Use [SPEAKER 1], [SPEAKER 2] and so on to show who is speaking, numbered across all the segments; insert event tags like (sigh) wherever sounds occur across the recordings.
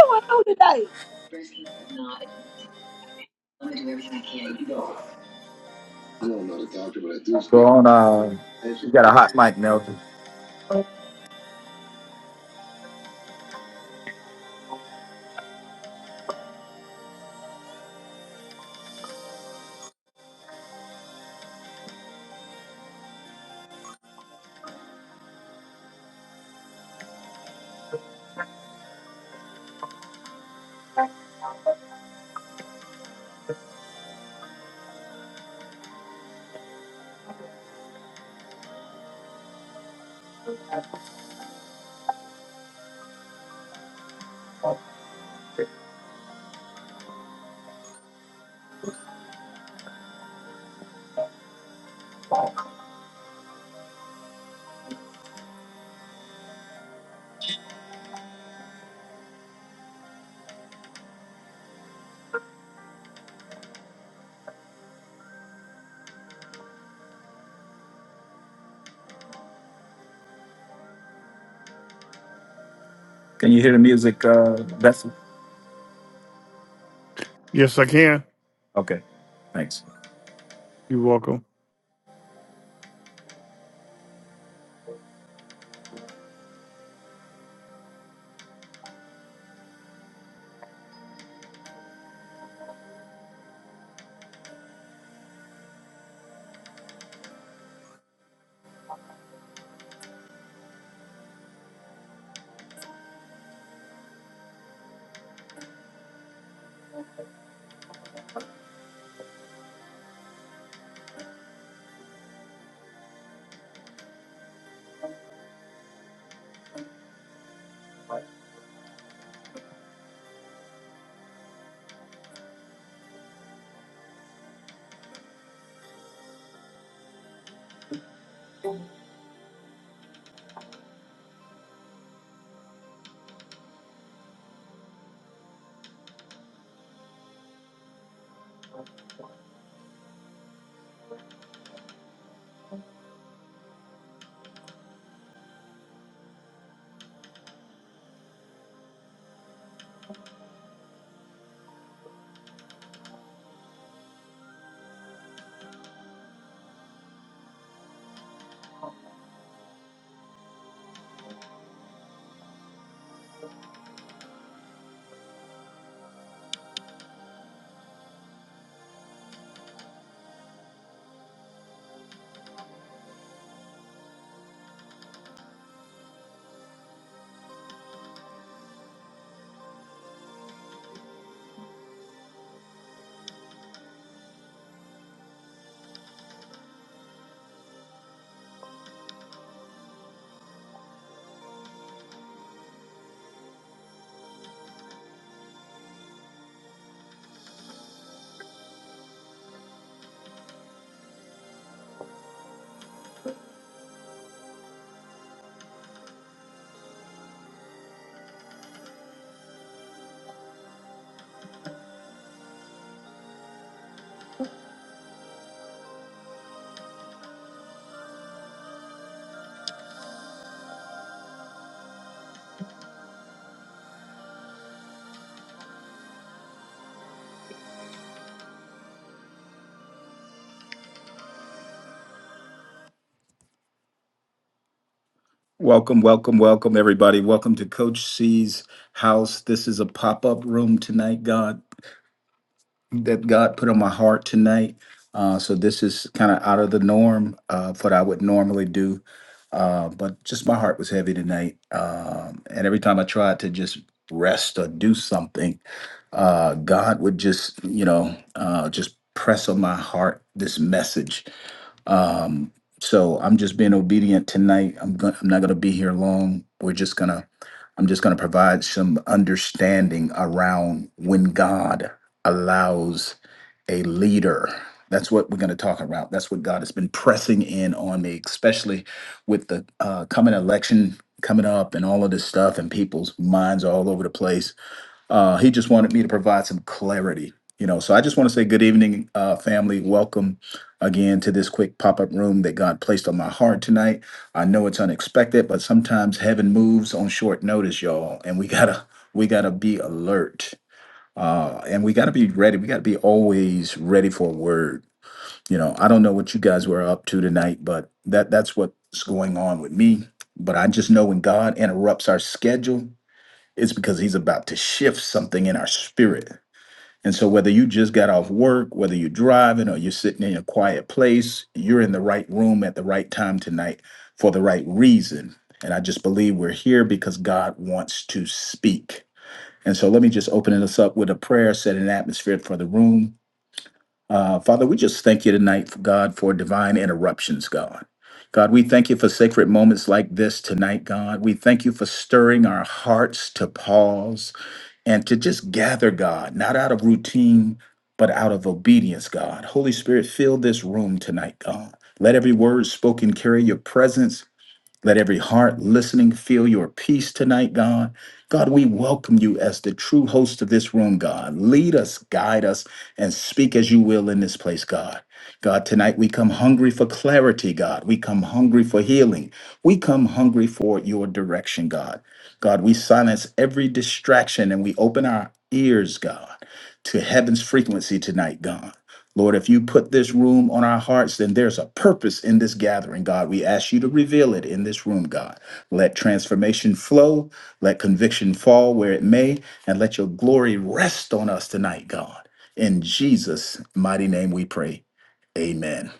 [SPEAKER 1] (laughs) going on today? Breast cancer is not. I'm gonna do everything I can. No, I don't know I'm not a doctor, but I do
[SPEAKER 2] Go
[SPEAKER 1] speak.
[SPEAKER 2] on. Uh, you got a hot mic, Nelson. Can you hear the music, uh, Bethel?
[SPEAKER 3] Yes, I can.
[SPEAKER 2] Okay, thanks.
[SPEAKER 3] You're welcome.
[SPEAKER 2] Welcome, welcome, welcome, everybody. Welcome to Coach C's house. This is a pop up room tonight, God. that God put on my heart tonight. Uh, so this is kind of out of the norm uh, of what I would normally do. Uh, but just my heart was heavy tonight. Um, and every time I tried to just rest or do something, uh, God would just, you know, uh, just press on my heart this message. Um, so I'm just being obedient tonight. I'm going I'm not gonna be here long. We're just gonna I'm just gonna provide some understanding around when God allows a leader. That's what we're going to talk about. That's what God has been pressing in on me, especially with the uh, coming election coming up and all of this stuff, and people's minds are all over the place uh, he just wanted me to provide some clarity, you know. So I just want to say good evening, uh, family. Welcome again to this quick pop up room that God placed on my heart tonight. I know it's unexpected, but sometimes heaven moves on short notice, y'all, and we gotta we gotta be alert. Uh, and we gotta be ready. We gotta be always ready for a word. You know, I don't know what you guys were up to tonight, but that that's what's going on with me. But I just know when God interrupts our schedule, it's because he's about to shift something in our spirit. And so, whether you just got off work, whether you're driving or you're sitting in a quiet place, you're in the right room at the right time tonight for the right reason. And I just believe we're here because God wants to speak. And so, let me just open us up with a prayer, set an atmosphere for the room. Uh, Father, we just thank you tonight, God, for divine interruptions, God. God, we thank you for sacred moments like this tonight, God. We thank you for stirring our hearts to pause and to just gather God, not out of routine, but out of obedience, God. Holy Spirit, fill this room tonight, God. Let every word spoken carry your presence let every heart listening feel your peace tonight, God. God, we welcome you as the true host of this room, God. Lead us, guide us, and speak as you will in this place, God. God, tonight we come hungry for clarity, God. We come hungry for healing. We come hungry for your direction, God. God, we silence every distraction and we open our ears, God, to heaven's frequency tonight, God. Lord, if you put this room on our hearts, then there's a purpose in this gathering, God. We ask you to reveal it in this room, God. Let transformation flow, let conviction fall where it may, and let your glory rest on us tonight, God. In Jesus' mighty name we pray. Amen.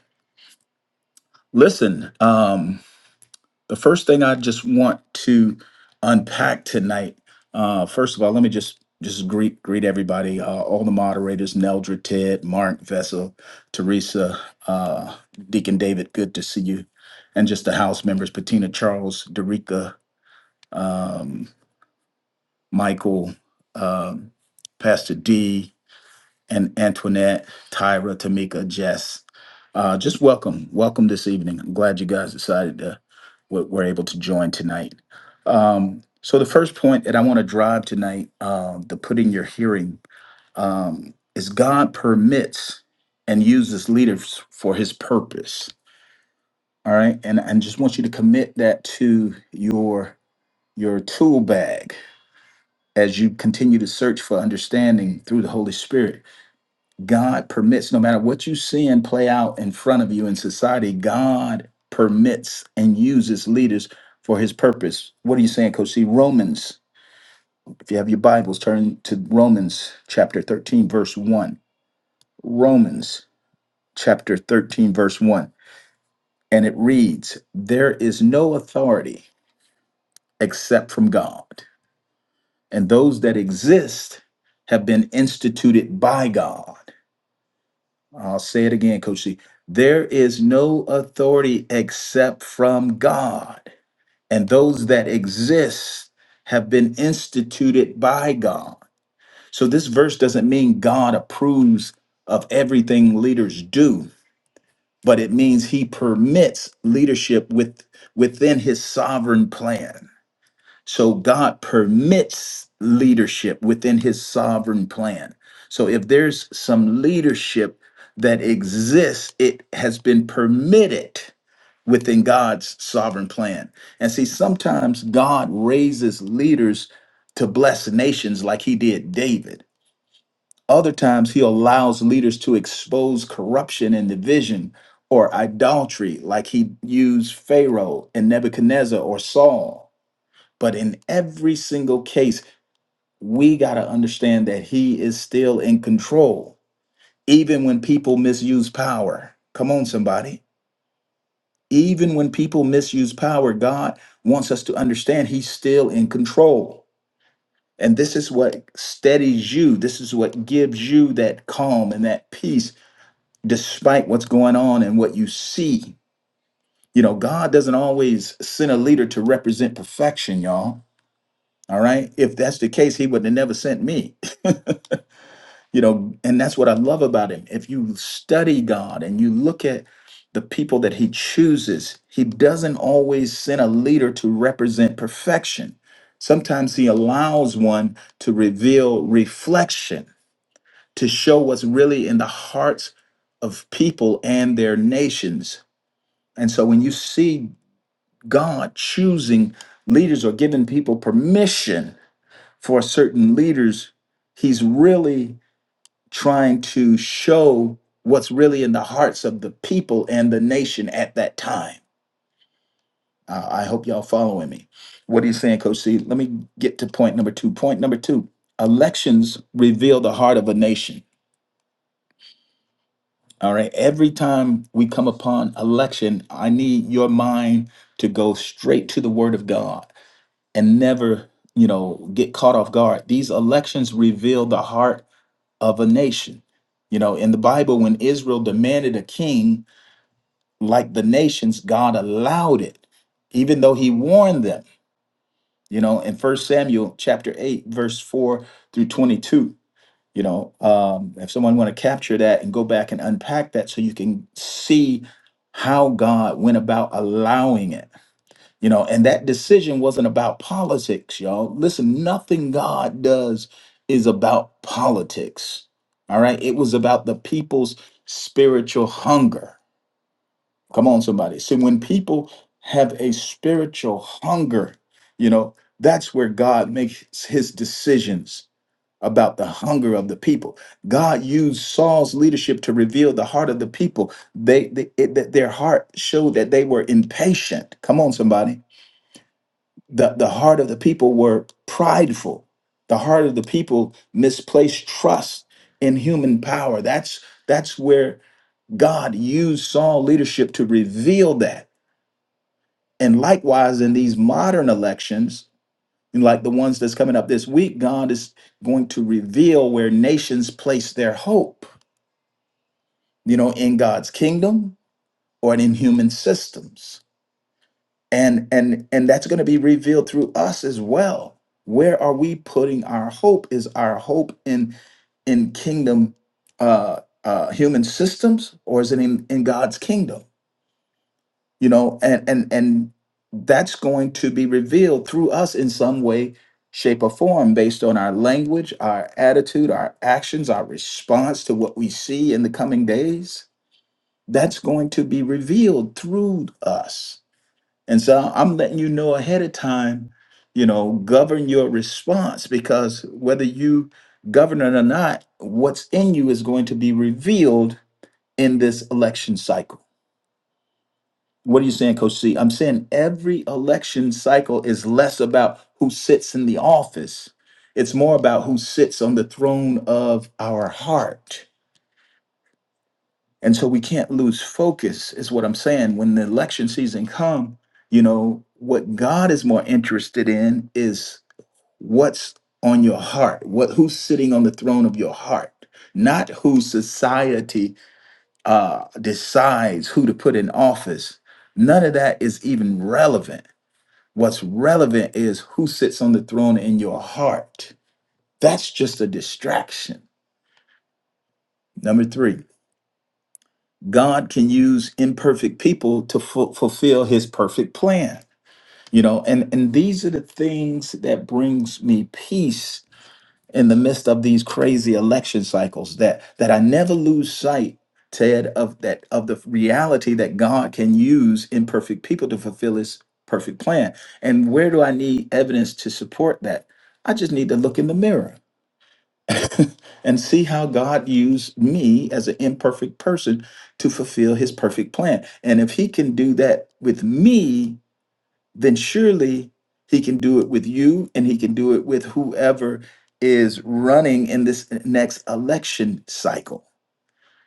[SPEAKER 2] Listen, um, the first thing I just want to unpack tonight. Uh, first of all, let me just just greet greet everybody, uh, all the moderators, Neldra, Ted, Mark, Vessel, Teresa, uh, Deacon David. Good to see you, and just the house members, Patina, Charles, Derica, um, Michael, um, Pastor D and Antoinette, Tyra, Tamika, Jess. Uh, just welcome, welcome this evening. I'm glad you guys decided to were were able to join tonight. Um, so the first point that I want to drive tonight, um, the put in your hearing, um, is God permits and uses leaders for His purpose. All right, and and just want you to commit that to your your tool bag as you continue to search for understanding through the Holy Spirit God permits, no matter what you seeing play out in front of you in society, God permits and uses leaders for his purpose. What are you saying, Coach C? Romans. If you have your Bibles, turn to Romans chapter 13, verse 1. Romans chapter 13, verse 1. And it reads, There is no authority except from God, and those that exist have been instituted by God. I'll say it again, Coach C. There is no authority except from God, and those that exist have been instituted by God. So this verse doesn't mean God approves of everything leaders do, but it means he permits leadership with within his sovereign plan. So God permits leadership within his sovereign plan. So if there's some leadership that exists, it has been permitted within God's sovereign plan. And see, sometimes God raises leaders to bless nations like he did David. Other times he allows leaders to expose corruption and division or idolatry like he used Pharaoh and Nebuchadnezzar or Saul. But in every single case, we got to understand that he is still in control, even when people misuse power. Come on, somebody. Even when people misuse power, God wants us to understand he's still in control. And this is what steadies you. This is what gives you that calm and that peace, despite what's going on and what you see. You know, God doesn't always send a leader to represent perfection, y'all. All right. If that's the case, he would have never sent me you know and that's what i love about him if you study god and you look at the people that he chooses he doesn't always send a leader to represent perfection sometimes he allows one to reveal reflection to show what's really in the hearts of people and their nations and so when you see god choosing leaders or giving people permission for certain leaders he's really trying to show what's really in the hearts of the people and the nation at that time. Uh, I hope y'all following me. What are you saying, Coach C? Let me get to point number two. Point number two elections reveal the heart of a nation. All right. Every time we come upon election, I need your mind to go straight to the word of God and never, you know, get caught off guard. These elections reveal the heart of a nation. You know, in the Bible, when Israel demanded a king, like the nations, God allowed it, even though he warned them, you know, in First Samuel chapter 8, verse 4 through 22. You know, um, if someone want to capture that and go back and unpack that so you can see how God went about allowing it, you know, and that decision wasn't about politics, y'all. Listen, nothing God does is about politics. All right. It was about the people's spiritual hunger Come on, somebody. See, when people have a spiritual hunger, you know, that's where God makes his decisions about the hunger of the people. God used Saul's leadership to reveal the heart of the people. They, they it, that their heart showed that they were impatient. Come on, somebody. The, the heart of the people were prideful. The heart of the people misplaced trust in human power. That's that's where God used Saul leadership to reveal that and likewise, in these modern elections, and like the ones that's coming up this week, God is going to reveal where nations place their hope, you know, in God's kingdom or in human systems. And and and that's going to be revealed through us as well. Where are we putting our hope? Is our hope in in kingdom uh uh human systems or is it in, in God's kingdom? you know and and and that's going to be revealed through us in some way shape or form based on our language our attitude our actions our response to what we see in the coming days that's going to be revealed through us and so i'm letting you know ahead of time you know govern your response because whether you govern it or not what's in you is going to be revealed in this election cycle what are you saying, Coach C? I'm saying every election cycle is less about who sits in the office. It's more about who sits on the throne of our heart. And so we can't lose focus, is what I'm saying. When the election season come, you know, what God is more interested in is what's on your heart, what who's sitting on the throne of your heart, not who society uh, decides who to put in office. None of that is even relevant What's relevant is who sits on the throne in your heart. That's just a distraction. Number three, God can use imperfect people to fu- fulfill his perfect plan. You know, and, and these are the things that brings me peace in the midst of these crazy election cycles that that I never lose sight Ted of that of the reality that God can use imperfect people to fulfill his perfect plan. And where do I need evidence to support that? I just need to look in the mirror (laughs) and see how God used me as an imperfect person to fulfill his perfect plan. And if he can do that with me, then surely he can do it with you and he can do it with whoever is running in this next election cycle.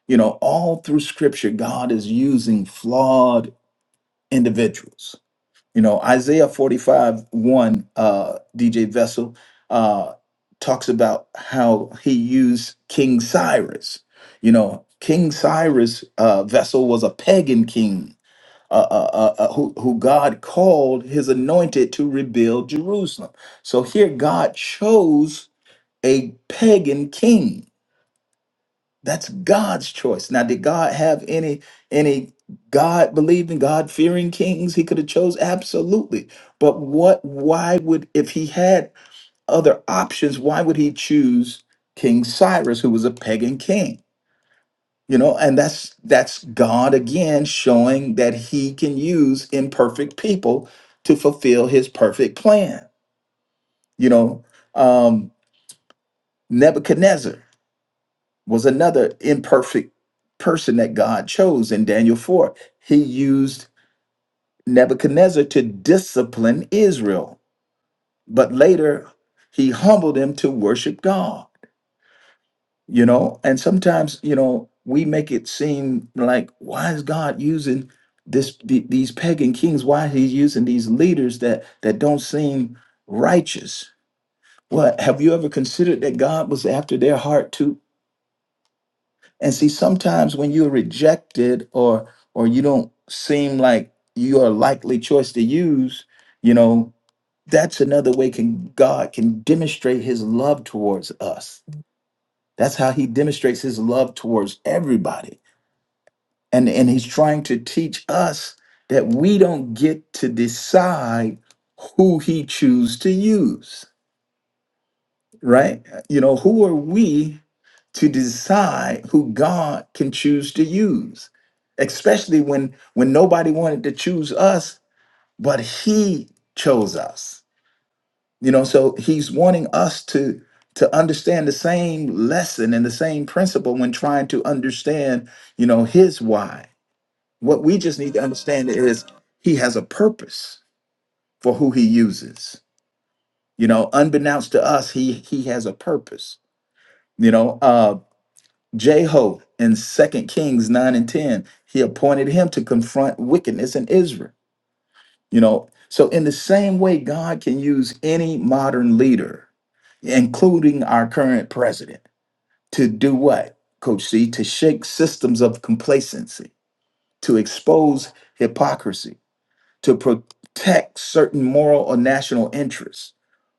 [SPEAKER 2] You know, all through scripture, God is using flawed individuals. You know, Isaiah 45 1, uh, DJ Vessel uh, talks about how he used King Cyrus. You know, King Cyrus' uh, vessel was a pagan king uh, uh, uh, uh, who, who God called his anointed to rebuild Jerusalem. So here God chose a pagan king. That's God's choice. Now, did God have any any God believing, God fearing kings he could have chose? Absolutely. But what why would if he had other options, why would he choose King Cyrus, who was a pagan king? you know and that's that's god again showing that he can use imperfect people to fulfill his perfect plan you know um nebuchadnezzar was another imperfect person that god chose in daniel 4 he used nebuchadnezzar to discipline israel but later he humbled him to worship god you know and sometimes you know we make it seem like why is god using this the, these pagan kings why he's using these leaders that that don't seem righteous well have you ever considered that god was after their heart too and see sometimes when you're rejected or or you don't seem like you're a likely choice to use you know that's another way can god can demonstrate his love towards us that's how he demonstrates his love towards everybody and and he's trying to teach us that we don't get to decide who he chooses to use right you know who are we to decide who god can choose to use especially when when nobody wanted to choose us but he chose us you know so he's wanting us to to understand the same lesson and the same principle when trying to understand you know his why what we just need to understand is he has a purpose for who he uses. You know, unbeknownst to us, he he has a purpose. You know, uh Jeho in Second Kings 9 and 10, he appointed him to confront wickedness in Israel. You know, so in the same way, God can use any modern leader, including our current president, to do what, Coach C, to shake systems of complacency, to expose hypocrisy to protect certain moral or national interests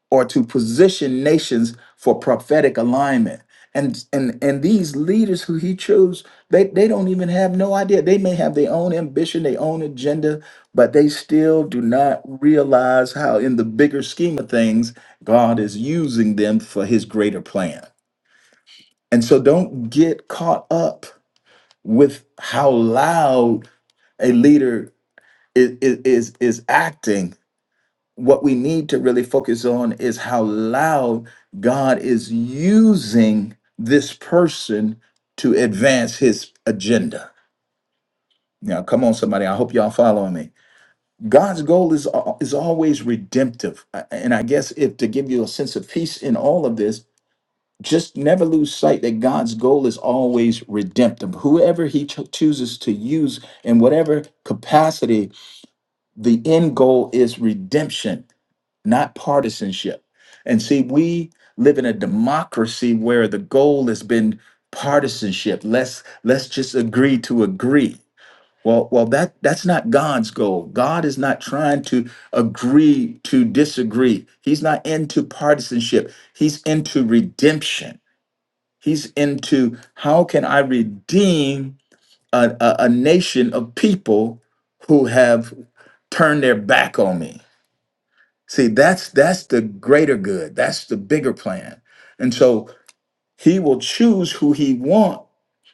[SPEAKER 2] or to position nations for prophetic alignment and and and these leaders who he chose they they don't even have no idea they may have their own ambition their own agenda but they still do not realize how in the bigger scheme of things god is using them for his greater plan and so don't get caught up with how loud a leader is is, is acting what we need to really focus on is how loud God is using this person to advance his agenda. Now, come on, somebody. I hope y'all following me. God's goal is al- is always redemptive, A- and I guess if to give you a sense of peace in all of this, just never lose sight that God's goal is always redemptive. Whoever He cho- chooses to use in whatever capacity, the end goal is redemption. not partisanship. And see, we live in a democracy where the goal has been partisanship. Let's let's just agree to agree. Well, well, that that's not God's goal. God is not trying to agree to disagree. He's not into partisanship. He's into redemption. He's into how can I redeem a, a, a nation of people who have turned their back on me? See, that's that's the greater good. That's the bigger plan. And so he will choose who he want,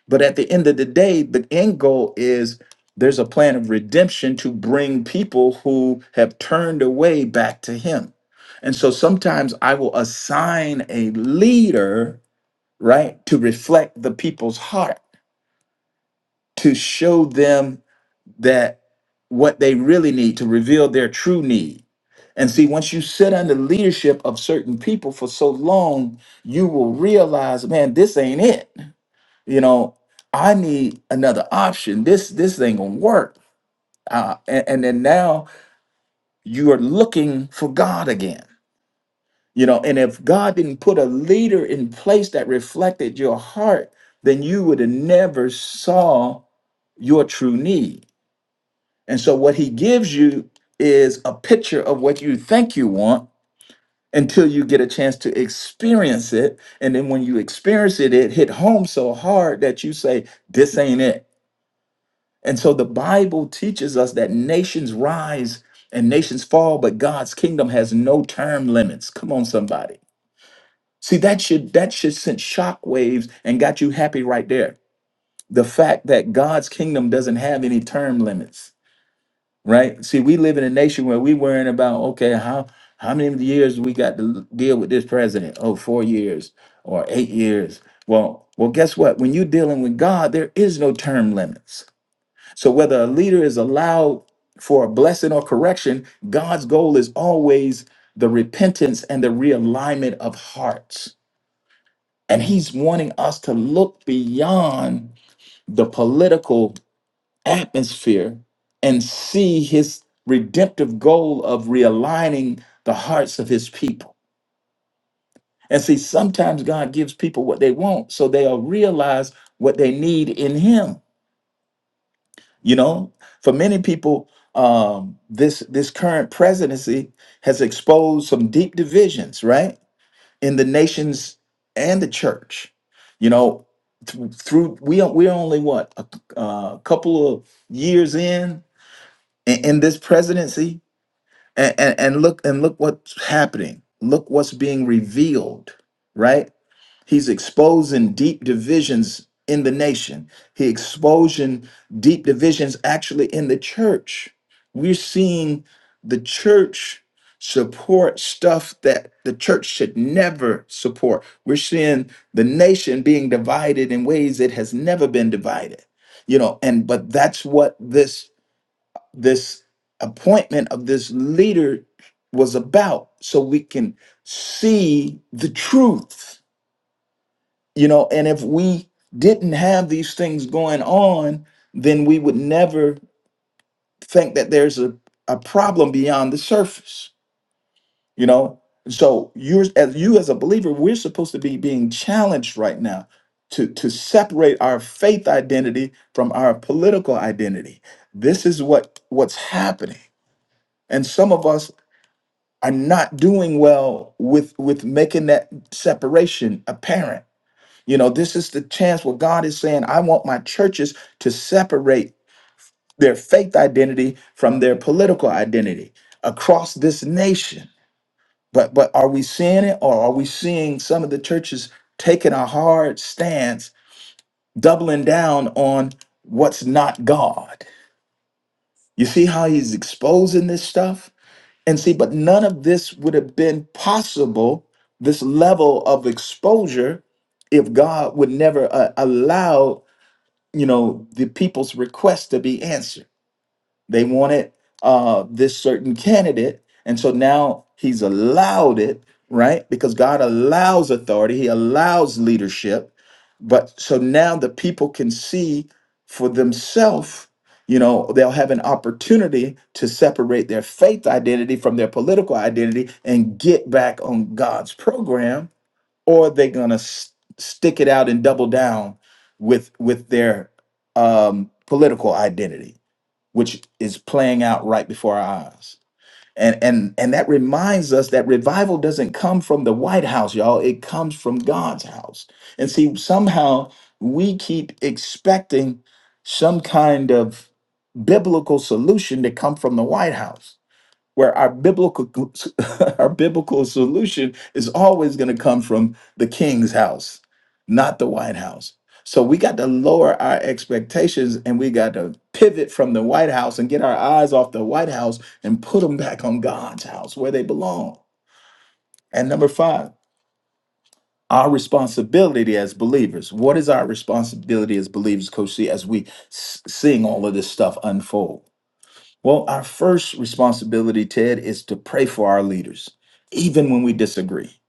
[SPEAKER 2] but at the end of the day, the end goal is there's a plan of redemption to bring people who have turned away back to him. And so sometimes I will assign a leader, right, to reflect the people's heart, to show them that what they really need to reveal their true need. And see, once you sit under leadership of certain people for so long, you will realize, man, this ain't it. You know, I need another option. This this ain't gonna work. Uh, and, and then now you are looking for God again. You know, and if God didn't put a leader in place that reflected your heart, then you would have never saw your true need And so what he gives you is a picture of what you think you want until you get a chance to experience it. And then when you experience it, it hit home so hard that you say, this ain't it. And so the Bible teaches us that nations rise and nations fall, but God's kingdom has no term limits. Come on, somebody. See, that should that should send shockwaves and got you happy right there. The fact that God's kingdom doesn't have any term limits right? See, we live in a nation where we worrying about okay, how how many years we got to deal with this president? Oh, four years or eight years. Well, well, guess what? When you're dealing with God, there is no term limits. So whether a leader is allowed for a blessing or correction, God's goal is always the repentance and the realignment of hearts. And he's wanting us to look beyond the political atmosphere and see his redemptive goal of realigning the hearts of his people. And see, sometimes God gives people what they want so they'll realize what they need in him. You know, for many people, um, this this current presidency has exposed some deep divisions, right, in the nations and the church. You know, th- through we are- we're only what a, a couple of years in in in this presidency, and, and and look and look what's happening look what's being revealed right he's exposing deep divisions in the nation he exposing deep divisions actually in the church we're seeing the church support stuff that the church should never support we're seeing the nation being divided in ways it has never been divided you know and but that's what this this appointment of this leader was about so we can see the truth you know and if we didn't have these things going on then we would never think that there's a, a problem beyond the surface you know so you're as you as a believer we're supposed to be being challenged right now to to separate our faith identity from our political identity this is what what's happening and some of us are not doing well with with making that separation apparent you know this is the chance where god is saying i want my churches to separate their faith identity from their political identity across this nation but but are we seeing it or are we seeing some of the churches taking a hard stance doubling down on what's not god you see how he's exposing this stuff And see, but none of this would have been possible, this level of exposure, if God would never uh, allow, you know, the people's request to be answered. They wanted uh, this certain candidate. And so now he's allowed it, right? Because God allows authority, he allows leadership but so now the people can see for themselves you know they'll have an opportunity to separate their faith identity from their political identity and get back on god's program or they're gonna s- stick it out and double down with with their um political identity which is playing out right before our eyes and and and that reminds us that revival doesn't come from the white house y'all it comes from god's house and see somehow we keep expecting some kind of biblical solution to come from the white house where our biblical (laughs) our biblical solution is always going to come from the king's house not the white house so we got to lower our expectations and we got to pivot from the white house and get our eyes off the white house and put them back on god's house where they belong and number five our responsibility as believers what is our responsibility as believers coach c as we s- seeing all of this stuff unfold well, our first responsibility, Ted, is to pray for our leaders, even when we disagree.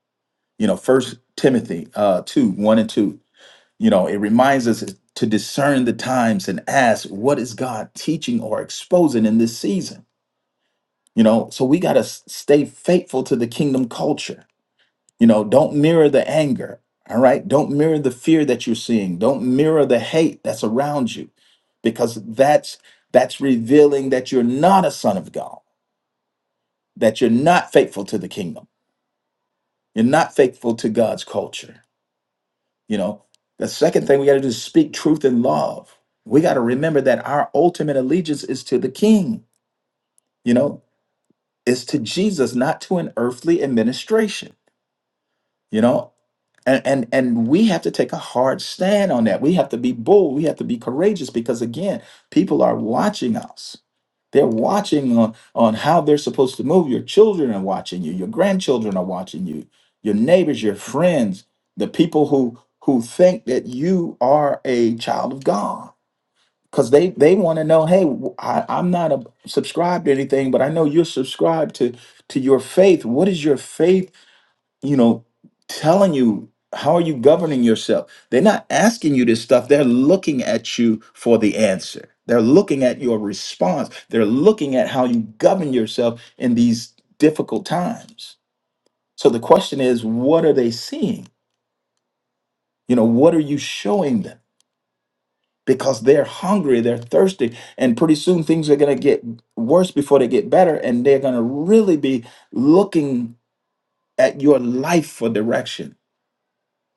[SPEAKER 2] You know, First Timothy uh, two one and two. You know, it reminds us to discern the times and ask, what is God teaching or exposing in this season? You know, so we got to stay faithful to the kingdom culture. You know, don't mirror the anger. All right, don't mirror the fear that you're seeing. Don't mirror the hate that's around you, because that's that's revealing that you're not a son of God that you're not faithful to the kingdom. You're not faithful to God's culture. You know, the second thing we got to do is speak truth in love. We got to remember that our ultimate allegiance is to the king, you know, it's to Jesus, not to an earthly administration, you know. And, and and we have to take a hard stand on that. We have to be bold. We have to be courageous because again, people are watching us They're watching on, on how they're supposed to move. Your children are watching you. Your grandchildren are watching you. Your neighbors, your friends, the people who who think that you are a child of God. Because they, they want to know, hey, w- I, am not a, subscribed to anything, but I know you're subscribed to, to your faith. What is your faith you know, telling you how are you governing yourself. They're not asking you this stuff. They're looking at you for the answer. They're looking at your response. They're looking at how you govern yourself in these difficult times. So the question is, what are they seeing? You know, what are you showing them? Because they're hungry, they're thirsty, and pretty soon things are going to get worse before they get better, and they're going to really be looking at your life for direction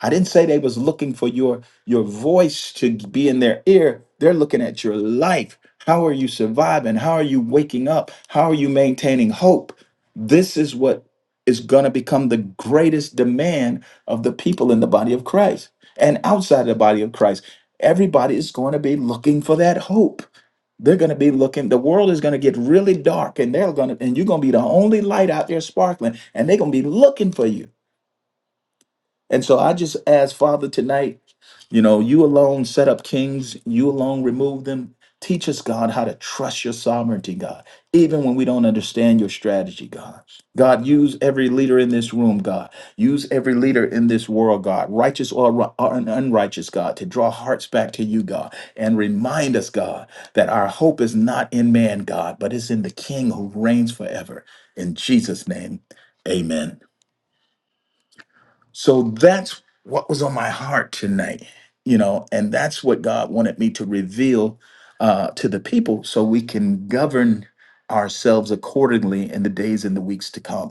[SPEAKER 2] I didn't say they was looking for your your voice to be in their ear. They're looking at your life. How are you surviving? How are you waking up? How are you maintaining hope? This is what is going to become the greatest demand of the people in the body of Christ and outside the body of Christ. Everybody is going to be looking for that hope. They're going to be looking. The world is going to get really dark, and they're going to, and you're going to be the only light out there sparkling, and they're going to be looking for you and so I just ask, Father, tonight, you know, you alone set up kings, you alone remove them. Teach us, God, how to trust your sovereignty, God, even when we don't understand your strategy, God. God, use every leader in this room, God. Use every leader in this world, God, righteous or, ri- or unrighteous, God, to draw hearts back to you, God, and remind us, God, that our hope is not in man, God, but it's in the King who reigns forever. In Jesus' name, amen. So that's what was on my heart tonight, you know, and that's what God wanted me to reveal uh, to the people so we can govern ourselves accordingly in the days and the weeks to come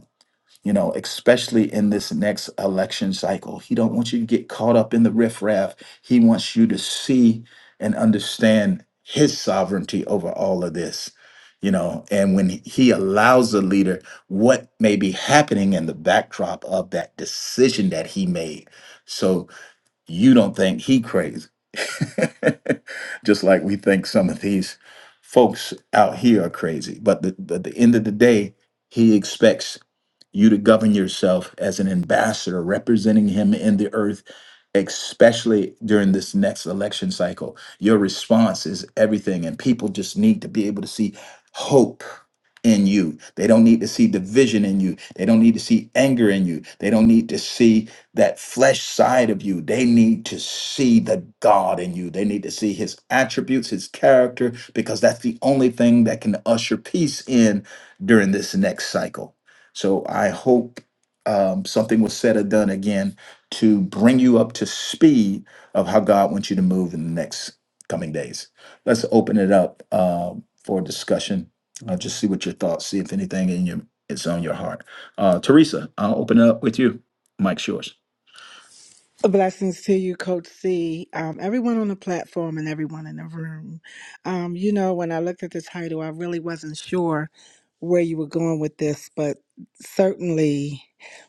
[SPEAKER 2] you know, especially in this next election cycle. He don't want you to get caught up in the riffraff. He wants you to see and understand his sovereignty over all of this. You know, and when he allows a leader, what may be happening in the backdrop of that decision that he made. So you don't think he crazy. (laughs) Just like we think some of these folks out here are crazy. But the, but at the end of the day, he expects you to govern yourself as an ambassador representing him in the earth especially during this next election cycle your response is everything and people just need to be able to see hope in you they don't need to see division in you they don't need to see anger in you they don't need to see that flesh side of you they need to see the god in you they need to see his attributes his character because that's the only thing that can usher peace in during this next cycle so I hope um, something was said or done again to bring you up to speed of how God wants you to move in the next coming days. Let's open it up um for discussion. Uh, just see what your thoughts, see if anything in your is on your heart. Uh, Teresa, I'll open it up with you. Mike's yours.
[SPEAKER 4] Blessings to you, Coach C. Um, everyone on the platform and everyone in the room. Um, you know, when I looked at the title, I really wasn't sure where you were going with this, but certainly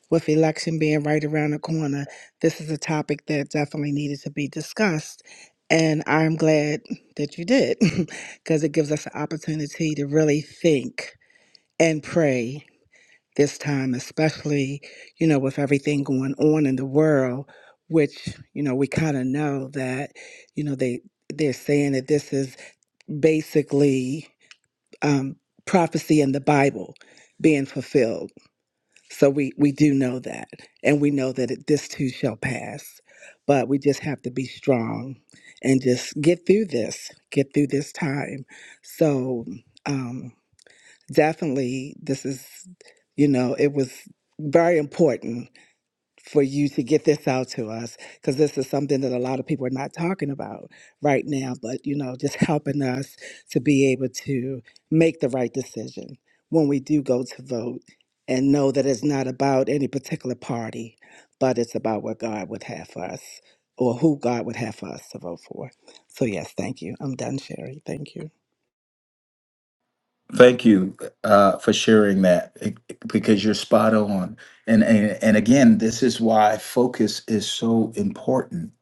[SPEAKER 4] with election being right around the corner, this is a topic that definitely needed to be discussed. And I'm glad that you did (laughs) because it gives us an opportunity to really think and pray this time, especially, you know, with everything going on in the world, which, you know, we kind of know that, you know, they, they're saying that this is basically um, prophecy in the Bible being fulfilled. So we, we do know that. And we know that it, this too shall pass. But we just have to be strong and just get through this, get through this time. So, um, definitely this is you know it was very important for you to get this out to us because this is something that a lot of people are not talking about right now but you know just helping us to be able to make the right decision when we do go to vote and know that it's not about any particular party but it's about what god would have for us or who god would have for us to vote for so yes thank you i'm done sherry thank you
[SPEAKER 2] Thank you uh, for sharing that eh, eh, because you're spot on. And, and and again, this is why focus is so important.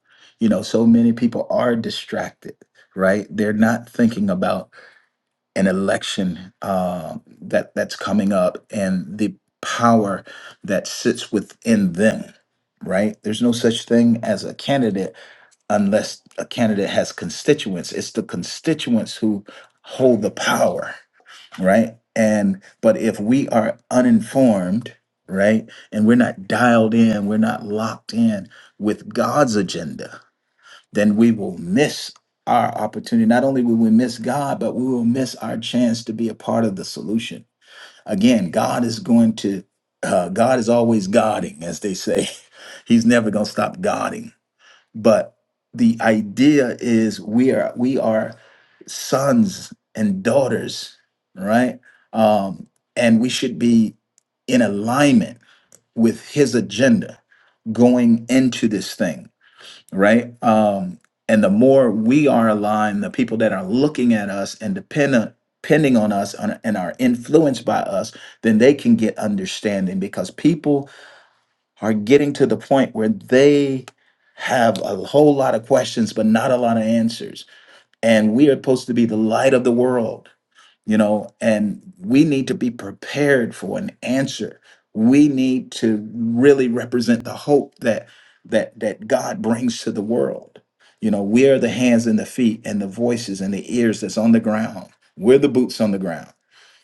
[SPEAKER 2] You know, so many people are distracted, right? They're not thinking about an election uh, that that's coming up and the power that sits within them, right? There's no such thing as a candidate unless a candidate has constituents. It's the constituents who hold the power right? And but if we are uninformed, right, and we're not dialed in, we're not locked in with God's agenda, then we will miss our opportunity. Not only will we miss God, but we will miss our chance to be a part of the solution. Again, God is going to, uh, God is always guarding, as they say. (laughs) He's never going to stop guarding but the idea is we are we are sons and daughters right um and we should be in alignment with his agenda going into this thing right um and the more we are aligned the people that are looking at us and dependent depending on us and and are influenced by us then they can get understanding because people are getting to the point where they have a whole lot of questions but not a lot of answers and we are supposed to be the light of the world you know and we need to be prepared for an answer we need to really represent the hope that that that god brings to the world you know we are the hands and the feet and the voices and the ears that's on the ground we're the boots on the ground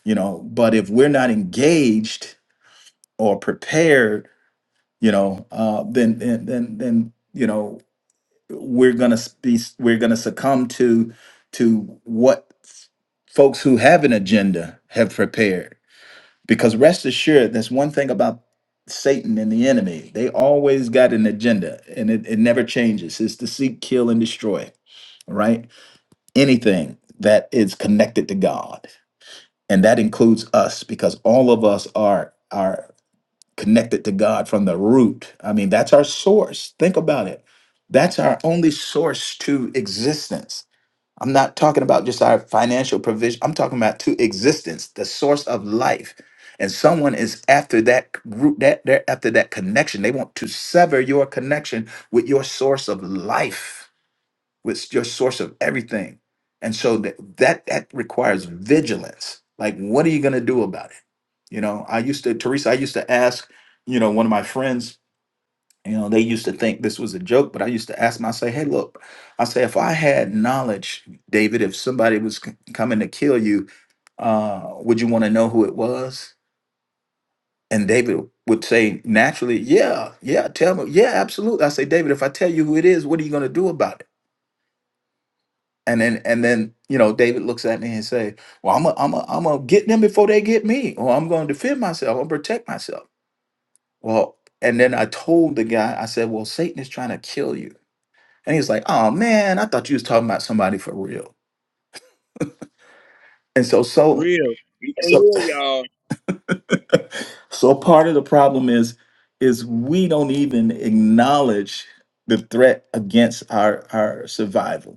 [SPEAKER 2] you know but if we're not engaged or prepared you know uh then then then, then you know we're gonna s- be we're gonna succumb to to what folks who have an agenda have prepared because rest assured that's one thing about satan and the enemy they always got an agenda and it, it never changes it's to seek kill and destroy right anything that is connected to god and that includes us because all of us are are connected to God from the root. I mean, that's our source. Think about it. That's our only source to existence. I'm not talking about just our financial provision. I'm talking about to existence, the source of life. And someone is after that root that they're after that connection. They want to sever your connection with your source of life with your source of everything. And so that that, that requires vigilance. Like, what are you going to do about it? You know, I used to, Teresa, I used to ask, you know, one of my friends, you know, they used to think this was a joke, but I used to ask them, I say, hey, look, I say, if I had knowledge, David, if somebody was c- coming to kill you, uh, would you want to know who it was? And David would say naturally, yeah, yeah, tell me. Yeah, absolutely. I say, David, if I tell you who it is, what are you going to do about it? And then and then you know David looks at me and say, "Well, I'm a, I'm a, I'm gonna get them before they get me, or I'm gonna defend myself, I'm gonna protect myself." Well, and then I told the guy, I said, "Well, Satan is trying to kill you," and he's like, "Oh man, I thought you was talking about somebody for real." And so
[SPEAKER 5] For
[SPEAKER 2] so
[SPEAKER 5] real. You can
[SPEAKER 2] so
[SPEAKER 5] hear y'all.
[SPEAKER 2] so part of the problem is is we don't even acknowledge the threat against our our survival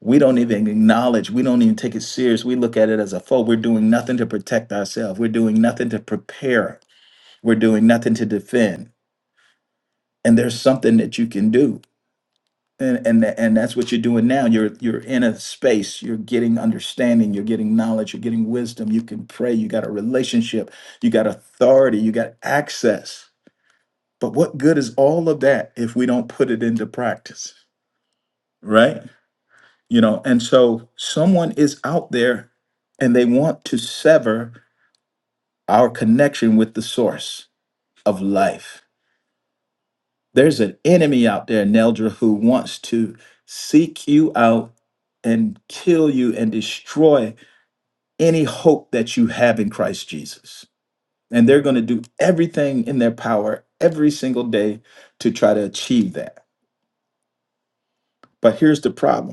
[SPEAKER 2] we don't even acknowledge we don't even take it serious we look at it as a foe we're doing nothing to protect ourselves we're doing nothing to prepare we're doing nothing to defend and there's something that you can do and and tha- and that's what you're doing now you're you're in a space you're getting understanding you're getting knowledge you're getting wisdom you can pray you got a relationship you got authority you got access but what good is all of that if we don't put it into practice right you know and so someone is out there and they want to sever our connection with the source of life there's an enemy out there neldra who wants to seek you out and kill you and destroy any hope that you have in christ jesus and they're going to do everything in their power every single day to try to achieve that but here's the problem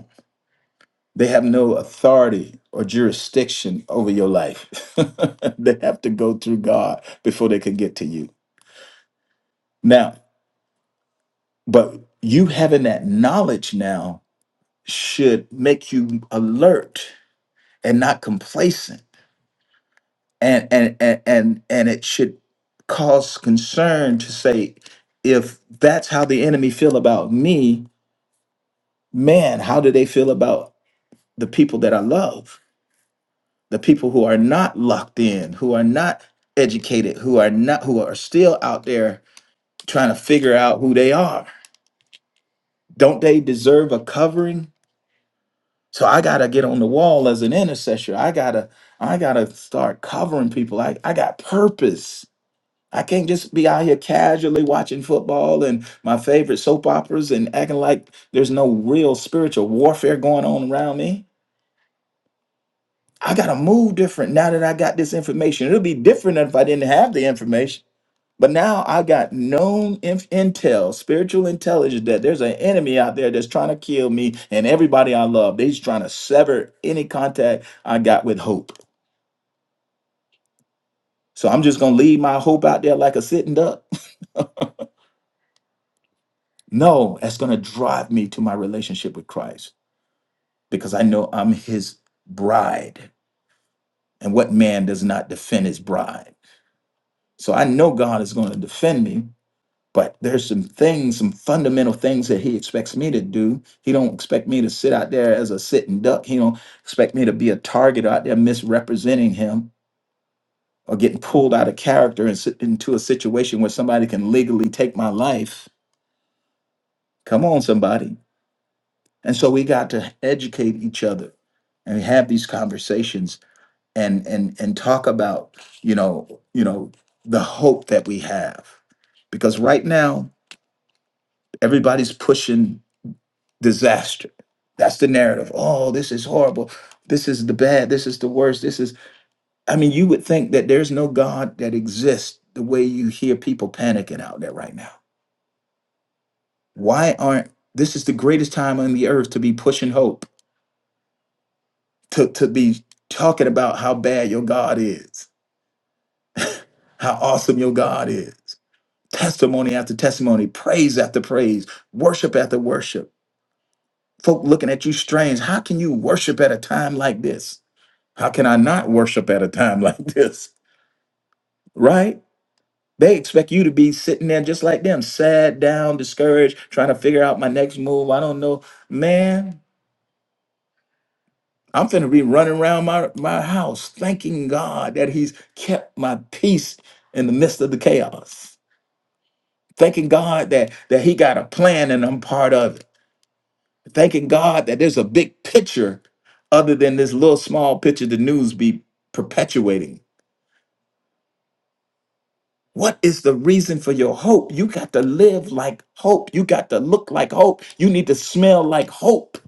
[SPEAKER 2] They have no authority or jurisdiction over your life. (laughs) they have to go through God before they can get to you. Now, but you having that knowledge now should make you alert and not complacent. And and and and, and it should cause concern to say, if that's how the enemy feel about me, man, how do they feel about the people that I love? the people who are not locked in, who are not educated, who are not who are still out there trying to figure out who they are. Don't they deserve a covering? So I gotta get on the wall as an intercessor. I gotta I gotta start covering people. I, I got purpose. I can't just be out here casually watching football and my favorite soap operas and acting like there's no real spiritual warfare going on around me. I gotta move different now that I got this information. It'll be different if I didn't have the information But now I got known inf- intel, spiritual intelligence that there's an enemy out there that's trying to kill me and everybody I love. They're just trying to sever any contact I got with hope. So I'm just going to leave my hope out there like a sitting duck. (laughs) No, that's going to drive me to my relationship with Christ because I know I'm his bride. And what man does not defend his bride? So I know God is going to defend me but there's some things some fundamental things that he expects me to do he don't expect me to sit out there as a sitting duck he don't expect me to be a target out there misrepresenting him or getting pulled out of character and sit into a situation where somebody can legally take my life come on somebody and so we got to educate each other and have these conversations and and and talk about you know you know the hope that we have because right now everybody's pushing disaster. That's the narrative. Oh, this is horrible. This is the bad. This is the worst. This is, I mean, you would think that there's no God that exists the way you hear people panicking out there right now. Why aren't, this is the greatest time on the earth to be pushing hope, to, to be talking about how bad your God is, how awesome your God is. Testimony after testimony, praise after praise, worship after worship. Folk looking at you strange. How can you worship at a time like this? How can I not worship at a time (laughs) like this? Right? They expect you to be sitting there just like them, sad, down, discouraged, trying to figure out my next move. I don't know. Man, I'm finna be running around my, my house thanking God that He's kept my peace in the midst of the chaos. Thanking God that, that He got a plan and I'm part of it. Thanking God that there's a big picture other than this little small picture the news be perpetuating What is the reason for your hope? You got to live like hope. You got to look like hope. You need to smell like hope.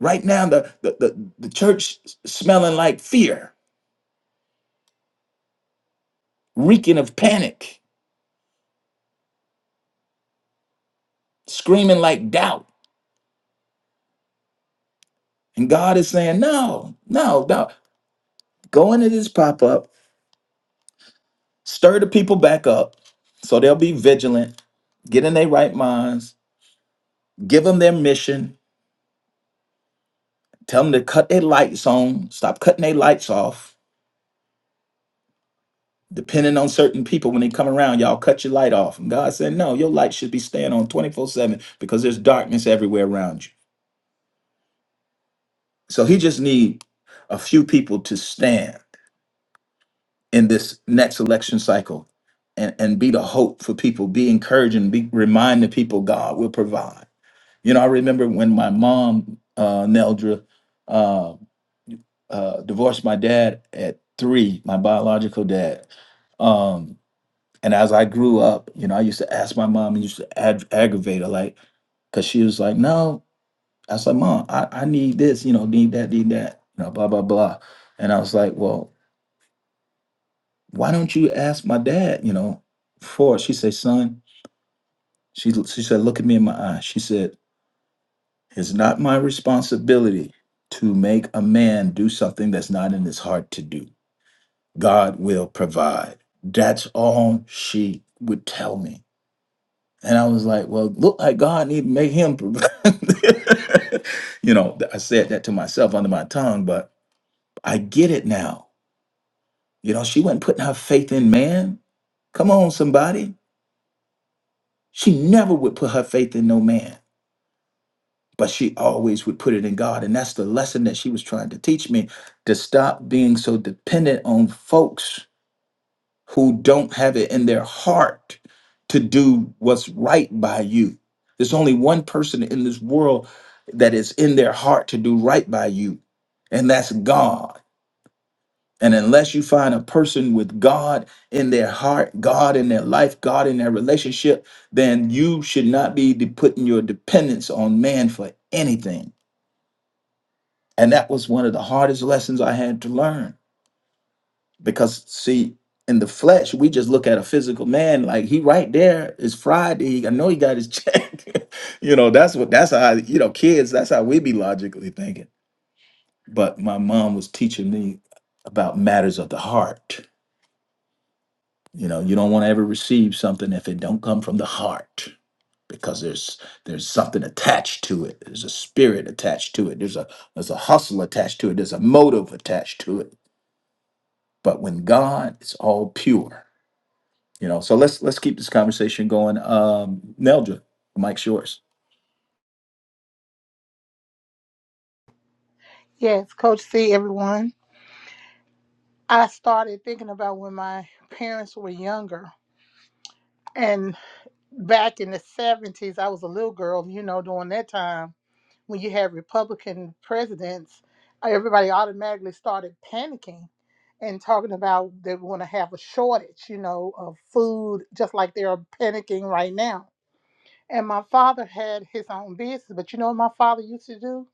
[SPEAKER 2] Right now, the, the, the, the church s- smelling like fear, reeking of panic, screaming like doubt. And God is saying, no, no, no. Go into this pop up, stir the people back up so they'll be vigilant, get in their right minds, give them their mission, tell them to cut their lights on, stop cutting their lights off, depending on certain people when they come around y'all cut your light off and god said no your light should be staying on 24 7 because there's darkness everywhere around you so he just need a few people to stand in this next election cycle and, and be the hope for people be encouraging be remind the people god will provide you know i remember when my mom uh neldra uh, uh divorced my dad at three my biological dad Um, And as I grew up, you know, I used to ask my mom, and used to ag- aggravate her, like, because she was like, no. I was like, mom, I, I need this, you know, need that, need that, you know, blah, blah, blah. And I was like, well, why don't you ask my dad, you know, for it?" She said, son, she, she said, look at me in my eye. She said, it's not my responsibility to make a man do something that's not in his heart to do. God will provide. That's all she would tell me. And I was like, well, look like God need to make him, pro- (laughs) you know, th- I said that to myself under my tongue, but I get it now. You know, she wasn't putting her faith in man. Come on, somebody. She never would put her faith in no man, but she always would put it in God. And that's the lesson that she was trying to teach me to stop being so dependent on folks who don't have it in their heart to do what's right by you. There's only one person in this world that is in their heart to do right by you, and that's God. And unless you find a person with God in their heart, God in their life, God in their relationship, then you should not be de- putting your dependence on man for anything. And that was one of the hardest lessons I had to learn because see in the flesh we just look at a physical man like he right there is friday i know he got his check (laughs) you know that's what that's how you know kids that's how we be logically thinking but my mom was teaching me about matters of the heart you know you don't want to ever receive something if it don't come from the heart because there's there's something attached to it there's a spirit attached to it there's a there's a hustle attached to it there's a motive attached to it but when god it's all pure You know, so let's let's keep this conversation going. Um, Neldra, the mic's yours.
[SPEAKER 1] Yes, Coach C, everyone. I started thinking about when my parents were younger. And back in the 70s, I was a little girl, you know, during that time when you had Republican presidents, uh, everybody automatically started panicking and talking about they want to have a shortage, you know, of food, just like they're panicking right now. And my father had his own business, but you know what my father used to do?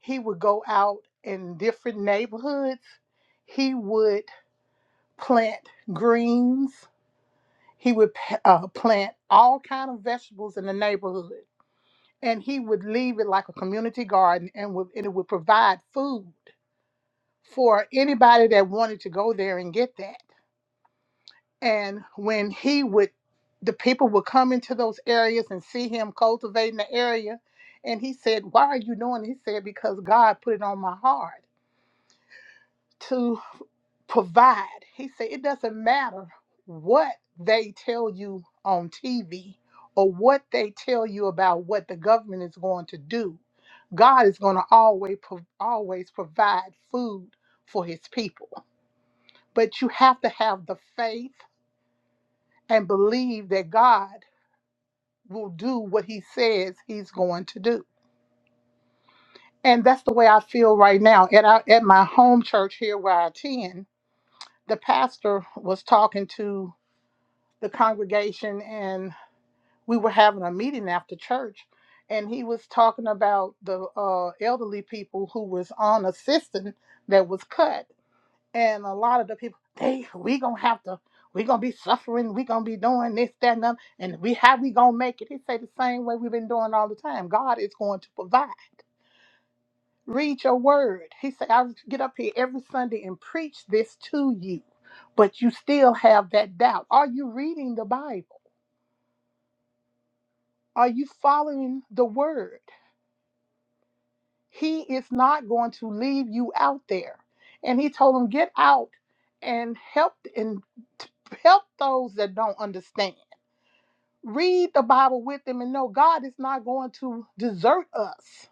[SPEAKER 1] He would go out in different neighborhoods. He would plant greens. He would uh, plant all kind of vegetables in the neighborhood, and he would leave it like a community garden, and, would, and it would provide food for anybody that wanted to go there and get that. And when he would, the people would come into those areas and see him cultivating the area. And he said, Why are you doing it? He said, Because God put it on my heart to provide. He said, It doesn't matter what they tell you on TV or what they tell you about what the government is going to do. God is going to always pro- always provide food for his people. But you have to have the faith and believe that God will do what he says he's going to do. And that's the way I feel right now. At our, at my home church here where I attend, the pastor was talking to the congregation and we were having a meeting after church and he was talking about the uh, elderly people who was on assistance that was cut and a lot of the people they we gonna have to we gonna be suffering we gonna be doing this that and that and we how we gonna make it he say the same way we've been doing all the time god is going to provide read your word he said i get up here every sunday and preach this to you but you still have that doubt are you reading the bible are you following the word He is not going to leave you out there. And he told them get out and help and t- help those that don't understand. Read the Bible with them and know God is not going to desert us.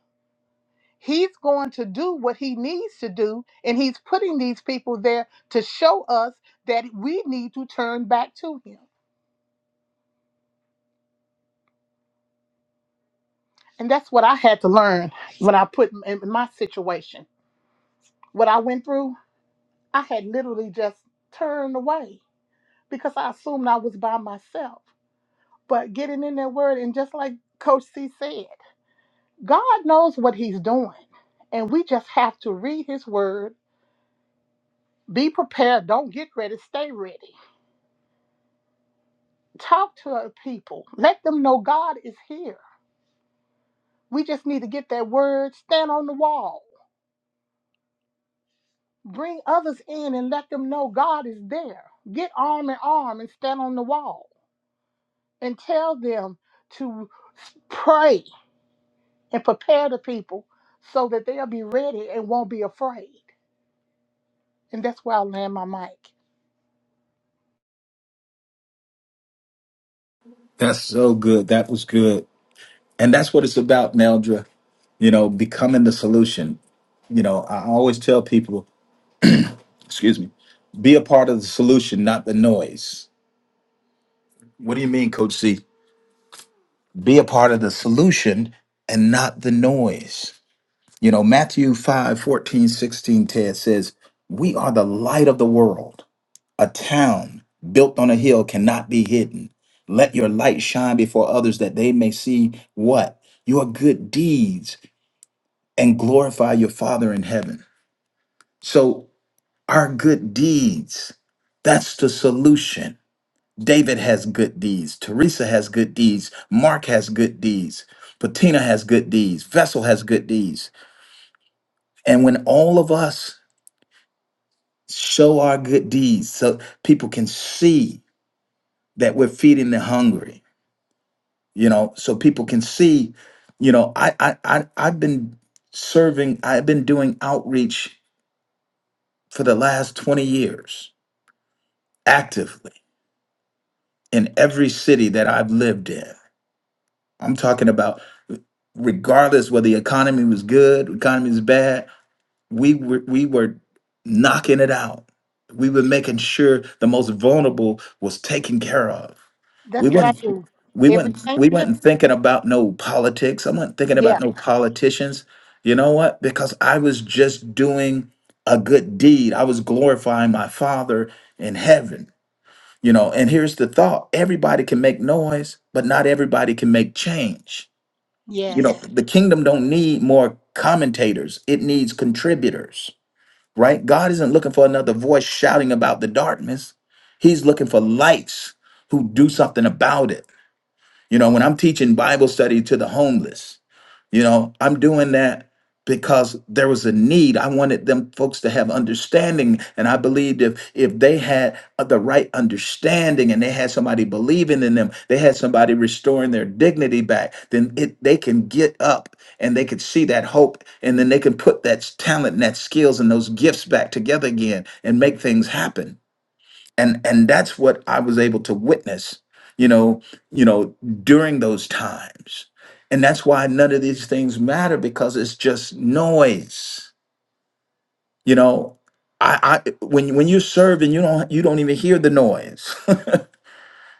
[SPEAKER 1] He's going to do what he needs to do, and he's putting these people there to show us that we need to turn back to him. And that's what I had to learn when I put in in my situation. What I went through, I had literally just turned away because I assumed I was by myself. But getting in that word, and just like Coach C said, God knows what He's doing. And we just have to read His word, be prepared, don't get ready, stay ready. Talk to other people, let them know God is here. We just need to get that word, stand on the wall, bring others in and let them know God is there. Get arm in arm and stand on the wall and tell them to pray and prepare the people so that they'll be ready and won't be afraid. And that's where I land my mic.
[SPEAKER 2] That's so good. That was good. And that's what it's about, Neldra. You know, becoming the solution. You know, I always tell people, excuse me, be a part of the solution, not the noise. What do you mean, Coach C? Be a part of the solution and not the noise. You know, Matthew 5 14 16, Ted says, We are the light of the world. A town built on a hill cannot be hidden. Let your light shine before others that they may see what? Your good deeds and glorify your Father in heaven. So, our good deeds, that's the solution. David has good deeds. Teresa has good deeds. Mark has good deeds. Patina has good deeds. Vessel has good deeds. And when all of us show our good deeds so people can see that we're feeding the hungry, you know so people can see you know i i, I i've been serving i've been doing outreach for the last 20 years actively in every city that i've lived in i'm talking about regardless whether the economy was good economy is bad we were we were knocking it out. We were making sure the most vulnerable was taken care of. We
[SPEAKER 1] That's what I
[SPEAKER 2] weren't
[SPEAKER 1] do.
[SPEAKER 2] we
[SPEAKER 1] Everything.
[SPEAKER 2] weren't we weren't thinking about no politics. I wasn't thinking about
[SPEAKER 1] Yeah.
[SPEAKER 2] no politicians. You know what? Because I was just doing a good deed. I was glorifying my father in heaven. You know, and here's the thought everybody can make noise, but not everybody can make change. You know,
[SPEAKER 1] Yes.
[SPEAKER 2] the kingdom don't need more commentators, it needs contributors right? God isn't looking for another voice shouting about the darkness. He's looking for lights who do something about it. You know, when I'm teaching Bible study to the homeless, you know, I'm doing that because there was a need. I wanted them folks to have understanding, and I believed if if they had the right understanding and they had somebody believing in them, they had somebody restoring their dignity back, then it they can get up and they could see that hope, and then they can put that talent, and that skills, and those gifts back together again and make things happen and and that's what i was able to witness you know you know during those times and that's why none of these things matter because it's just noise you know i i when when you're serving you don't you don't even hear the noise (laughs)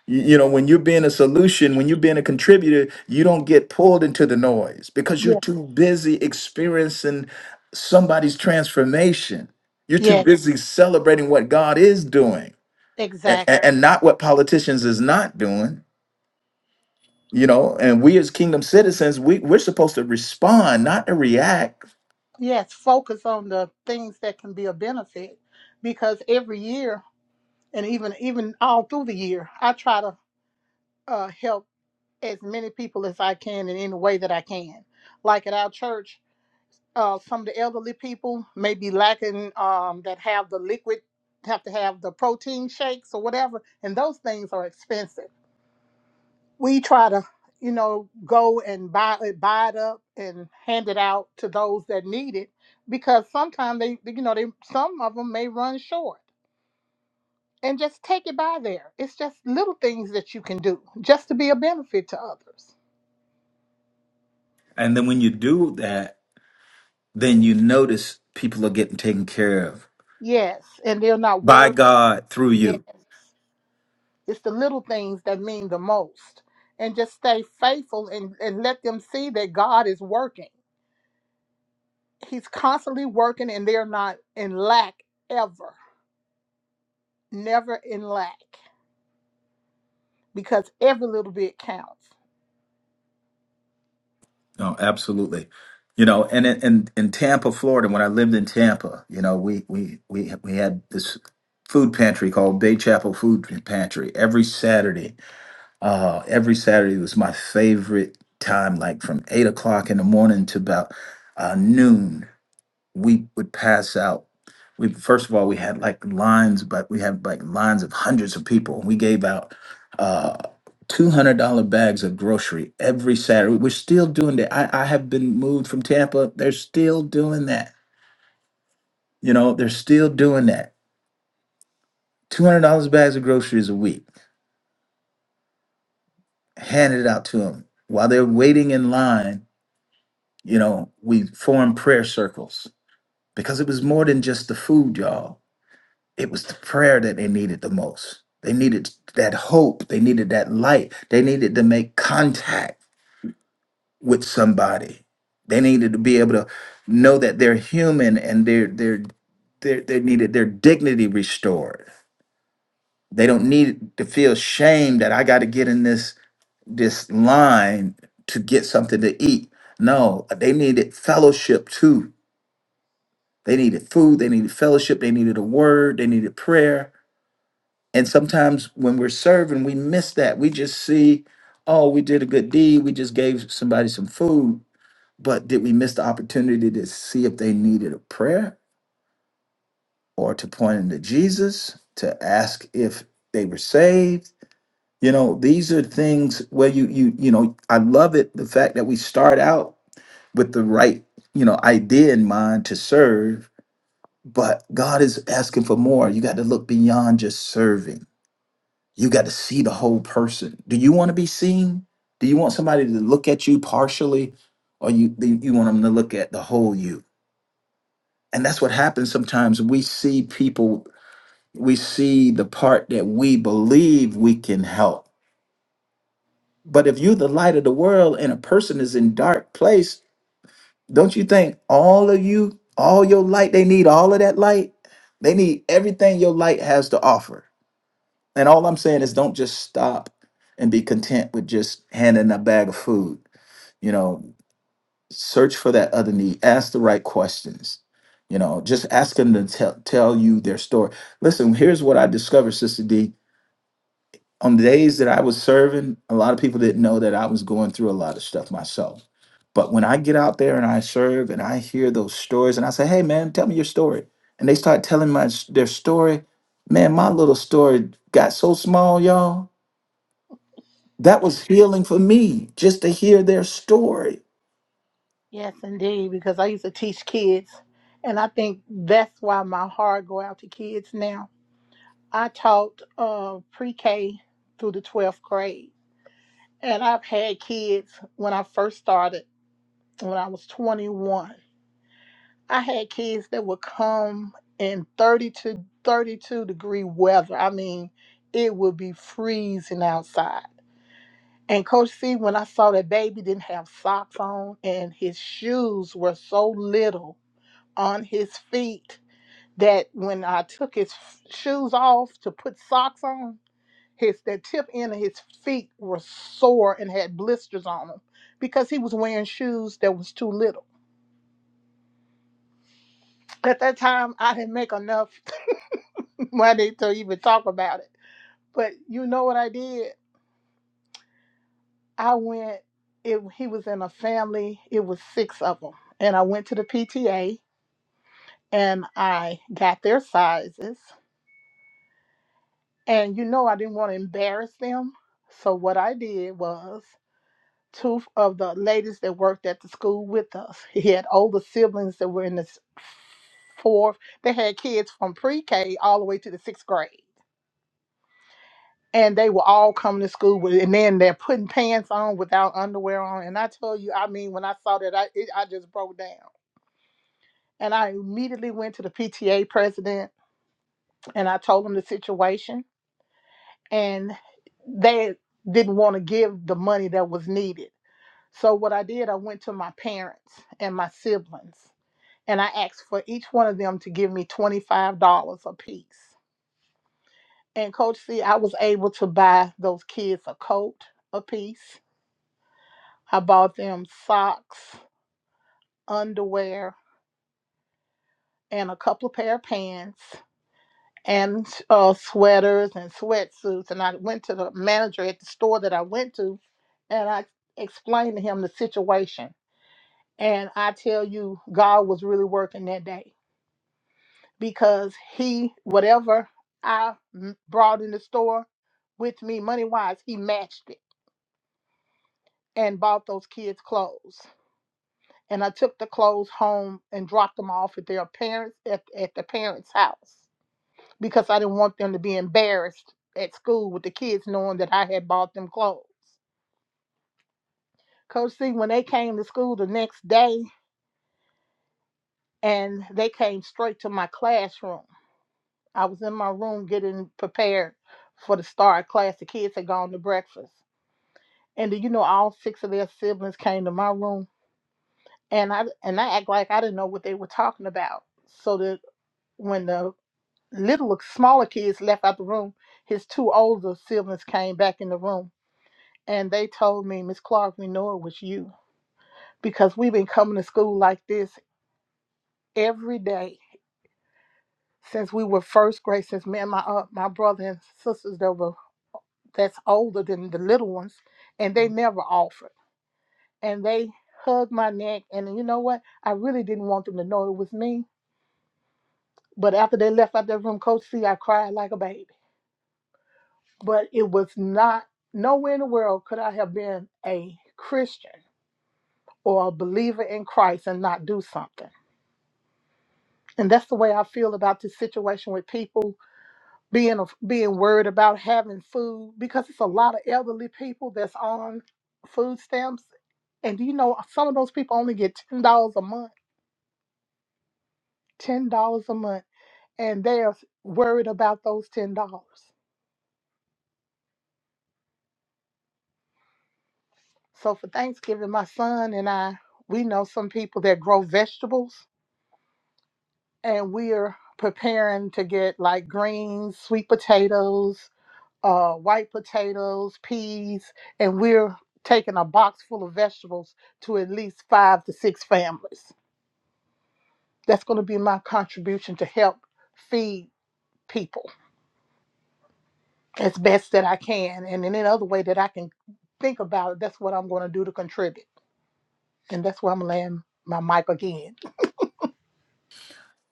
[SPEAKER 2] you, you know when you're being a solution when you're being a contributor you don't get pulled into the noise because you're
[SPEAKER 1] Yeah.
[SPEAKER 2] too busy experiencing somebody's transformation you're too
[SPEAKER 1] Yes.
[SPEAKER 2] busy celebrating what god is doing and,
[SPEAKER 1] Exactly.
[SPEAKER 2] and not what politicians is not doing you know and we as kingdom citizens we, we're supposed to respond not to react
[SPEAKER 1] Yes. Focus on the things that can be a benefit because every year and even even all through the year, I try to uh, help as many people as I can in any way that I can. Like at our church, uh, some of the elderly people may be lacking um, that have the liquid, have to have the protein shakes or whatever, and those things are expensive. We try to, you know, go and buy it, buy it up and hand it out to those that need it because sometimes they, you know, they some of them may run short. And just take it by there. It's just little things that you can do just to be a benefit to others.
[SPEAKER 2] and then when you do that then you notice people are getting taken care of
[SPEAKER 1] Yes, and they're not
[SPEAKER 2] by
[SPEAKER 1] worried.
[SPEAKER 2] god through
[SPEAKER 1] Yes,
[SPEAKER 2] you
[SPEAKER 1] It's the little things that mean the most. And just stay faithful and, and let them see that God is working. He's constantly working and they're not in lack ever. Never in lack because every little bit counts.
[SPEAKER 2] no absolutely you know and in, in, in tampa florida when i lived in tampa you know we we we, we had this food pantry called bay chapel food pantry every saturday Uh, every Saturday was my favorite time, like from eight o'clock in the morning to about uh, noon. We would pass out. We first of all we had like lines, but we had like lines of hundreds of people. We gave out uh, two hundred dollar bags of grocery every Saturday. We're still doing that. I, I have been moved from Tampa. They're still doing that. You know, they're still doing that. Two hundred dollars bags of groceries a week handed out to them while they're waiting in line You know, we formed prayer circles because it was more than just the food, y'all. It was the prayer that they needed the most. They needed that hope. They needed that light. They needed to make contact with somebody. They needed to be able to know that they're human and they're, they're, they're, they needed their dignity restored. They don't need to feel shame that I got to get in this this line to get something to eat. No, they needed fellowship too. They needed food, they needed fellowship, they needed a word, they needed prayer. And sometimes when we're serving, we miss that. We just see, oh, we did a good deed, we just gave somebody some food, but did we miss the opportunity to see if they needed a prayer or to point them to Jesus, to ask if they were saved? You know, these are things where you you you know, I love it the fact that we start out with the right, you know, idea in mind to serve But God is asking for more. You got to look beyond just serving. You got to see the whole person. Do you want to be seen? Do you want somebody to look at you partially, or you do you want them to look at the whole you? And that's what happens sometimes. We see people, we see the part that we believe we can help. But if you're the light of the world and a person is in dark place, don't you think all of you, all your light, they need all of that light? They need everything your light has to offer And all I'm saying is don't just stop and be content with just handing a bag of food. You know, search for that other need. Ask the right questions. You know, just ask them to tell tell you their story. Listen, here's what I discovered, Sister D. On the days that I was serving, a lot of people didn't know that I was going through a lot of stuff myself. But when I get out there and I serve and I hear those stories and I say, "Hey, man, tell me your story," and they start telling my their story, man, my little story got so small, y'all that was healing for me just to hear their story.
[SPEAKER 1] Yes, indeed, because I used to teach kids. And I think that's why my heart go out to kids now I taught uh, pre K through the 12th grade. And I've had kids when I first started, when I was 21. I had kids that would come in 30 to 32 degree weather. I mean, it would be freezing outside. And Coach C, when I saw that baby didn't have socks on and his shoes were so little on his feet that when I took his f- shoes off to put socks on, His that tip end of his feet were sore and had blisters on them because he was wearing shoes that was too little. At that time, I didn't make enough (laughs) money to even talk about it. But you know what I did? I went. It, he was in a family. It was six of them, and I went to the PTA and I got their sizes. And you know, I didn't want to embarrass them. So what I did was. two of the ladies that worked at the school with us. He had older siblings that were in the s- fourth. They had kids from pre-K all the way to the sixth grade. And they were all coming to school with, and then they're putting pants on without underwear on. And I tell you, I mean, when I saw that, I it, I just broke down. And I immediately went to the PTA president and I told him the situation. And they didn't want to give the money that was needed. So what I did, I went to my parents and my siblings and I asked for each one of them to give me $25 a piece. And Coach C, I was able to buy those kids a coat a piece. I bought them socks, underwear, and a couple of pair of pants and uh, sweaters and sweatsuits. And I went to the manager at the store that I went to and I explained to him the situation. And I tell you, God was really working that day because he whatever I m- brought in the store with me money wise, he matched it and bought those kids clothes. And I took the clothes home and dropped them off at their parents at, at the parents' house because I didn't want them to be embarrassed at school with the kids knowing that I had bought them clothes. Coach C, when they came to school the next day and they came straight to my classroom. I was in my room getting prepared for the start of class. The kids had gone to breakfast And do you know all six of their siblings came to my room and I and I act like I didn't know what they were talking about. So that when the little smaller kids left out the room, his two older siblings came back in the room and they told me, Miss Clark, we know it was you because we've been coming to school like this every day since we were first grade, since me and my uh, my brother and sisters that were that's older than the little ones, and they never offered. and they hugged my neck. And you know what? I really didn't want them to know it was me. But after they left out that room, Coach C, I cried like a baby. But it was not, nowhere in the world could I have been a Christian or a believer in Christ and not do something. And that's the way I feel about this situation with people being being worried about having food because it's a lot of elderly people that's on food stamps. And do you know some of those people only get ten dollars a month? ten dollars a month, and they're worried about those ten dollars. So for Thanksgiving, my son and I, we know some people that grow vegetables, and we're preparing to get like greens, sweet potatoes, uh, white potatoes, peas, and we're taking a box full of vegetables to at least five to six families. That's going to be my contribution to help feed people. as best that I can. And in any other way that I can think about, that's what I'm going to do to contribute. And that's where I'm laying my mic again.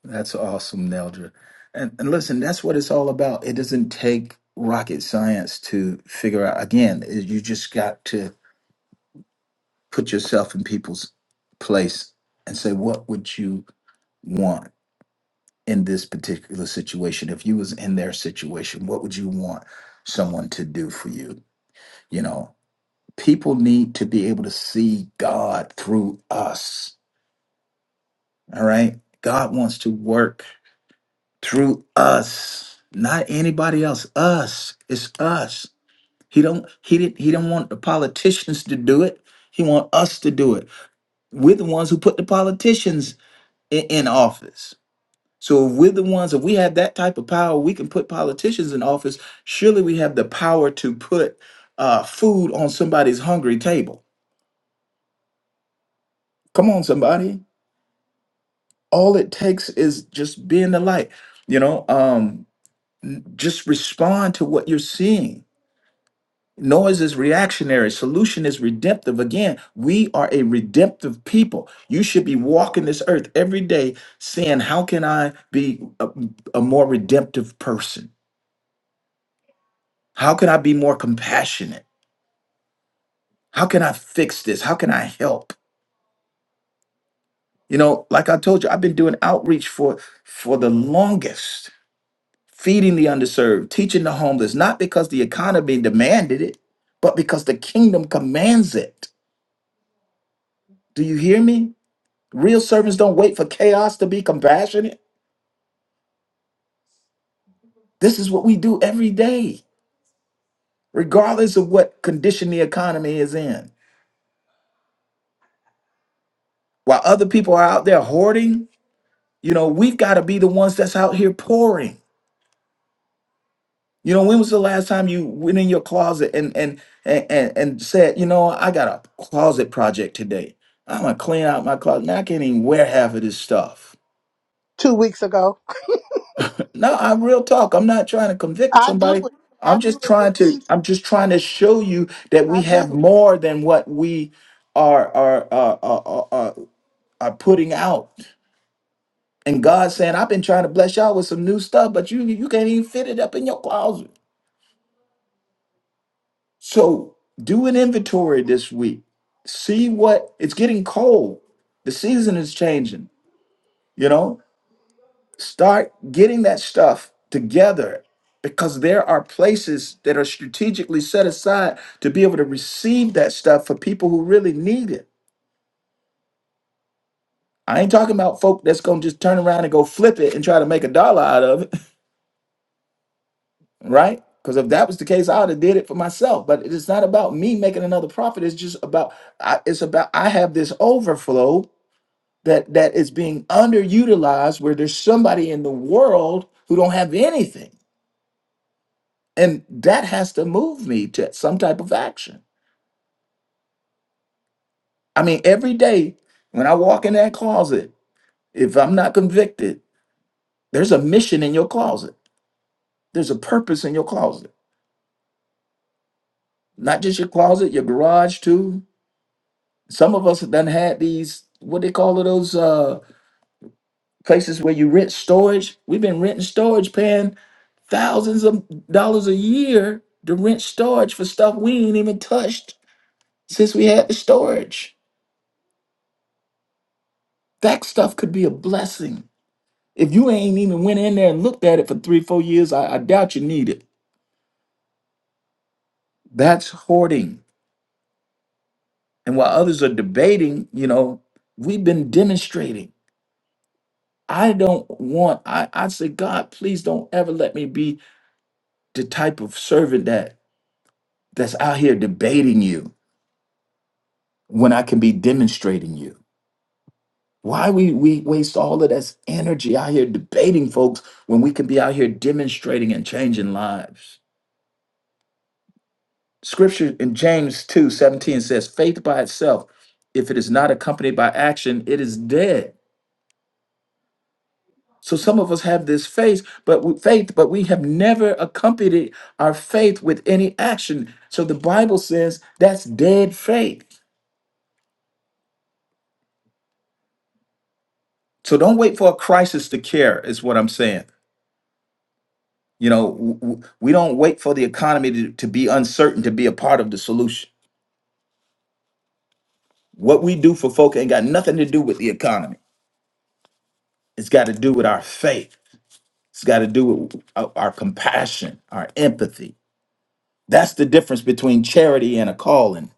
[SPEAKER 2] That's awesome, Neldra. And, and listen, that's what it's all about. It doesn't take rocket science to figure out. Again, is you just got to put yourself in people's place and say, what would you want in this particular situation? If you was in their situation, what would you want someone to do for you? You know, people need to be able to see God through us. All right. God wants to work through us not anybody else us it's us he don't he didn't he don't want the politicians to do it he want us to do it we're the ones who put the politicians in, in office so if we're the ones if we have that type of power we can put politicians in office surely we have the power to put uh, food on somebody's hungry table come on somebody all it takes is just being the light you know um just respond to what you're seeing Noah's is reactionary. Solution is redemptive. Again, we are a redemptive people. You should be walking this earth every day saying, How can I be a, a more redemptive person? How can I be more compassionate? How can I fix this? How can I help? You know, like I told you, I've been doing outreach for for the longest, feeding the underserved, teaching the homeless, not because the economy demanded it, but because the kingdom commands it. Do you hear me? Real servants don't wait for chaos to be compassionate. This is what we do every day, regardless of what condition the economy is in. While other people are out there hoarding, you know, we've got to be the ones that's out here pouring. You know, when was the last time you went in your closet and and and and, and said, you know, I got a closet project today. I'm gonna clean out my closet. Now I can't even wear half of this stuff.
[SPEAKER 1] Two weeks ago,
[SPEAKER 2] No, I'm real talk. I'm not trying to convict
[SPEAKER 1] I do
[SPEAKER 2] somebody.
[SPEAKER 1] it. I
[SPEAKER 2] I'm
[SPEAKER 1] do
[SPEAKER 2] just
[SPEAKER 1] it
[SPEAKER 2] trying
[SPEAKER 1] at
[SPEAKER 2] to
[SPEAKER 1] least.
[SPEAKER 2] I'm just trying to show you that we
[SPEAKER 1] I
[SPEAKER 2] have
[SPEAKER 1] do.
[SPEAKER 2] more than what we are are are are, are, are are putting out. And God's saying, I've been trying to bless y'all with some new stuff, but you you can't even fit it up in your closet. So do an inventory this week. See what it's getting cold. The season is changing. You know, Start getting that stuff together because there are places that are strategically set aside to be able to receive that stuff for people who really need it. I ain't talking about folk that's going to just turn around and go flip it and try to make a dollar out of it, (laughs) right? Because if that was the case, I would have did it for myself. But it's not about me making another profit. It's just about I, it's about I have this overflow that that is being underutilized where there's somebody in the world who don't have anything And that has to move me to some type of action. I mean, every day when I walk in that closet, if I'm not convicted, there's a mission in your closet. There's a purpose in your closet. Not just your closet, your garage too. Some of us have done had these, what they call it, those uh places where you rent storage. We've been renting storage, paying thousands of dollars a year to rent storage for stuff we ain't even touched since we had the storage. That stuff could be a blessing If you ain't even went in there and looked at it for three, four years, I, I doubt you need it. That's hoarding. And while others are debating, you know, we've been demonstrating. I don't want, I, I say, God, please don't ever let me be the type of servant that that's out here debating you when I can be demonstrating you. Why we we waste all of this energy out here debating folks when we can be out here demonstrating and changing lives. Scripture in James 2 17 says, faith by itself, if it is not accompanied by action, it is dead. So some of us have this faith, but we, faith, but we have never accompanied our faith with any action. So the Bible says that's dead faith. So don't wait for a crisis to care, is what I'm saying. You know, w- w- we don't wait for the economy to, to be uncertain to be a part of the solution. What we do for folk ain't got nothing to do with the economy. It's got to do with our faith. It's got to do with uh, our compassion, our empathy. That's the difference between charity and a calling.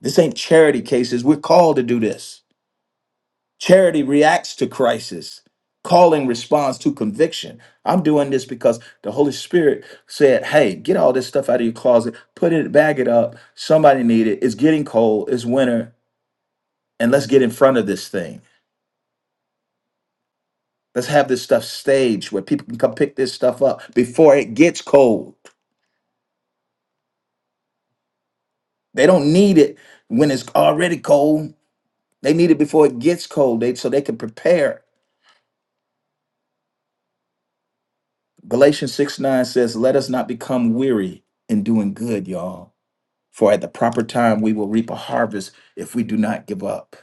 [SPEAKER 2] This ain't charity cases. We're called to do this. Charity reacts to crisis. Calling responds to conviction. I'm doing this because the Holy Spirit said, "Hey, get all this stuff out of your closet, put it, bag it up. Somebody need it. It's getting cold. It's winter, and let's get in front of this thing. Let's have this stuff staged where people can come pick this stuff up before it gets cold." They don't need it when it's already cold. They need it before it gets cold, they, so they can prepare. Galatians 6 9 says, Let us not become weary in doing good, y'all. For at the proper time, we will reap a harvest if we do not give up.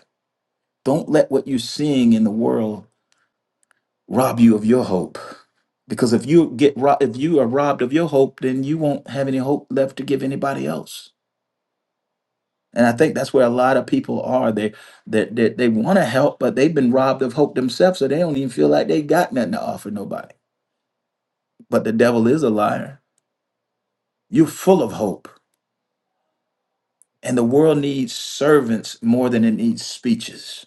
[SPEAKER 2] Don't let what you're seeing in the world rob you of your hope. Because if you get ro- if you are robbed of your hope, then you won't have any hope left to give anybody else. And I think that's where a lot of people are. They that they, they, they want to help, but they've been robbed of hope themselves, so they don't even feel like they got nothing to offer nobody. But the devil is a liar. You're full of hope, and the world needs servants more than it needs speeches.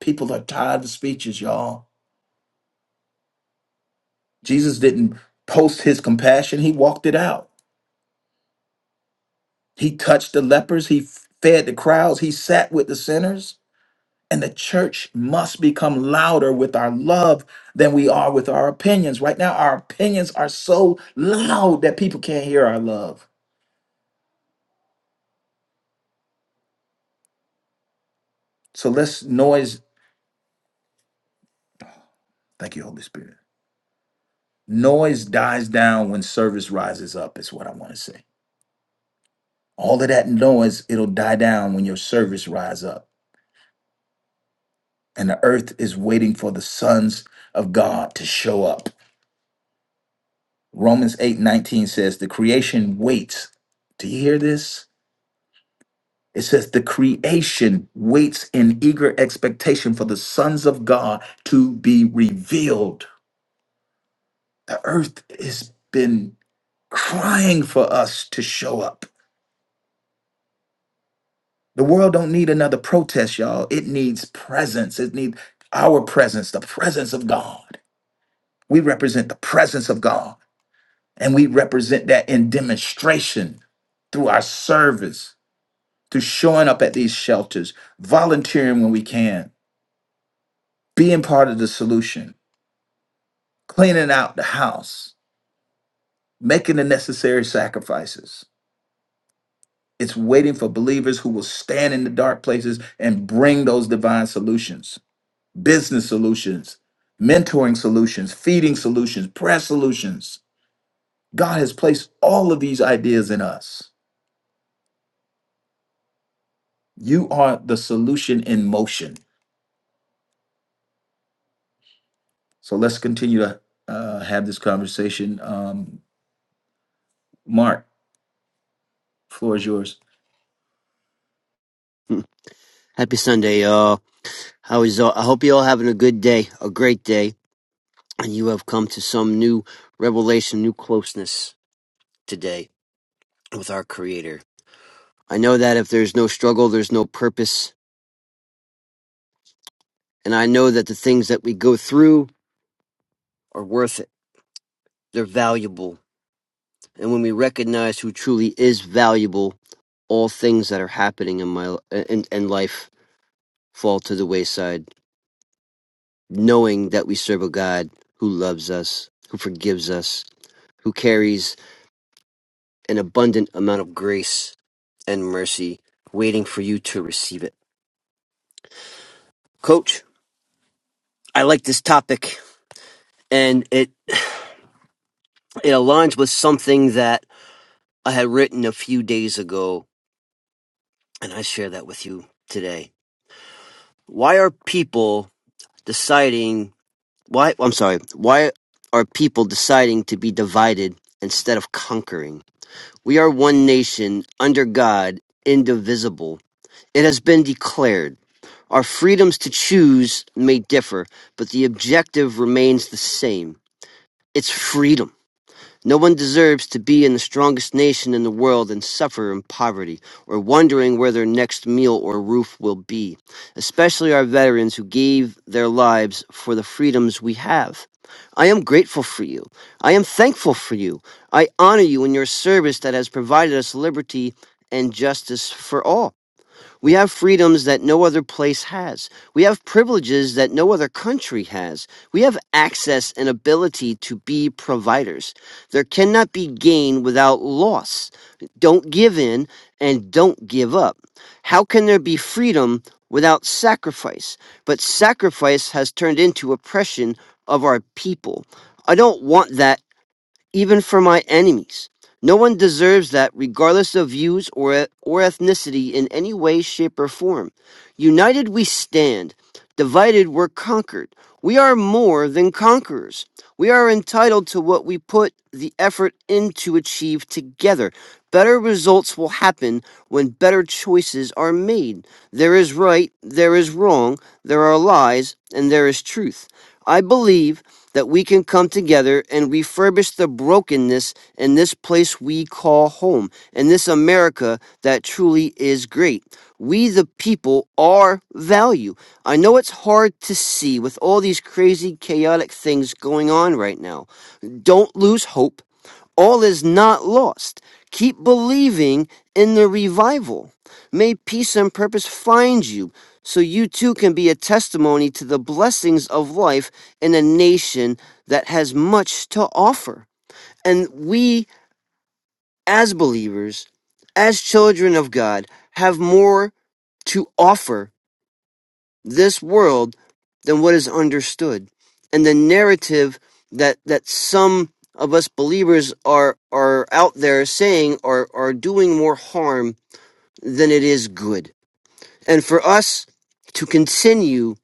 [SPEAKER 2] People are tired of speeches, y'all. Jesus didn't post his compassion; he walked it out. He touched the lepers. He fed the crowds. He sat with the sinners. And the church must become louder with our love than we are with our opinions. Right now, our opinions are so loud that people can't hear our love. So let's noise. Thank you, Holy Spirit. Noise dies down when service rises up, is what I want to say. All of that noise, it'll die down when your service rise up. And the earth is waiting for the sons of God to show up. Romans 8 19 says, The creation waits. Do you hear this? It says the creation waits in eager expectation for the sons of God to be revealed. The earth has been crying for us to show up. The world don't need another protest, y'all. It needs presence. It needs our presence, the presence of God. We represent the presence of God, and we represent that in demonstration through our service, through showing up at these shelters, volunteering when we can, being part of the solution cleaning out the house, making the necessary sacrifices. It's waiting for believers who will stand in the dark places and bring those divine solutions, business solutions, mentoring solutions, feeding solutions, prayer solutions. God has placed all of these ideas in us. You are the solution in motion. So let's continue to uh, have this conversation. Um, Mark, floor is yours.
[SPEAKER 6] Happy Sunday, y'all. How is all? I hope you all having a good day, a great day, and you have come to some new revelation, new closeness today with our Creator. I know that if there's no struggle, there's no purpose, and I know that the things that we go through are worth it. They're valuable, and when we recognize who truly is valuable, all things that are happening in my in, in life fall to the wayside. Knowing that we serve a God who loves us, who forgives us, who carries an abundant amount of grace and mercy waiting for you to receive it. Coach, I like this topic and it (sighs) it aligns with something that I had written a few days ago and I share that with you today. Why are people deciding why I'm sorry, why are people deciding to be divided instead of conquering? We are one nation under God, indivisible. It has been declared Our freedoms to choose may differ, but the objective remains the same. It's freedom. No one deserves to be in the strongest nation in the world and suffer in poverty, or wondering where their next meal or roof will be, especially our veterans who gave their lives for the freedoms we have. I am grateful for you. I am thankful for you. I honor you in your service that has provided us liberty and justice for all. We have freedoms that no other place has. We have privileges that no other country has. We have access and ability to be providers. There cannot be gain without loss. Don't give in and don't give up. How can there be freedom without sacrifice? But sacrifice has turned into oppression of our people. I don't want that even for my enemies. No one deserves that, regardless of views or, e, or ethnicity in any way, shape, or form. United we stand, divided we're conquered. We are more than conquerors. We are entitled to what we put the effort into achieve together. Better results will happen when better choices are made. There is right, there is wrong, there are lies, and there is truth. I believe that we can come together and refurbish the brokenness in this place we call home, in this America that truly is great. We, the people, are value. I know it's hard to see with all these crazy, chaotic things going on right now. Don't lose hope. All is not lost. Keep believing in the revival. May peace and purpose find you so you too can be a testimony to the blessings of life in a nation that has much to offer. And we, as believers, as children of God, have more to offer this world than what is understood. And the narrative that that some of us believers are are out there saying are are doing more harm than it is good. And for us to continue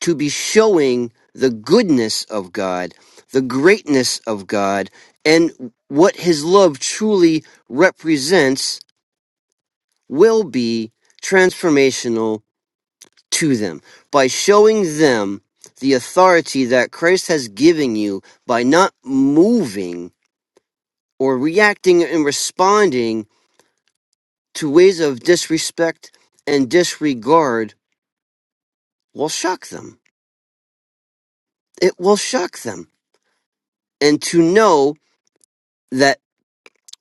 [SPEAKER 6] to be showing the goodness of God, the greatness of God, and what his love truly represents will be transformational to them by showing them the authority that Christ has given you by not moving or reacting and responding to ways of disrespect and disregard will shock them. It will shock them. And to know that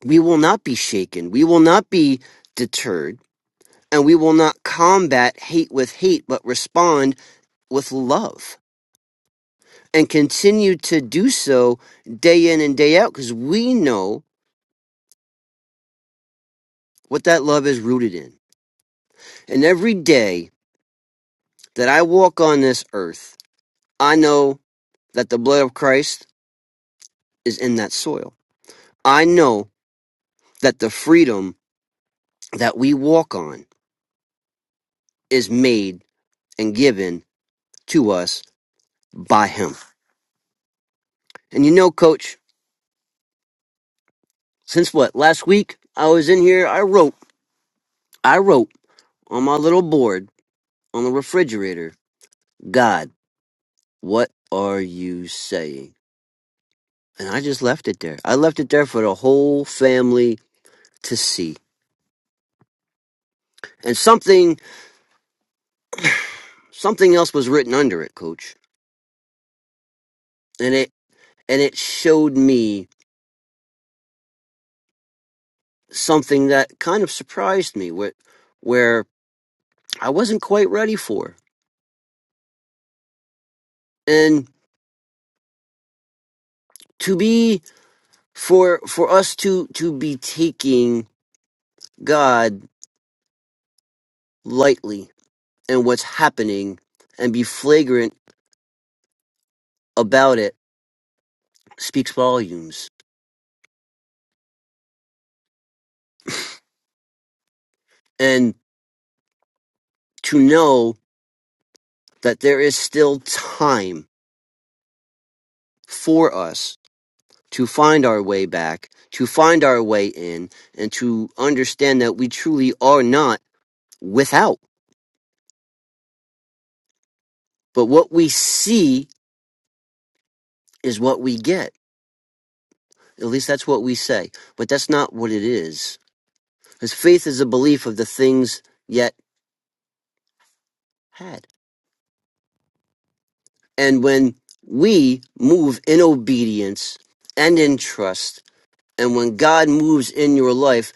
[SPEAKER 6] we will not be shaken, we will not be deterred, and we will not combat hate with hate, but respond with love and continue to do so day in and day out because we know what that love is rooted in. And every day that I walk on this earth, I know that the blood of Christ is in that soil. I know that the freedom that we walk on is made and given to us by Him. And you know, Coach, since what? Last week I was in here, I wrote, I wrote on my little board on the refrigerator, God, what are you saying? And I just left it there. I left it there for the whole family to see. and something something else was written under it coach and it and it showed me something that kind of surprised me where where i wasn't quite ready for and to be for for us to to be taking god lightly and what's happening and be flagrant about it speaks volumes and to know that there is still time for us to find our way back, to find our way in, and to understand that we truly are not without. But what we see is what we get. At least that's what we say. But that's not what it is. Because faith is a belief of the things yet had. And when we move in obedience and in trust, and when God moves in your life,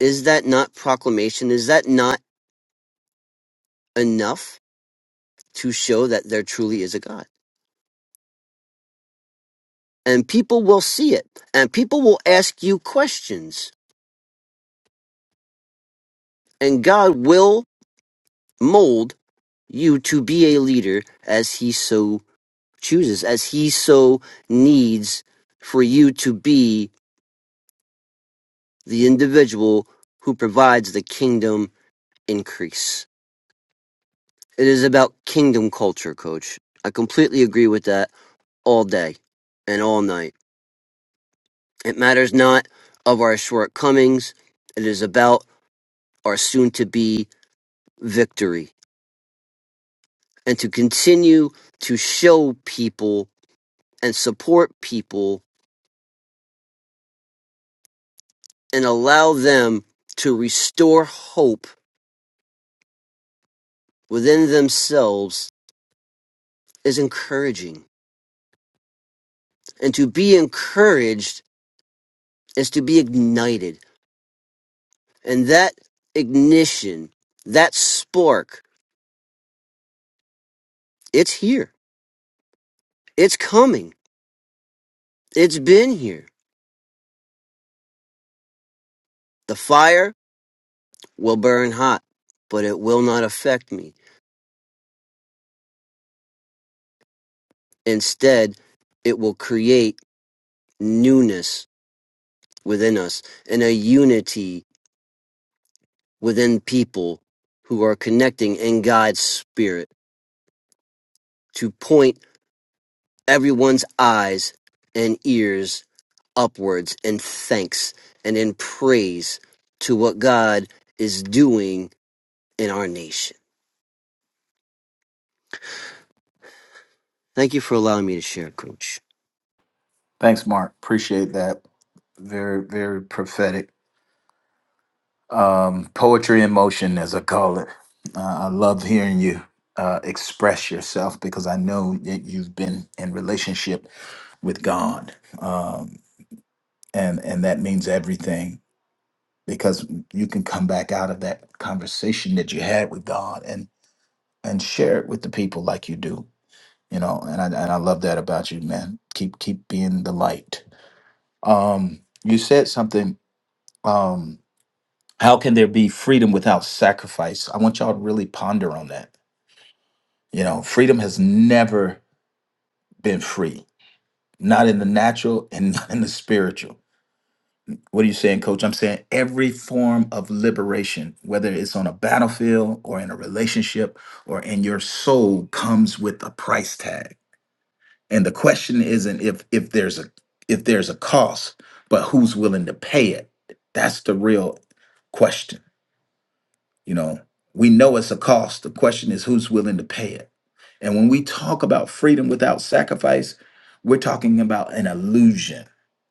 [SPEAKER 6] is that not proclamation? Is that not enough to show that there truly is a God? and people will see it and people will ask you questions and God will mold you to be a leader as he so chooses as he so needs for you to be the individual who provides the kingdom increase it is about kingdom culture coach i completely agree with that all day and all night it matters not of our shortcomings it is about our soon to be victory and to continue to show people and support people and allow them to restore hope within themselves is encouraging. And to be encouraged is to be ignited. And that ignition, that spark, it's here. It's coming. It's been here. The fire will burn hot, but it will not affect me. Instead, it will create newness within us and a unity within people who are connecting in God's spirit to point everyone's eyes and ears upwards in thanks and in praise to what God is doing in our nation. Thank you for allowing me to share, Coach.
[SPEAKER 2] Thanks, Mark. Appreciate that. Very, very prophetic. um, poetry in motion, as I call it. Uh, I love hearing you uh, express yourself because I know that you've been in relationship with God, um, and and that means everything because you can come back out of that conversation that you had with God and and share it with the people like you do, you know. And I and I love that about you, man. Keep keep being the light. Um, you said something. um, How can there be freedom without sacrifice? I want y'all to really ponder on that. You know, freedom has never been free, not in the natural and (laughs) not in the spiritual. What are you saying, coach? I'm saying every form of liberation, whether it's on a battlefield or in a relationship or in your soul comes with a price tag. And the question isn't if if there's a if there's a cost, but who's willing to pay it. That's the real question You know, we know it's a cost. The question is who's willing to pay it. And when we talk about freedom without sacrifice, we're talking about an illusion.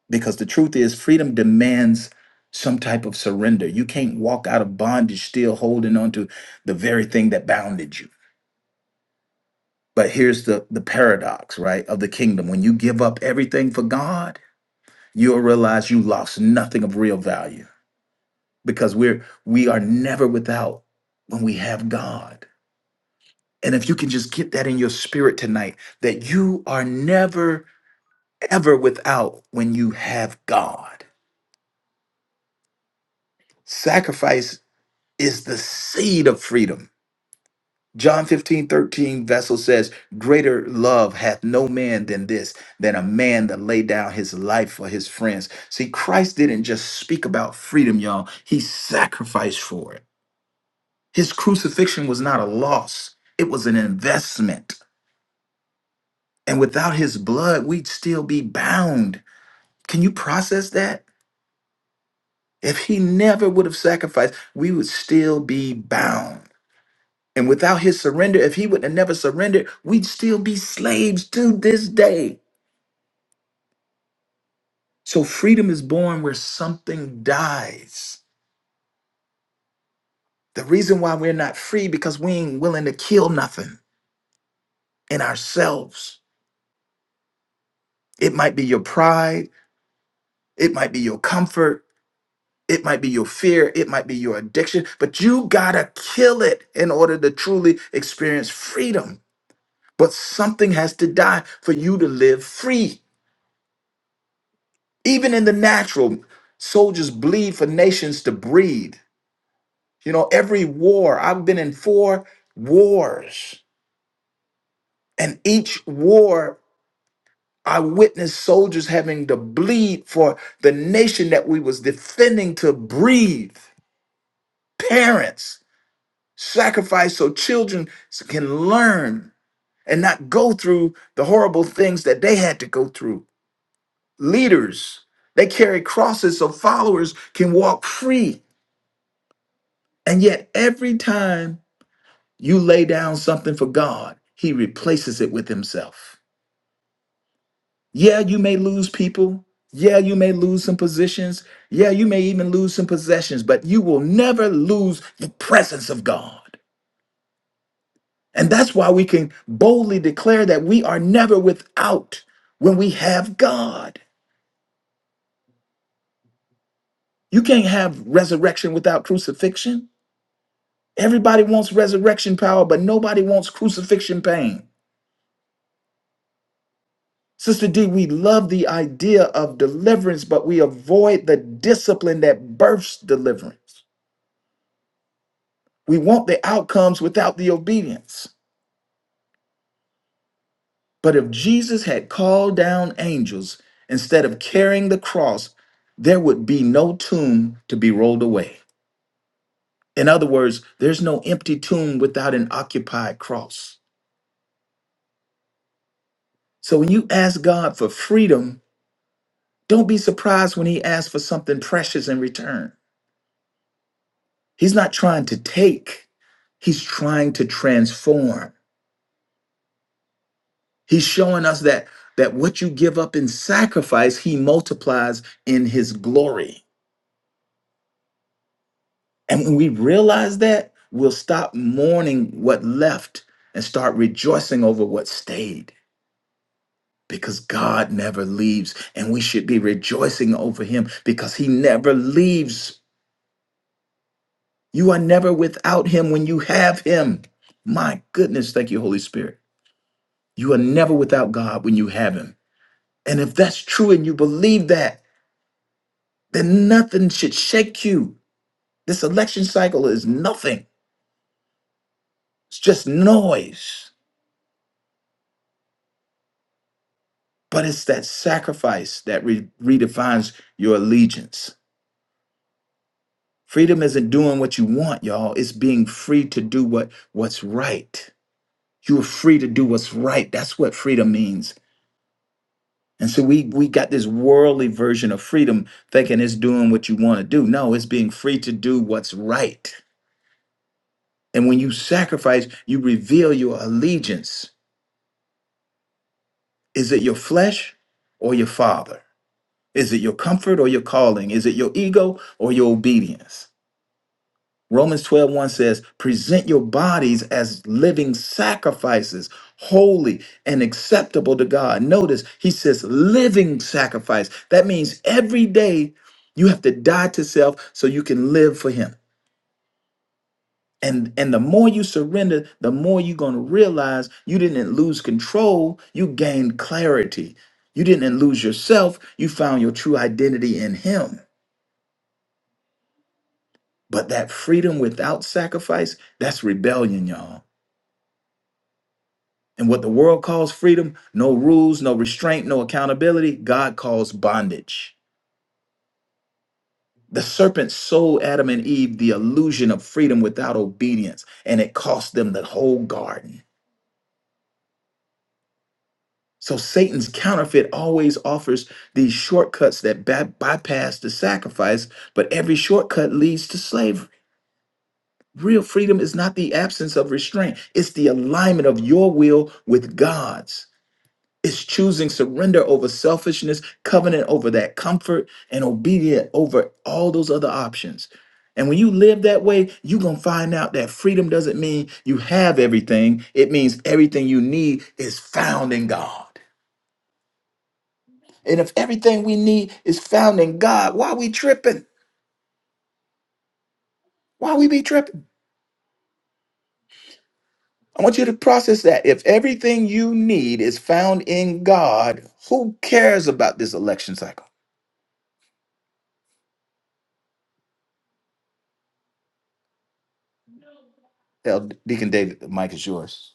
[SPEAKER 2] Because the truth is, freedom demands some type of surrender. You can't walk out of bondage still holding on to the very thing that bounded you. But here's the, the paradox, right, of the kingdom. When you give up everything for God, you'll realize you lost nothing of real value because we're we are never without when we have God. And if you can just get that in your spirit tonight, that you are never, ever without when you have God. Sacrifice is the seed of freedom. John 15 13, Vessel says, Greater love hath no man than this, than a man that lay down his life for his friends. See, Christ didn't just speak about freedom, y'all. He sacrificed for it. His crucifixion was not a loss, it was an investment. And without his blood, we'd still be bound. Can you process that? If he never would have sacrificed, we would still be bound. And without his surrender, if he would have never surrendered, we'd still be slaves to this day. So freedom is born where something dies. The reason why we're not free because we ain't willing to kill nothing in ourselves. It might be your pride, it might be your comfort, it might be your fear, it might be your addiction, but you gotta kill it in order to truly experience freedom. But something has to die for you to live free. Even in the natural, soldiers bleed for nations to breed. You know, every war, I've been in four wars, and each war I witnessed soldiers having to bleed for the nation that we was defending to breathe. Parents sacrifice so children can learn and not go through the horrible things that they had to go through leaders. They carry crosses so followers can walk free. And yet, every time you lay down something for God, He replaces it with Himself. Yeah, you may lose people. Yeah, you may lose some positions. Yeah, you may even lose some possessions, but you will never lose the presence of God. And that's why we can boldly declare that we are never without when we have God. You can't have resurrection without crucifixion. Everybody wants resurrection power, but nobody wants crucifixion pain. Sister D, we love the idea of deliverance, but we avoid the discipline that births deliverance. We want the outcomes without the obedience. But if Jesus had called down angels instead of carrying the cross, there would be no tomb to be rolled away. In other words, there's no empty tomb without an occupied cross. So when you ask God for freedom, Don't be surprised when he asks for something precious in return. He's not trying to take, he's trying to transform. He's showing us that that what you give up in sacrifice, he multiplies in his glory. And when we realize that, we'll stop mourning what left and start rejoicing over what stayed because God never leaves and we should be rejoicing over him because he never leaves You are never without him when you have him. My goodness, thank you, Holy Spirit. You are never without God when you have him. And if that's true and you believe that, then nothing should shake you. This election cycle is nothing, it's just noise. But it's that sacrifice that re- redefines your allegiance. Freedom isn't doing what you want, y'all. It's being free to do what, what's right. You are free to do what's right. That's what freedom means And so we we got this worldly version of freedom, thinking it's doing what you want to do. No, it's being free to do what's right. And when you sacrifice, you reveal your allegiance. Is it your flesh or your father? Is it your comfort or your calling? Is it your ego or your obedience? Romans twelve one says, present your bodies as living sacrifices, holy and acceptable to God. Notice he says living sacrifice. That means every day you have to die to self so you can live for him. And, and the more you surrender, the more you're going to realize you didn't lose control, you gained clarity. You didn't lose yourself, you found your true identity in him. But that freedom without sacrifice, that's rebellion, y'all. And what the world calls freedom, no rules, no restraint, no accountability, God calls bondage. The serpent sold Adam and Eve the illusion of freedom without obedience, and it cost them the whole garden. So Satan's counterfeit always offers these shortcuts that ba- bypass the sacrifice, but every shortcut leads to slavery. Real freedom is not the absence of restraint, it's the alignment of your will with God's. Is choosing surrender over selfishness, covenant over that comfort, and obedient over all those other options. And when you live that way, you're going to find out that freedom doesn't mean you have everything. It means everything you need is found in God. And if everything we need is found in God, why we tripping? Why we be tripping? I want you to process that. If everything you need is found in God, who cares about this election cycle? El Deacon David, the mic is yours.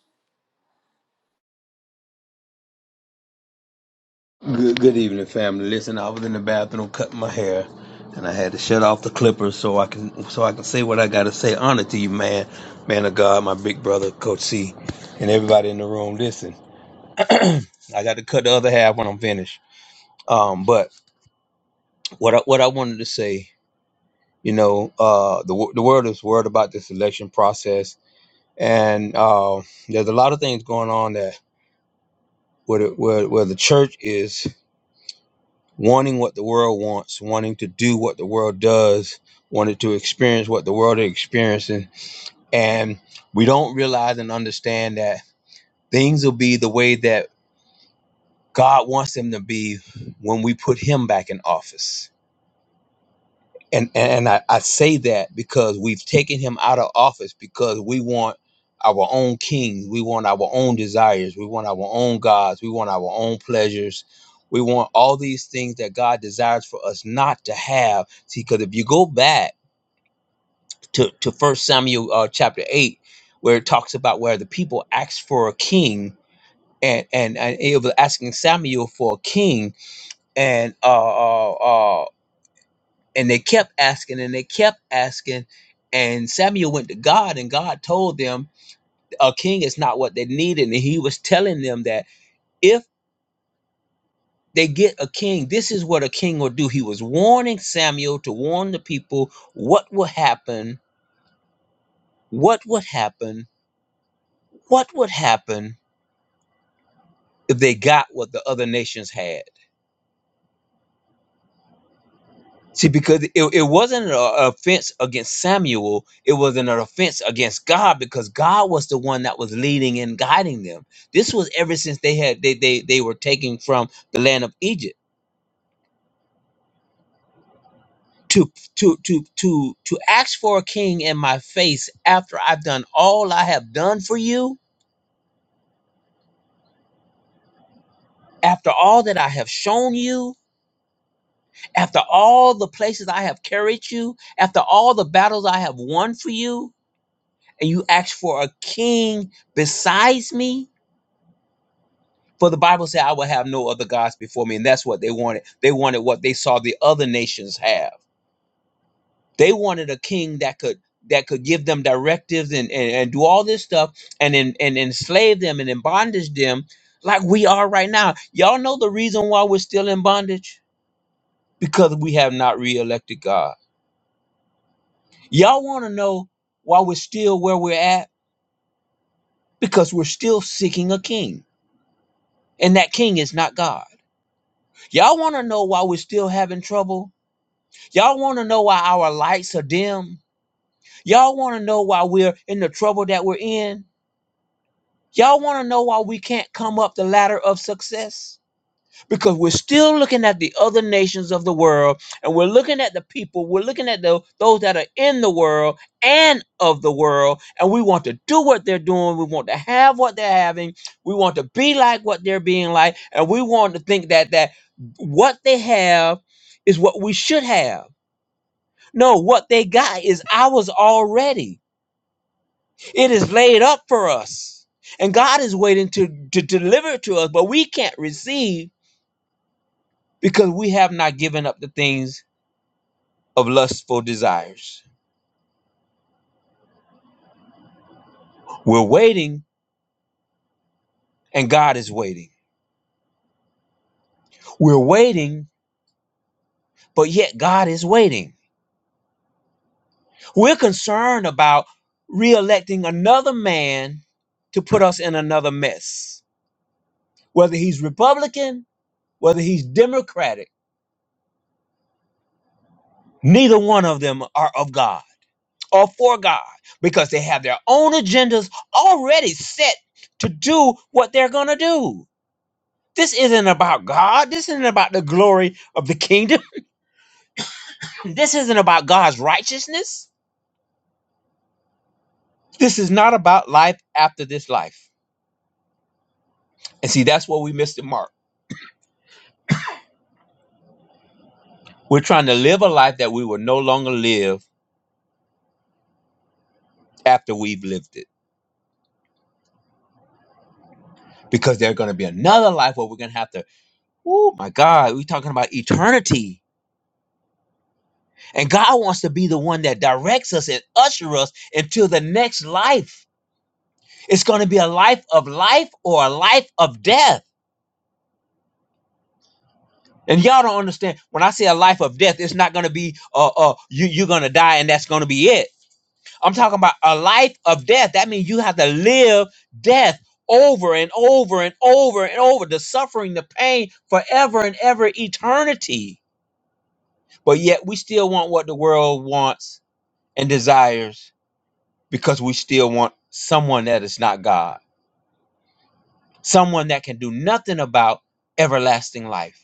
[SPEAKER 5] Good, good evening, family. Listen, I was in the bathroom cutting my hair, and I had to shut off the clippers so I can so I can say what I gotta say. Honor to you, man, man of God, my big brother, Coach C, and everybody in the room. Listen, I got to cut the other half when I'm finished. Um, but what I, what I wanted to say, you know, uh, the wo- the world is worried about this election process, and uh, there's a lot of things going on that where the, where, where the church is. wanting what the world wants, wanting to do what the world does, wanted to experience what the world is experiencing. And we don't realize and understand that things will be the way that God wants them to be when we put Him back in office and and I, I say that because we've taken him out of office because we want our own kings we want our own desires we want our own gods we want our own pleasures we want all these things that god desires for us not to have see because if you go back to to first samuel uh, chapter 8 where it talks about where the people asked for a king and and, and it was asking samuel for a king and uh, uh, uh, and they kept asking and they kept asking and samuel went to god and god told them a king is not what they needed and he was telling them that if they get a king this is what a king will do he was warning samuel to warn the people what will happen what would happen what would happen if they got what the other nations had See, because it, it wasn't an offense against Samuel, it was an offense against God because God was the one that was leading and guiding them. This was ever since they had they they, they were taken from the land of Egypt. To to to to to ask for a king in my face after I've done all I have done for you, after all that I have shown you, after all the places I have carried you, after all the battles I have won for you, and you ask for a king besides me For the Bible said, I will have no other gods before me. And that's what they wanted. They wanted what they saw the other nations have. They wanted a king that could that could give them directives and, and, and do all this stuff and, and, and enslave them and in bondage them like we are right now. Y'all know the reason why we're still in bondage? Because we have not reelected God. Y'all want to know why we're still where we're at? Because we're still seeking a king. And that king is not God. Y'all want to know why we're still having trouble? Y'all want to know why our lights are dim? Y'all want to know why we're in the trouble that we're in? Y'all want to know why we can't come up the ladder of success? Because we're still looking at the other nations of the world and we're looking at the people, we're looking at the, those that are in the world and of the world, and we want to do what they're doing. We want to have what they're having. We want to be like what they're being like. And we want to think that, that what they have is what we should have no, what they got is ours already. It is laid up for us. And God is waiting to, to deliver it to us, but we can't receive because we have not given up the things of lustful desires. We're waiting and God is waiting. We're waiting, but yet God is waiting. We're concerned about reelecting another man to put us in another mess. Whether he's Republican, whether he's Democratic, neither one of them are of God. or for God because they have their own agendas already set to do what they're going to do. This isn't about God. This isn't about the glory of the kingdom. (laughs) This isn't about God's righteousness. This is not about life after this life. And see, that's where we missed the mark. We're trying to live a life that we will no longer live after we've lived it because there's going to be another life where we're going to have to, oh my God, we're talking about eternity And God wants to be the one that directs us and usher us into the next life. It's going to be a life of life or a life of death. And y'all don't understand. When I say a life of death, it's not going to be uh uh you you're going to die and that's going to be it. I'm talking about a life of death. That means you have to live death over and over and over and over the suffering, the pain forever and ever eternity. But yet we still want what the world wants and desires because we still want someone that is not God, someone that can do nothing about everlasting life.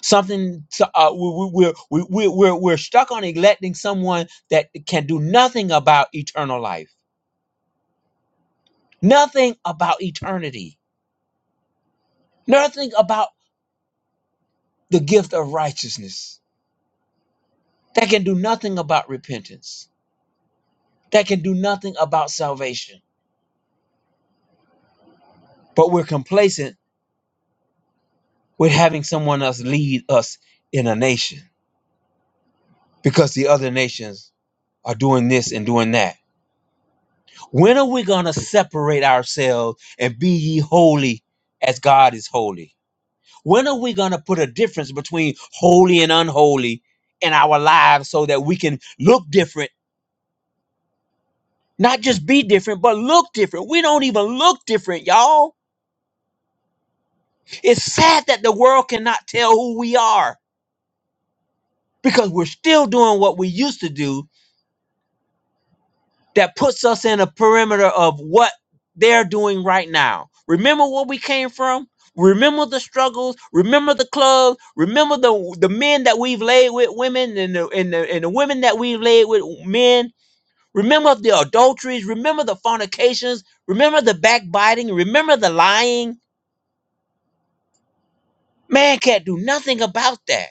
[SPEAKER 5] Something to, uh, we, we, we're, we, we, we're, we're stuck on electing someone that can do nothing about eternal life, nothing about eternity, nothing about the gift of righteousness, that can do nothing about repentance, that can do nothing about salvation. But we're complacent with having someone else lead us in a nation because the other nations are doing this and doing that. When are we going to separate ourselves and be ye holy as God is holy? When are we going to put a difference between holy and unholy in our lives so that we can look different? Not just be different, but look different. We don't even look different, y'all. It's sad that the world cannot tell who we are because we're still doing what we used to do that puts us in a perimeter of what they're doing right now. Remember where we came from? Remember the struggles. Remember the club. Remember the the men that we've laid with women, and the and the, and the women that we've laid with men. Remember the adulteries. Remember the fornications. Remember the backbiting. Remember the lying. Man can't do nothing about that.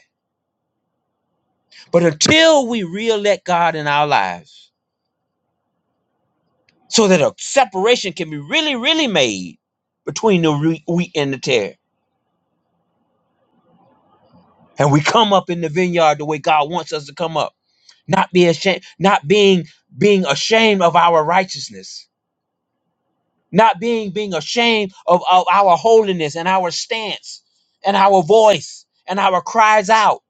[SPEAKER 5] But until we re-elect God in our lives, so that a separation can be really, really made between the wheat and the tares and we come up in the vineyard the way God wants us to come up, not be ashamed, not being being ashamed of our righteousness, not being being ashamed of, of our holiness and our stance and our voice and our cries out,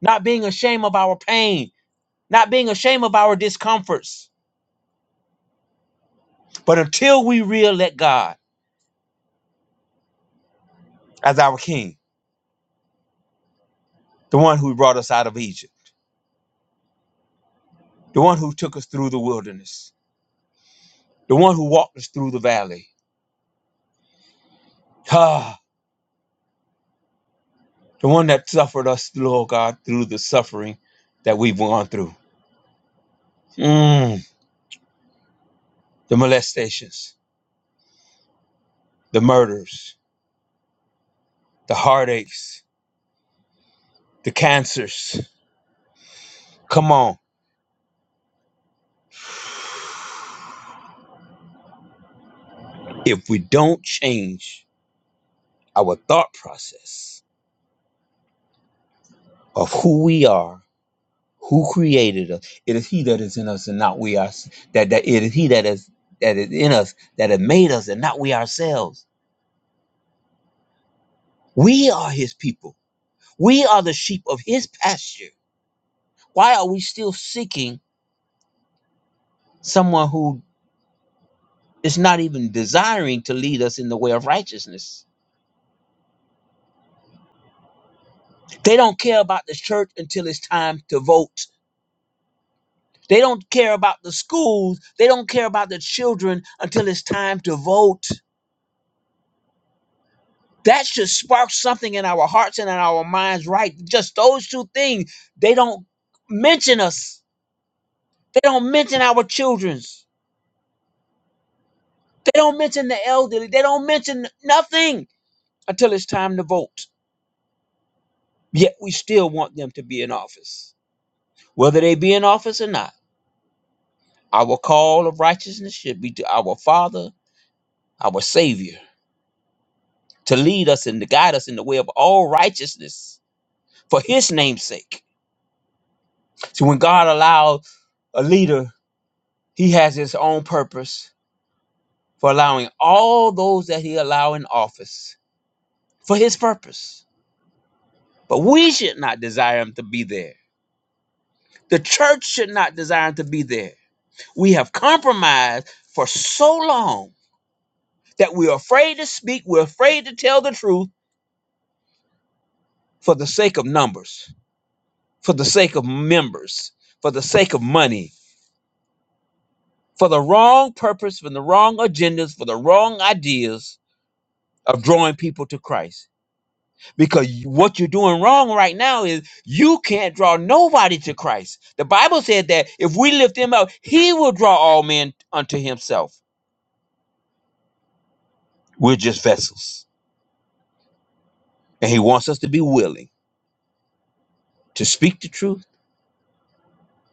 [SPEAKER 5] not being ashamed of our pain, not being ashamed of our discomforts. But until we re-elect God as our King, the one who brought us out of Egypt, the one who took us through the wilderness, the one who walked us through the valley. (sighs) the one that suffered us, Lord God, through the suffering that we've gone through. Mm, the molestations, the murders, the heartaches, the cancers. Come on. If we don't change our thought process of who we are, who created us, it is He that is in us and not we ourselves. That, that it is He that is that is in us that has made us and not we ourselves. We are His people. We are the sheep of His pasture. Why are we still seeking? someone who is not even desiring to lead us in the way of righteousness. They don't care about the church until it's time to vote. They don't care about the schools. They don't care about the children until it's time to vote. That should spark something in our hearts and in our minds, right? Just those two things. They don't mention us. They don't mention our children's. They don't mention the elderly. They don't mention nothing until it's time to vote. Yet we still want them to be in office. whether they be in office or not. Our call of righteousness should be to our Father, our Savior, to lead us and to guide us in the way of all righteousness for His name's sake. So when God allows a leader, he has his own purpose for allowing all those that he allow in office for his purpose. But we should not desire him to be there. The church should not desire him to be there. We have compromised for so long that we're afraid to speak, we're afraid to tell the truth, for the sake of numbers, for the sake of members, for the sake of money, for the wrong purpose, for the wrong agendas, for the wrong ideas of drawing people to Christ. Because you- what you're doing wrong right now is you can't draw nobody to Christ. The Bible said that if we lift him up, he will draw all men unto himself. We're just vessels. And he wants us to be willing to speak the truth,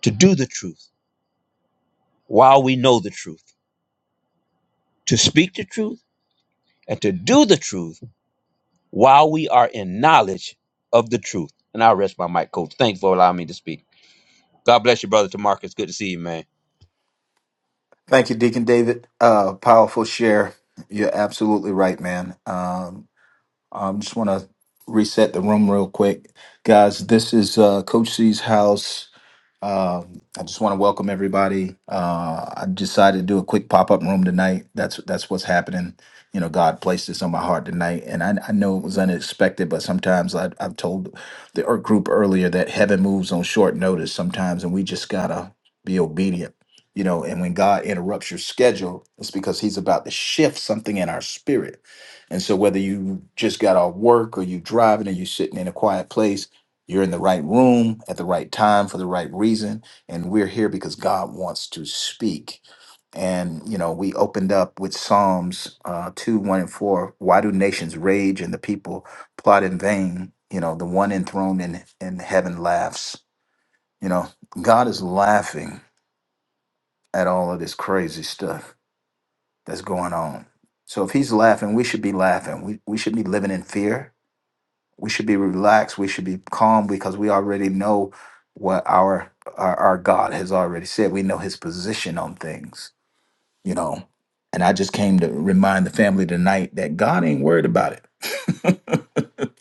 [SPEAKER 5] to do the truth while we know the truth, to speak the truth and to do the truth while we are in knowledge of the truth. And I'll rest my mic, coach. Thanks for allowing me to speak. God bless you, brother Tamarcus. Good to see you, man.
[SPEAKER 2] Thank you, Deacon David. Uh, powerful share. You're absolutely right, man. Um, I just want to reset the room real quick, guys. This is uh, Coach C's house. Um, I just want to welcome everybody. Uh, I decided to do a quick pop up room tonight. That's that's what's happening. You know, God placed this on my heart tonight, and I, I know it was unexpected. But sometimes I, I've told the Earth group earlier that heaven moves on short notice sometimes, and we just gotta be obedient. You know, and when God interrupts your schedule, it's because He's about to shift something in our spirit. And so, whether you just got off work or you driving or you sitting in a quiet place you're in the right room at the right time for the right reason. And we're here because God wants to speak. And, you know, we opened up with Psalms uh, 2, 1, and 4. Why do nations rage and the people plot in vain? You know, the one enthroned in, in heaven laughs. You know, God is laughing at all of this crazy stuff that's going on. So if he's laughing, we should be laughing. We, we should be living in fear we should be relaxed we should be calm because we already know what our our, our god has already said we know his position on things you know and i just came to remind the family tonight that god ain't worried about it (laughs)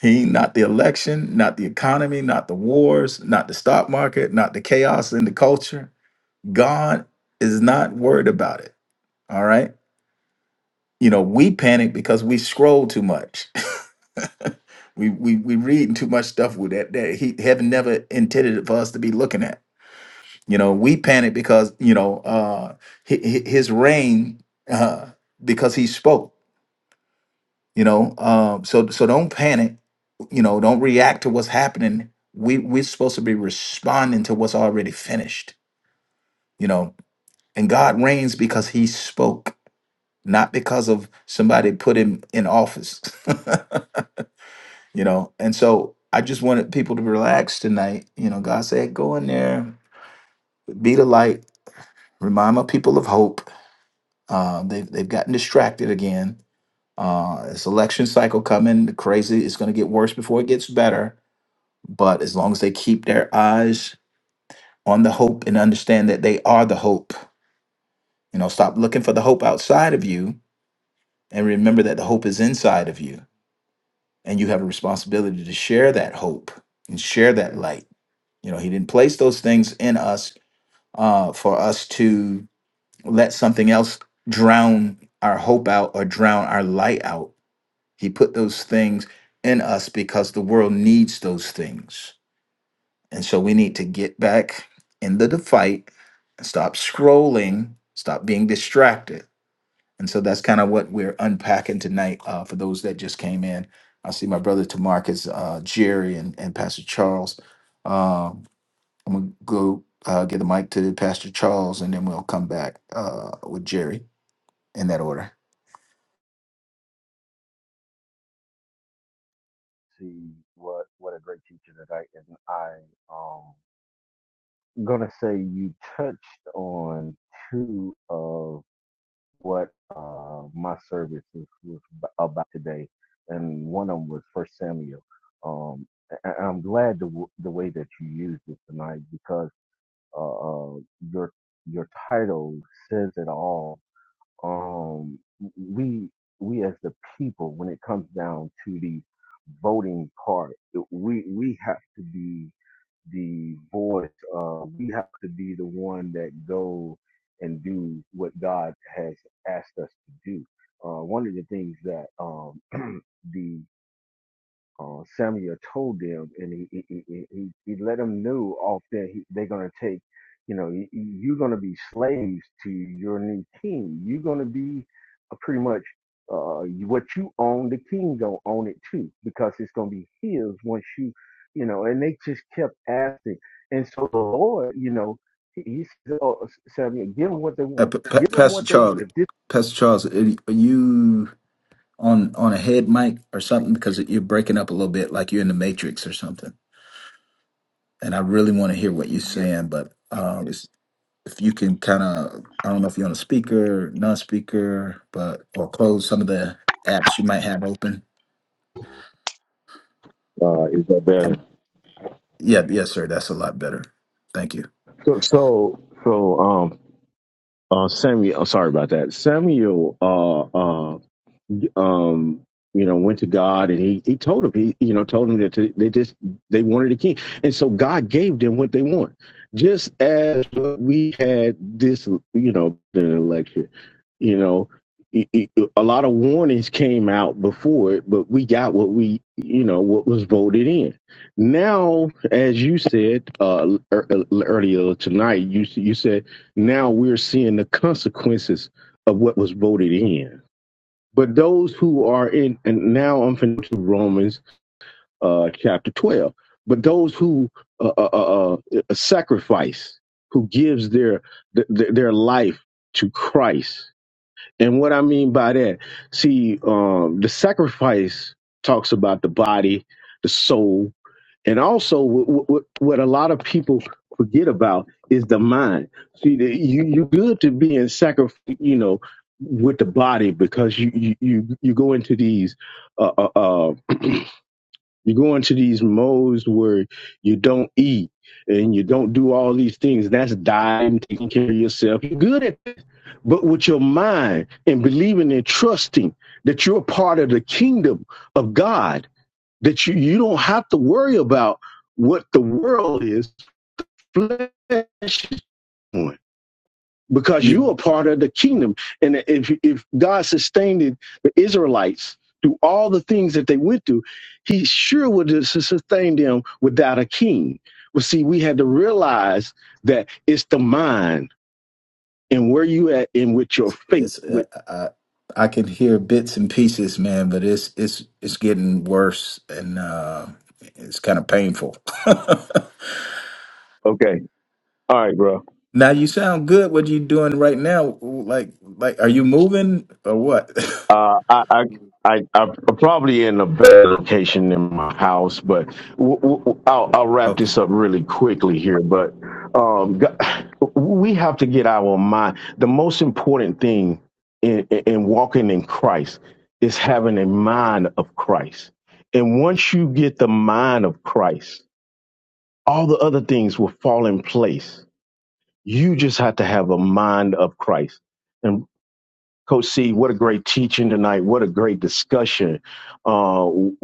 [SPEAKER 2] he ain't not the election not the economy not the wars not the stock market not the chaos in the culture god is not worried about it all right you know we panic because we scroll too much (laughs) (laughs) we we we reading too much stuff with that that he heaven never intended it for us to be looking at. You know, we panic because you know uh, hi- hi- his reign uh, because he spoke. You know, um, so so don't panic. You know, don't react to what's happening. We we're supposed to be responding to what's already finished. You know, and God reigns because He spoke, not because of somebody put him in office. (laughs) you know and so i just wanted people to relax tonight you know god said go in there be the light remind my people of hope uh, they've, they've gotten distracted again uh, it's election cycle coming the crazy it's going to get worse before it gets better but as long as they keep their eyes on the hope and understand that they are the hope you know stop looking for the hope outside of you and remember that the hope is inside of you and you have a responsibility to share that hope and share that light you know he didn't place those things in us uh, for us to let something else drown our hope out or drown our light out. He put those things in us because the world needs those things. And so we need to get back into the fight and stop scrolling, stop being distracted. And so that's kind of what we're unpacking tonight uh, for those that just came in. I see my brother Tamarcus, uh, Jerry, and, and Pastor Charles. Um, I'm gonna go uh, get the mic to Pastor Charles, and then we'll come back uh, with Jerry in that order.
[SPEAKER 7] see what what a great teacher today. And I um gonna say you touched on two of what uh my service was, about today, and one of them was First Samuel. Um, and I'm glad the the way that you used it tonight because uh, uh your your title says it all um, we we as the people, when it comes down to the voting part, we we have to be the voice. Uh, we have to be the one that go and do what God has asked us to do. Uh, one of the things that um, (clears throat) uh, Samuel told them, and he he, he, he he he let them know off that he, they're going to take, you know, you, you're going to be slaves to your new king. You're going to be uh, pretty much uh, you- what you own. The king gonna own it too because it's going to be his once you, you know. And they just kept asking, and so the Lord, you know, he, he said, oh, Samuel, give them what they
[SPEAKER 2] Uh,
[SPEAKER 7] want.
[SPEAKER 2] P- P-
[SPEAKER 7] Give them
[SPEAKER 2] Pastor
[SPEAKER 7] what they want.
[SPEAKER 2] Charles,
[SPEAKER 7] If this,
[SPEAKER 2] Pastor Charles, are y- are you on on a head mic or something? Because you're breaking up a little bit, like you're in the Matrix or something. And I really want to hear what you're
[SPEAKER 7] yes,
[SPEAKER 2] saying, but um, it's- if you can kind of, I don't know if you're on a speaker, non-speaker, but or close some of the apps you might have open.
[SPEAKER 7] Uh, is that better?
[SPEAKER 2] And- Yeah, yes, sir. That's a lot better. Thank
[SPEAKER 7] So, so, so, um, Uh, Samuel, oh, sorry about that. Samuel. Uh, uh, um, you know, went to God and he he told him he you know told him that to, they just they wanted a king, and so God gave them what they want, just as we had this you know in the election, you know. it- it- A lot of warnings came out before it, but we got what we, you know, what was voted in. Now, as you said uh, ear- uh, earlier tonight, you you said now we're seeing the consequences of what was voted in but those who are in, and now I'm going to Romans uh, chapter 12. But those who uh, uh, uh, uh, sacrifice, who gives their, their their life to Christ, and what I mean by that, see, um, the sacrifice talks about the body, the soul, and also, what, what, what a lot of people forget about is the mind. See, the, you you good to be in sacrifice, you know, with the body because you you you, you go into these uh, uh, uh you go into these modes where you don't eat and you don't do all these things. That's dying, taking care of yourself. You're good at that. But with your mind and believing and trusting that you're part of the kingdom of God that you, you don't have to worry about what the world is flesh is doing because you
[SPEAKER 2] you.
[SPEAKER 7] are part of the kingdom. And if, if God sustained it, the Israelites through all the things that they went through, he sure would have sustained them without a king. But see, we had to realize that it's the mind and where you at and with your faith.
[SPEAKER 2] It's uh,
[SPEAKER 7] With
[SPEAKER 2] I I can hear bits and pieces, man, but it's it's it's getting worse and uh, it's kind of painful.
[SPEAKER 7] Okay. All right, bro.
[SPEAKER 2] (laughs) now you sound good. What you doing right now? Like like are you moving or what?
[SPEAKER 7] Uh, I, I, I, I'm probably in a better location than my house, but w- w- I'll, I'll
[SPEAKER 2] (laughs)
[SPEAKER 7] wrap
[SPEAKER 2] okay.
[SPEAKER 7] this up really quickly here. But um, g- (sighs) we have to get our mind. The most important thing in, in in walking in Christ is having a mind of Christ. And once you get the mind of Christ, all the other things will fall in place. You just have to have a mind of Christ. Coach C, what a great teaching tonight. What a great discussion. Uh, w-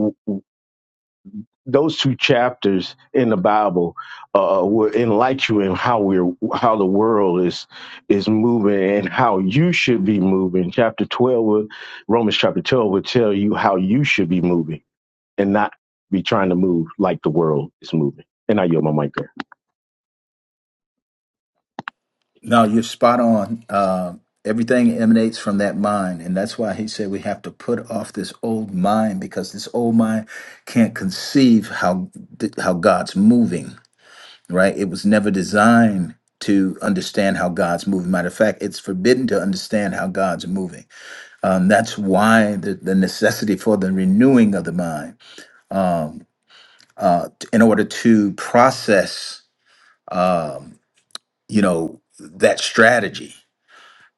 [SPEAKER 7] those two chapters in the Bible uh, will enlighten you in how we're how the world is is moving and how you should be moving. Chapter twelve, will- Romans chapter twelve, will tell you how you should be moving and not be trying to move like the world is moving. And I yield my mic there.
[SPEAKER 2] No, you're spot on. Um, everything emanates from that mind, and that's why he said we have to put off this old mind because this old mind can't conceive how how God's moving right? It was never designed to understand how God's moving. Matter of fact, it's forbidden to understand how God's moving. Um, that's why the, the necessity for the renewing of the mind uh, t- in order to process, um, you know, that strategy.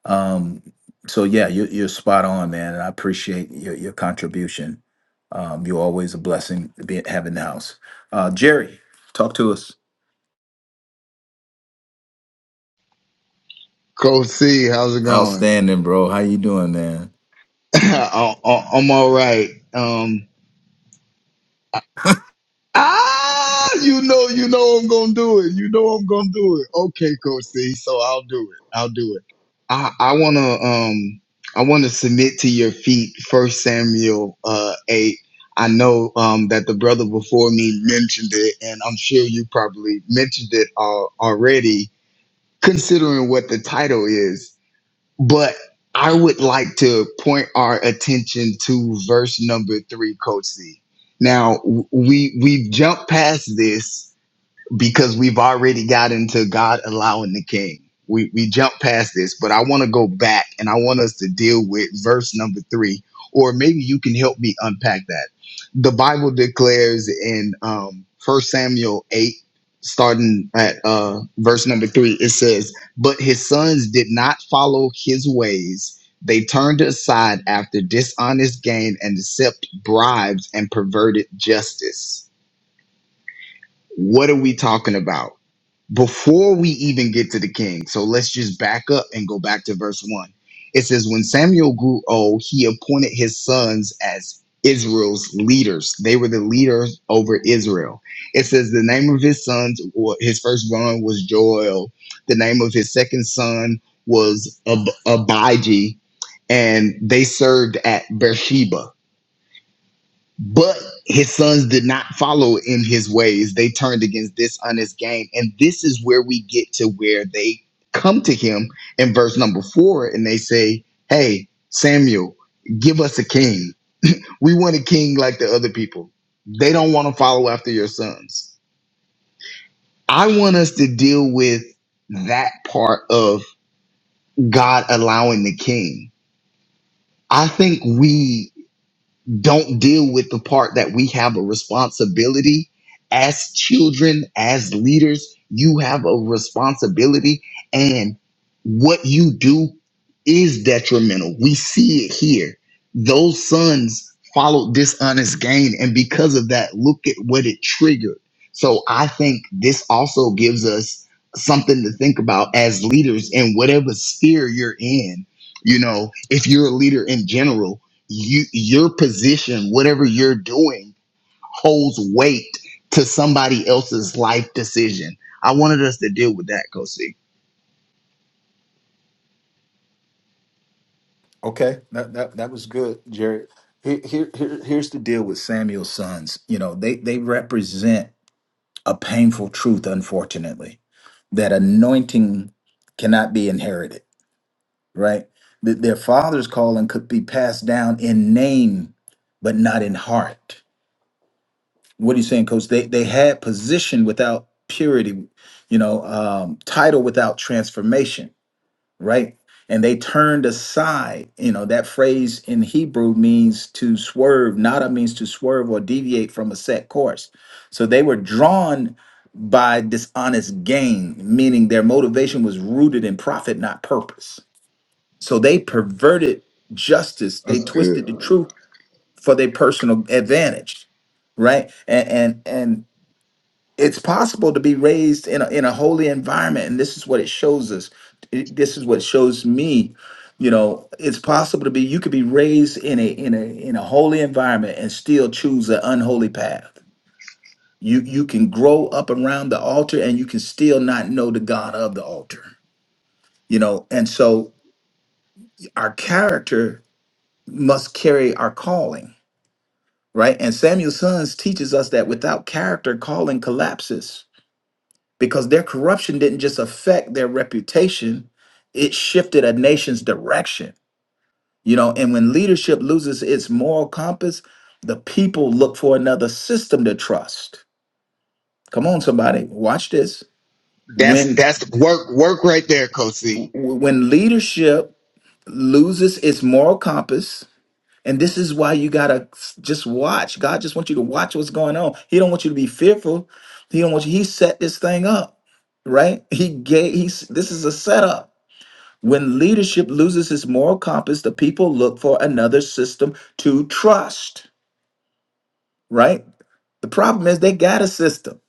[SPEAKER 2] Um, so yeah, you're, you're spot on, man, and I appreciate your, your contribution. Um, you're always a blessing to be having the house. Uh, Jerry, talk to us.
[SPEAKER 8] Coach C, how's it going?
[SPEAKER 2] Outstanding, bro. How you doing, man?
[SPEAKER 8] (clears throat) (laughs) I, I, I'm all right. Um, ah, you know, you know, I'm gonna do it. You know, I'm gonna do it. Okay, Coach C, so I'll do it. I'll do it. I, I wanna, um, I wanna submit to your feet. First Samuel, uh, eight. I know um, that the brother before me mentioned it, and I'm sure you probably mentioned it uh, already, considering what the title is. But I would like to point our attention to verse number three, Coach C. Now w- we we've jumped past this because we've already got into God allowing the king. We we jump past this, but I want to go back and I want us to deal with verse number three, or maybe you can help me unpack that. The Bible declares in um first Samuel eight, starting at uh verse number three, it says, But his sons did not follow his ways. They turned aside after dishonest gain and accept bribes and perverted justice. What are we talking about? before we even get to the king. So let's just back up and go back to verse 1. It says, When Samuel grew old, he appointed his sons as Israel's leaders. They were the leaders over Israel. It says the name of his sons, wa- his firstborn was Joel. The name of his second son was Ab- Abijah, and they served at Beersheba. But his sons did not follow in his ways. They turned against this honest gain. And this is where we get to where they come to him in verse number four and they say, Hey, Samuel, give us a king. We want a king like the other people. They don't want to follow after your sons. I want us to deal with that part of God allowing the king. I think we don't deal with the part that we have a responsibility as children, as leaders. You have a responsibility, and what you do is detrimental. We see it here. Those sons followed dishonest gain, and because of that, look at what it triggered. So I think this also gives us something to think about as leaders in whatever sphere you're in. You know, if you're a leader in general, you your position whatever you're doing holds weight to somebody else's life decision i wanted us to deal with that kosi
[SPEAKER 2] Okay, that that that was good, Jared. Here, here, here here's the deal with Samuel's sons. You know, they they represent a painful truth, unfortunately, that anointing cannot be inherited. Right, that their father's calling could be passed down in name, but not in heart. What are you saying, Coach? They they had position without purity, you know, um, title without transformation right? And they turned aside. You know, that phrase in Hebrew means to swerve. Nada means to swerve or deviate from a set course. So they were drawn by dishonest gain, meaning their motivation was rooted in profit, not purpose. So they perverted justice. They
[SPEAKER 8] That's good.
[SPEAKER 2] twisted the truth for their personal advantage, right? And and and it's possible to be raised in a, in a holy environment and this is what it shows us It- this is what shows me you know it's possible to be you could be raised in a in a in a holy environment and still choose an unholy path you you can grow up around the altar and you can still not know the god of the altar you know and so our character must carry our calling right and samuel's sons teaches us that without character calling collapses because their corruption didn't just affect their reputation, it shifted a nation's direction. You know, and when leadership loses its moral compass, the people look for another system to trust. Come on somebody, watch this.
[SPEAKER 8] that's
[SPEAKER 2] When
[SPEAKER 8] that's work work right there kosi
[SPEAKER 2] when leadership loses its moral compass, and this is why you got to just watch. God just wants you to watch what's going on. He don't want you to be fearful. He don't want you he set this thing up, right? He gave he's this is a setup When leadership loses its moral compass, the people look for another system to trust, right? The problem is they got a system.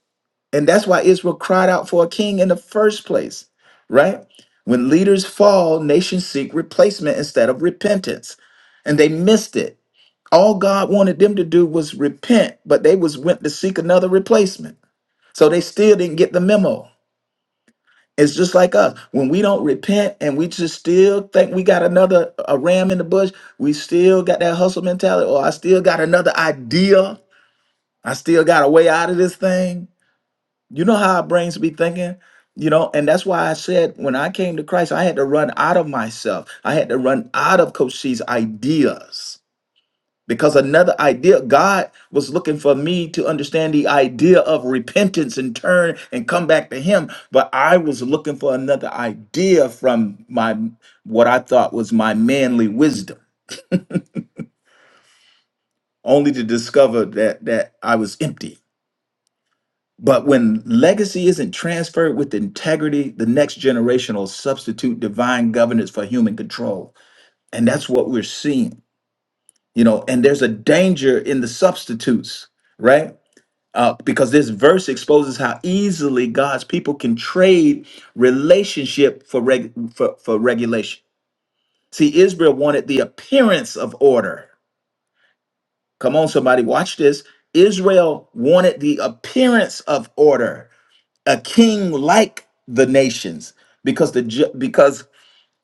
[SPEAKER 2] And that's why Israel cried out for a king in the first place, right? When leaders fall, nations seek replacement instead of repentance. And they missed it. All God wanted them to do was repent, but they was went to seek another replacement. So they still didn't get the memo. It's just like us. When we don't repent and we just still think we got another a ram in the bush, we still got that hustle mentality, or I still got another idea. I still got a way out of this thing. You know how our brains be thinking, you know, and that's why I said when I came to Christ, I had to run out of myself. I had to run out of Coach C's ideas because another idea god was looking for me to understand the idea of repentance and turn and come back to him but i was looking for another idea from my what i thought was my manly wisdom only to discover that that i was empty but when legacy isn't transferred with integrity the next generation will substitute divine governance for human control and that's what we're seeing you know and there's a danger in the substitutes right uh, because this verse exposes how easily God's people can trade relationship for, reg- for for regulation. See, Israel wanted the appearance of order. Come on, somebody, watch this. Israel wanted the appearance of order, a king like the nations, because the ju- because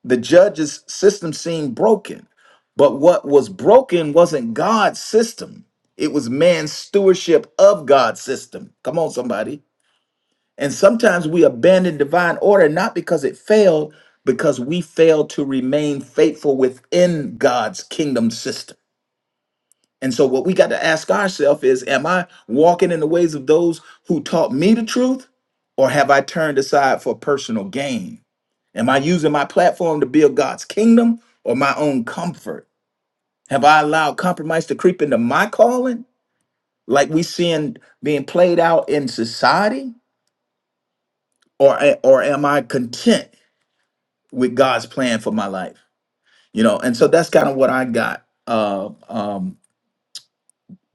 [SPEAKER 2] the judge's system seemed broken. But what was broken wasn't God's system; it was man's stewardship of God's system. Come on, somebody And sometimes we abandon divine order not because it failed, because we failed to remain faithful within God's kingdom system. And so, what we got to ask ourselves is Am I walking in the ways of those who taught me the truth, or have I turned aside for personal gain? Am I using my platform to build God's kingdom or my own comfort? Have I allowed compromise to creep into my calling, like we seeing being played out in society? or or am I content? with God's plan for my life. You know, and so that's kind of what I got, uh, um,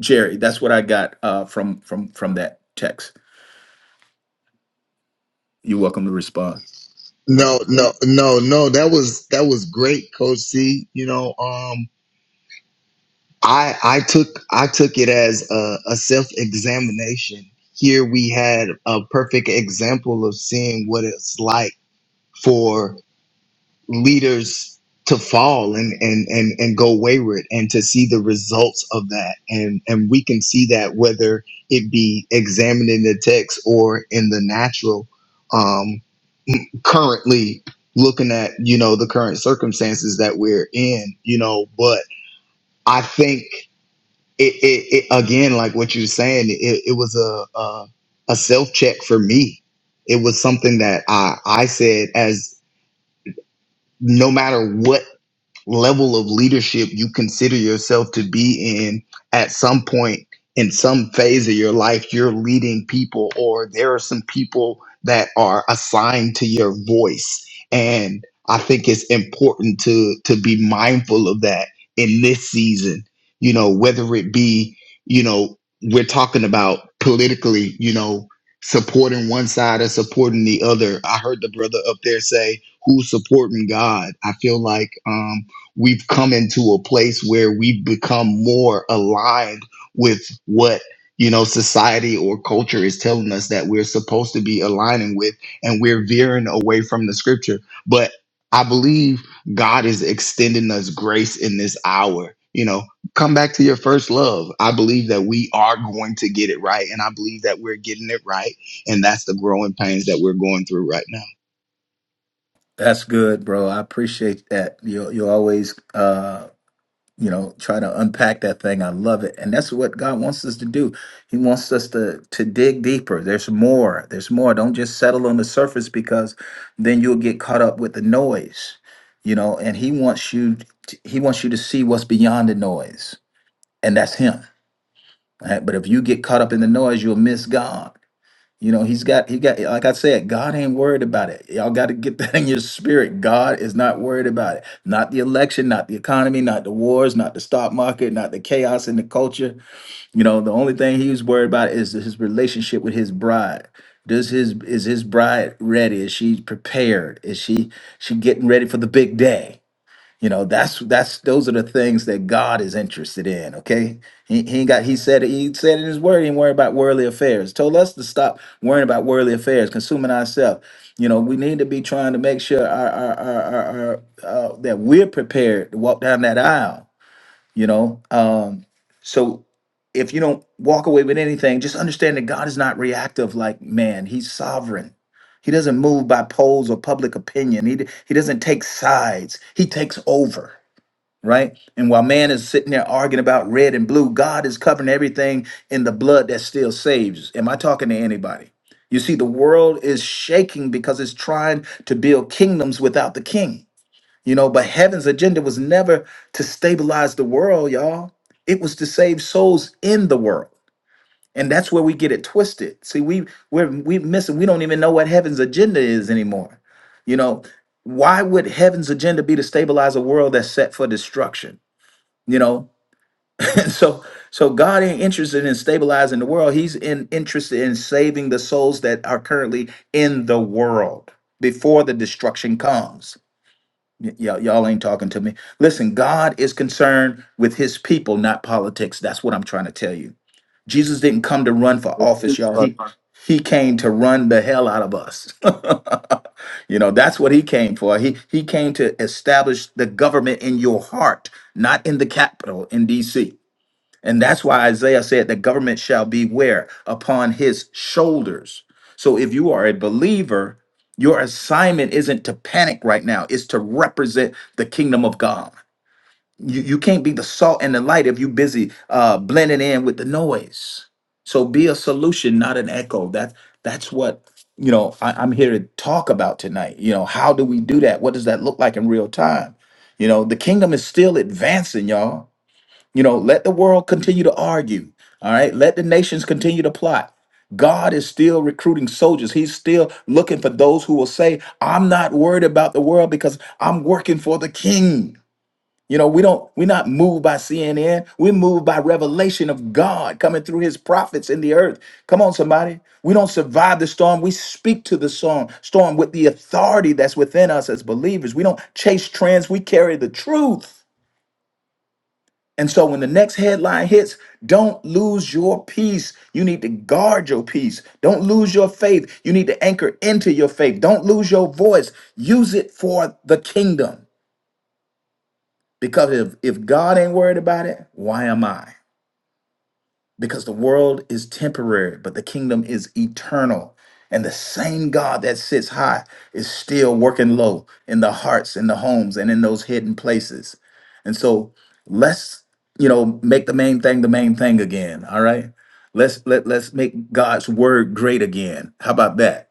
[SPEAKER 2] Jerry. That's what I got uh, from from from that text. You're welcome to respond.
[SPEAKER 8] No, no, no, no. That was that was great, Coach C. You know, um, i i took i took it as a, a self-examination here we had a perfect example of seeing what it's like for. leaders to fall and and and and go wayward and to see the results of that and and we can see that whether it be examining the text or in the natural um currently looking at you know the current circumstances that we're in you know but i think it it, it again like what you're saying it, it was a a, a self check for me it was something that i i said as no matter what level of leadership you consider yourself to be in at some point in some phase of your life you're leading people or there are some people that are assigned to your voice and i think it's important to to be mindful of that in this season you know whether it be you know we're talking about politically you know supporting one side or supporting the other i heard the brother up there say who's supporting god i feel like um we've come into a place where we become more aligned with what you know society or culture is telling us that we're supposed to be aligning with and we're veering away from the scripture but i believe god is extending us grace in this hour you know come back to your first love i believe that we are going to get it right and i believe that we're getting it right and that's the growing pains that we're going through right now
[SPEAKER 2] That's good, bro. I appreciate that. You you always uh, you know try to unpack that thing. I love it, and that's what God wants us to do. He wants us to to dig deeper. There's more. There's more. Don't just settle on the surface because then you'll get caught up with the noise. You know, and He wants you. t- He wants you to see what's beyond the noise and that's him. right? But if you get caught up in the noise, you'll miss God. You know, he's got he got like I said, God ain't worried about it. Y'all got to get that in your spirit. God is not worried about it. Not the election, not the economy, not the wars, not the stock market, not the chaos in the culture. You know, the only thing he's worried about is his relationship with his bride. Does his is his bride ready? Is she prepared? Is she she getting ready for the big day? You know, that's that's those are the things that God is interested in. Okay, he he ain't got he said he said in his word, he ain't worry about worldly affairs. Told us to stop worrying about worldly affairs, consuming ourselves. You know, we need to be trying to make sure our our our, our, our uh, that we're prepared to walk down that aisle you know um so if you don't walk away with anything just understand that god is not reactive like man he's sovereign he doesn't move by polls or public opinion he, d- he doesn't take sides he takes over right and while man is sitting there arguing about red and blue god is covering everything in the blood that still saves am i talking to anybody you see the world is shaking because it's trying to build kingdoms without the king you know, but heaven's agenda was never to stabilize the world, y'all. It was to save souls in the world. And that's where we get it twisted. See, we we're we missing, we don't even know what heaven's agenda is anymore. You know, why would heaven's agenda be to stabilize a world that's set for destruction? You know, (laughs) and so so God ain't interested in stabilizing the world. He's in, interested in saving the souls that are currently in the world before the destruction comes. Y- y'all y'all ain't talking to me. Listen, God is concerned with his people, not politics. That's what I'm trying to tell you. Jesus didn't come to run for
[SPEAKER 9] That's good,
[SPEAKER 2] office, y'all.
[SPEAKER 9] brother.
[SPEAKER 2] He he came to run the hell out of us. (laughs) you know, that's what he came for. He he came to establish the government in your heart, not in the capital in DC. And that's why Isaiah said the government shall be where? Upon his shoulders. So if you are a believer, your assignment isn't to panic right now, it's to represent the kingdom of God. You, you can't be the salt and the light if you're busy uh, blending in with the noise. So be a solution, not an echo. That, that's what you know I, I'm here to talk about tonight. You know, how do we do that? What does that look like in real time? You know, the kingdom is still advancing, y'all you know, let the world continue to argue. All right. Let the nations continue to plot. God is still recruiting soldiers. He's still looking for those who will say, I'm not worried about the world because I'm working for the king. You know, we don't, we're not moved by CNN. We're moved by revelation of God coming through his prophets in the earth. Come on, somebody. We don't survive the storm. We speak to the storm, storm with the authority that's within us as believers. We don't chase trends. We carry the truth. And so when the next headline hits, don't lose your peace. You need to guard your peace. Don't lose your faith. You need to anchor into your faith. Don't lose your voice. Use it for the kingdom. Because if, if God ain't worried about it, why am I? because the world is temporary, but the kingdom is eternal. And the same God that sits high is still working low in the hearts, in the homes, and in those hidden places. And so let's, you know, make the main thing the main thing again. All right. Let's let let's make God's word great again. How about that?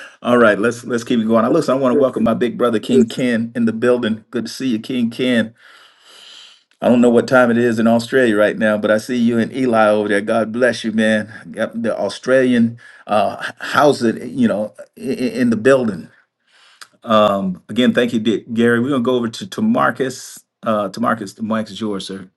[SPEAKER 2] (laughs) all right, let's let's keep it going. I
[SPEAKER 9] That's
[SPEAKER 2] listen, I want to
[SPEAKER 9] good,
[SPEAKER 2] welcome my big brother
[SPEAKER 9] good.
[SPEAKER 2] King Ken in the building. Good to see you, King Ken. I don't know what time it is in Australia right now, but I see you and Eli over there. God bless you, man. Got the Australian uh, housing, you know, in, in the building. Um, again, thank you, Dick. Gary. We're gonna go over to to Marcus. Uh, to Marcus, the mic is yours, sir.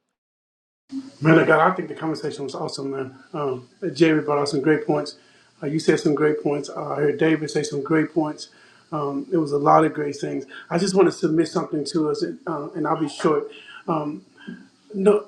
[SPEAKER 10] Man of God, I think the conversation was awesome, man. Um, Jerry brought out some great points. Uh, you said some great points. Uh, I heard David say some great points. Um, it was a lot of great things. I just want to submit something to us, and, uh, and I'll be short. No,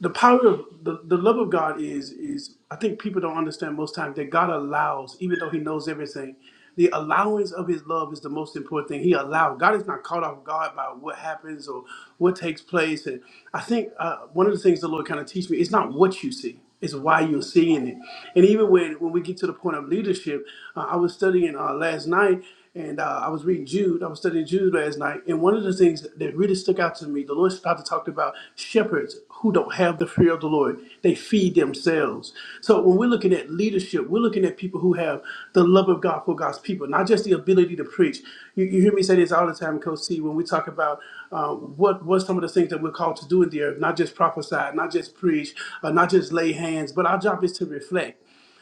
[SPEAKER 10] the power of the, the love of God is is I think people don't understand most times that God allows, even though He knows everything, the allowance of His love is the most important thing. He allowed. God is not caught off guard by what happens or what takes place. And I think uh, one of the things the Lord kind of teach me is not what you see is why you're seeing it. And even when, when we get to the point of leadership, uh, I was studying uh, last night and uh, I was reading Jude. I was studying Jude last night. And one of the things that that really stuck out to me, the Lord started talking about shepherds who don't have the fear of the Lord. They feed themselves. So when we're looking at leadership, we're looking at people who have the love of God for God's people, not just the ability to preach. You, you hear me say this all the time, Coach C, when we talk about um, what what some of the things that we're called to do in the earth, not just prophesy, not just preach, uh, not just lay hands, but our job is to reflect.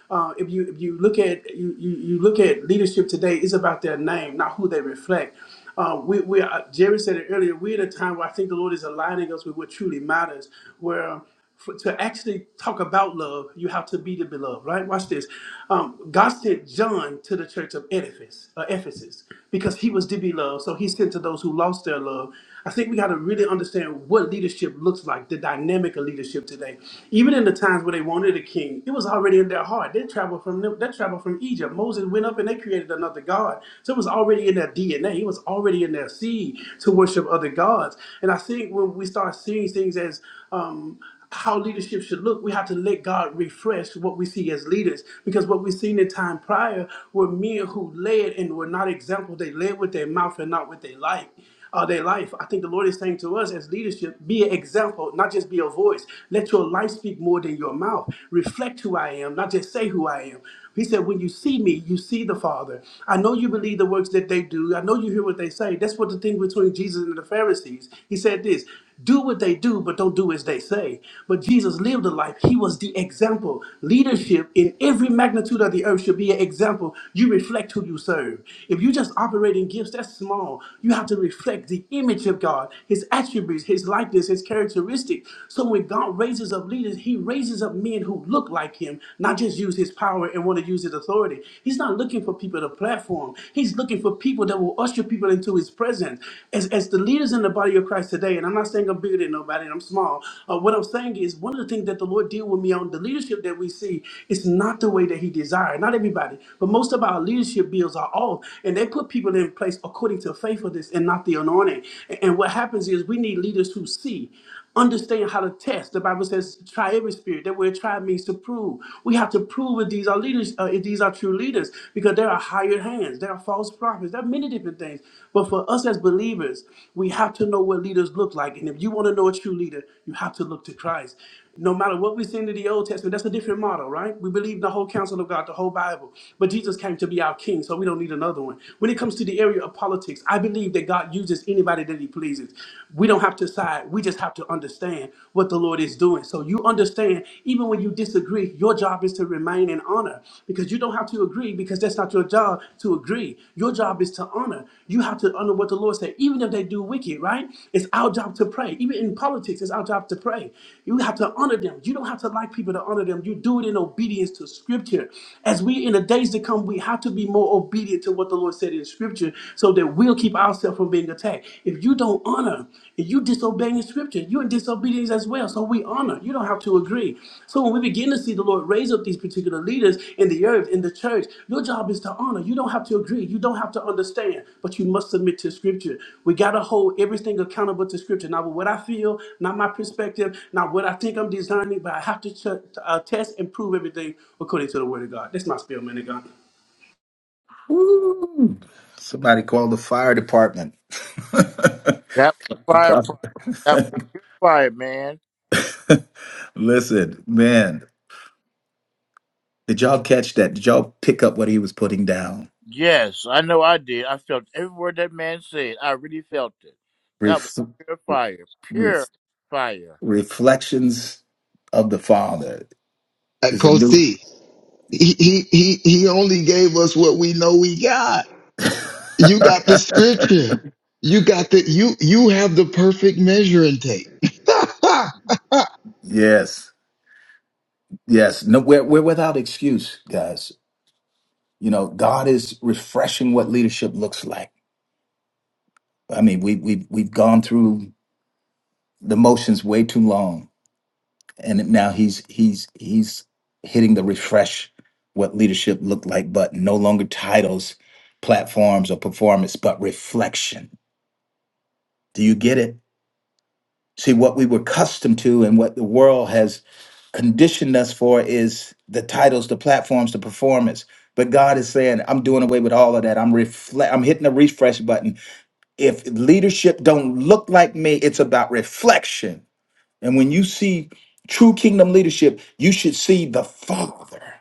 [SPEAKER 10] Uh, if you if you look at you, you you look at leadership today, it's about their name, not who they reflect. Uh, we we are, Jerry said it earlier. We're at a time where I think the Lord is aligning us with what truly matters. Where for, to actually talk about love, you have to be the beloved, right? Watch this. Um, God sent John to the church of Ephesus, uh, Ephesus because he was the beloved. So he sent to those who lost their love. I think we got to really understand what leadership looks like, the dynamic of leadership today. Even in the times where they wanted a king, it was already in their heart. They traveled from them, they traveled from Egypt. Moses went up and they created another god. So it was already in their DNA. It was already in their seed to worship other gods. And I think when we start seeing things as um, how leadership should look, we have to let God refresh what we see as leaders. Because what we've seen in time prior were men who led and were not examples. They led with their mouth and not with their life. Uh, their life. I think the Lord is saying to us as leadership, be an example, not just be a voice. Let your life speak more than your mouth. Reflect who I am, not just say who I am. He said, When you see me, you see the Father. I know you believe the works that they do. I know you hear what they say. That's what the thing between Jesus and the Pharisees. He said this do what they do, but don't do as they say. But Jesus lived a life. He was the example. Leadership in every magnitude of the earth should be an example. You reflect who you serve. If you just operate in gifts, that's small. You have to reflect the image of God, His attributes, His likeness, His characteristics. So when God raises up leaders, He raises up men who look like Him, not just use His power and want to use His authority. He's not looking for people to platform. He's looking for people people that will usher people into his presence. As, as the leaders in the body of Christ today, and I'm not saying I'm bigger than nobody and I'm small, uh, what I'm saying is one of the things that the Lord deal with me on the leadership that we see is not the way that he desired. Not everybody, but most of our leadership bills are off, and they put people in place according to faithfulness and not the anointing. And, and what happens is we need leaders who see. Understand how to test. The Bible says, "Try every spirit." That word "try" means to prove. We have to prove if these are leaders, uh, if these are true leaders, because there are hired hands, there are false prophets, there are many different things. But for us as believers, we have to know what leaders look like. And if you want to know a true leader, you have to look to Christ. No matter what we send in the Old Testament, that's a different model, right? We believe the whole counsel of God, the whole Bible. But Jesus came to be our king, so we don't need another one. When it comes to the area of politics, I believe that God uses anybody that anybody that he pleases. We don't have to side. We just have to understand what the Lord is doing. So you understand, even when you disagree, your job is to remain in honor because you don't have to agree because that's not your job to agree. Your job is to honor. You have to honor what the Lord said, even if they do wicked, right? It's our job to pray. Even in politics, it's our job to pray. You have to honor them. You don't have to like people to honor them. You do it in obedience to scripture. As we in the days to come, we have to be more obedient to what the Lord said in scripture scripture so that we'll keep ourselves from being attacked. If you don't honor and you disobeying the scripture, you're in disobedience as well. So we honor. You don't have to agree. So when we begin to see the Lord raise up these particular leaders in the earth, in the church, your job is to honor. You don't have to agree. You don't have to understand, but you must submit to scripture. We gotta hold everything accountable to scripture. Not what I feel, not my perspective, not what I think I'm designing, but I have to ch- uh, test and prove everything according to the word of God. That's my spiel, man of God.
[SPEAKER 2] Woo! Somebody call the fire department. (laughs)
[SPEAKER 9] That was fire,
[SPEAKER 2] Prob-
[SPEAKER 9] prophet. That was good fire, man.
[SPEAKER 2] (laughs) Listen, man, did y'all catch that? Did y'all pick up what he was putting down?
[SPEAKER 9] Yes, I know I did. I felt every word that man said. I really felt it. That was
[SPEAKER 2] Ref-
[SPEAKER 9] pure fire. Pure fire.
[SPEAKER 2] Reflections of the Father
[SPEAKER 8] Uh,
[SPEAKER 2] is a
[SPEAKER 8] coach
[SPEAKER 2] new.
[SPEAKER 8] c He, he, he, he only gave us what we know we got.
[SPEAKER 2] (laughs)
[SPEAKER 8] You got the scripture. You got the, you, you have the perfect measuring tape. (laughs)
[SPEAKER 2] yes, yes. No, we're we're without excuse, guys. You know, God is refreshing what leadership looks like. I mean, we we we've gone through the motions way too long, and now he's he's he's hitting the refresh what leadership looked like, but no longer titles, platforms, or performance, but reflection. Do you get it? See, what we were accustomed to and what the world has conditioned us for is the titles, the platforms, the performance. But God is saying, I'm doing away with all of that. I'm reflect I'm hitting the refresh button. If leadership don't look like me, it's about reflection. And when you see true kingdom leadership, you should see the Father.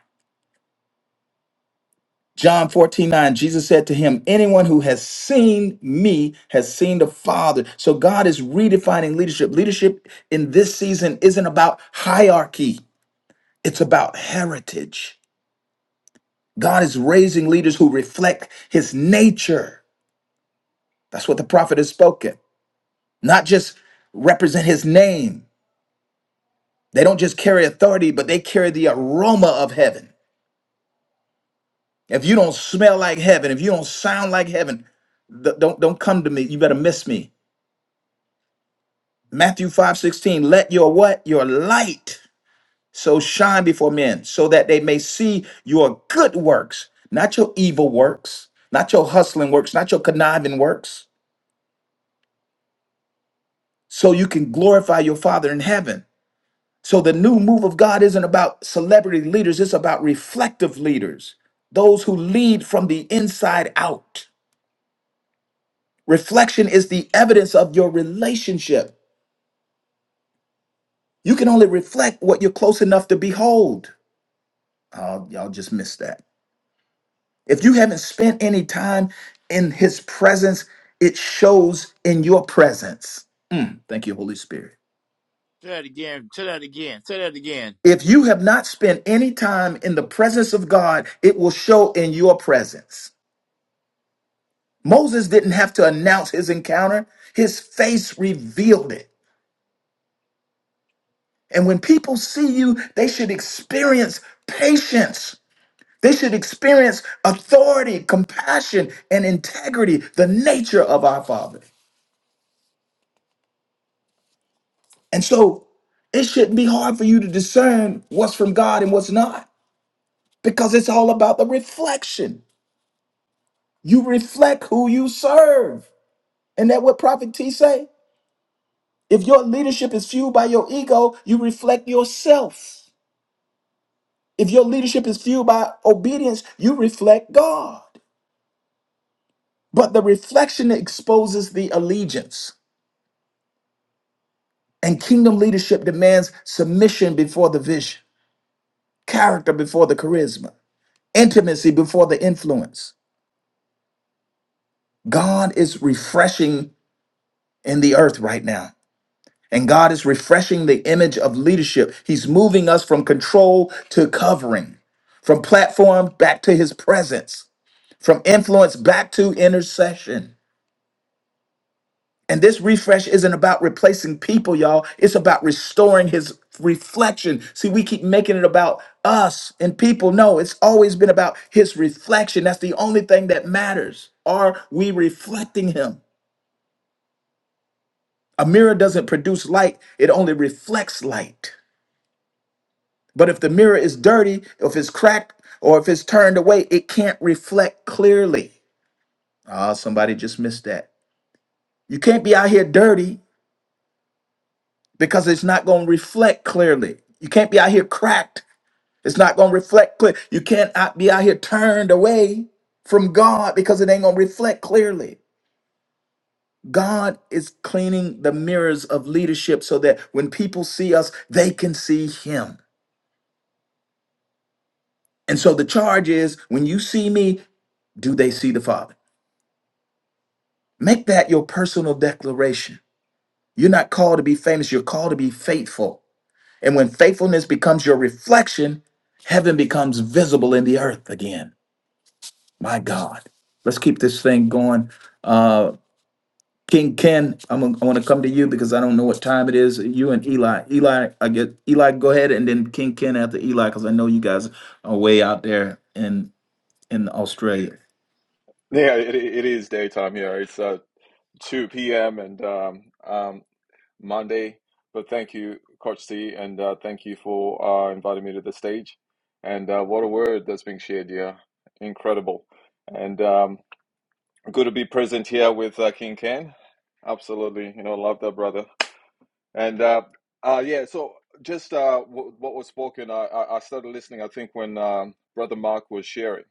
[SPEAKER 2] John 14 9. Jesus said to him, Anyone who has seen me has seen the Father. So God is redefining leadership. Leadership in this season isn't about hierarchy, it's about heritage. God is raising leaders who reflect his nature. That's what the prophet has spoken, not just represent his name. They don't just carry authority, but they carry the aroma of heaven. If you don't smell like heaven, if you don't sound like heaven, th- don't, don't come to me. You better miss me. Matthew 5 16. let your what? Your light so shine before men, so that they may see your good works, not your evil works, not your hustling works, not your conniving works, so you can glorify your Father in heaven. So the new move of God isn't about celebrity leaders, it's about reflective leaders, those who lead from the inside out. Reflection is the evidence of your relationship. You can only reflect what you're close enough to behold. Oh, y'all just missed that. If you haven't spent any time in his presence, it shows in your presence. Mm, thank you, Holy Spirit.
[SPEAKER 9] Say that again. Say that again. Say that again.
[SPEAKER 2] If you have not spent any time in the presence of God, it will show in your presence. Moses didn't have to announce his encounter, his face revealed it. And when people see you, they should experience patience. They should experience authority, compassion, and integrity, the nature of our Father. And so it shouldn't be hard for you to discern what's from God and what's not because it's all about the reflection. You reflect who you serve. And that what Prophet T say? If your leadership is fueled by your ego, you reflect yourself. If your leadership is fueled by obedience, you reflect God. But the reflection exposes the allegiance. And kingdom leadership demands submission before the vision, character before the charisma, intimacy before the influence. God is refreshing in the earth right now. And God is refreshing the image of leadership. He's moving us from control to covering, from platform back to his presence, from influence back to intercession. And this refresh isn't about replacing people, y'all. It's about restoring his reflection. See, we keep making it about us and people. No, it's always been about his reflection. That's the only thing that matters. Are we reflecting him? A mirror doesn't produce light, it only reflects light. But if the mirror is dirty, if it's cracked, or if it's turned away, it can't reflect clearly. Ah, somebody just missed that. You can't be out here dirty because it's not going to reflect clearly. You can't be out here cracked. It's not going to reflect clear. You can't out- be out here turned away from God because it ain't going to reflect clearly. God is cleaning the mirrors of leadership so that when people see us, they can see Him. And so the charge is when you see me, do they see the Father? Make that your personal declaration. You're not called to be famous, you're called to be faithful. And when faithfulness becomes your reflection, heaven becomes visible in the earth again. My God. Let's keep this thing going. Uh, King Ken, I'm gonna, I want to come to you because I don't know what time it is. You and Eli. Eli, I get Eli, go ahead, and then King Ken after Eli, because I know you guys are way out there in in Australia.
[SPEAKER 11] Yeah, it, it is daytime here. It's uh, 2 p.m. and um, um, Monday. But thank you, Coach C, and uh, thank you for uh, inviting me to the stage. And uh, what a word that's being shared here. Incredible. And um, good to be present here with uh, King Ken. Absolutely. You know, love that brother. And uh, uh, yeah, so just uh, w- what was spoken, I, I I started listening, I think, when um, Brother Mark was sharing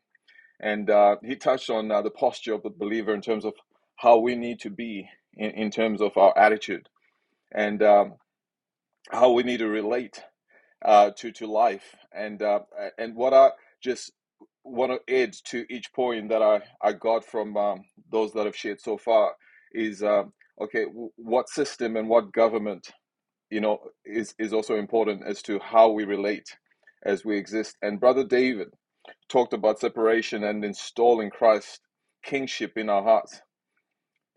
[SPEAKER 11] and uh, he touched on uh, the posture of the believer in terms of how we need to be in, in terms of our attitude and um, how we need to relate uh, to to life and uh, and what I just want to add to each point that I, I got from um, those that have shared so far is um, okay w- what system and what government you know is is also important as to how we relate as we exist and brother David talked about separation and installing Christ's kingship in our hearts.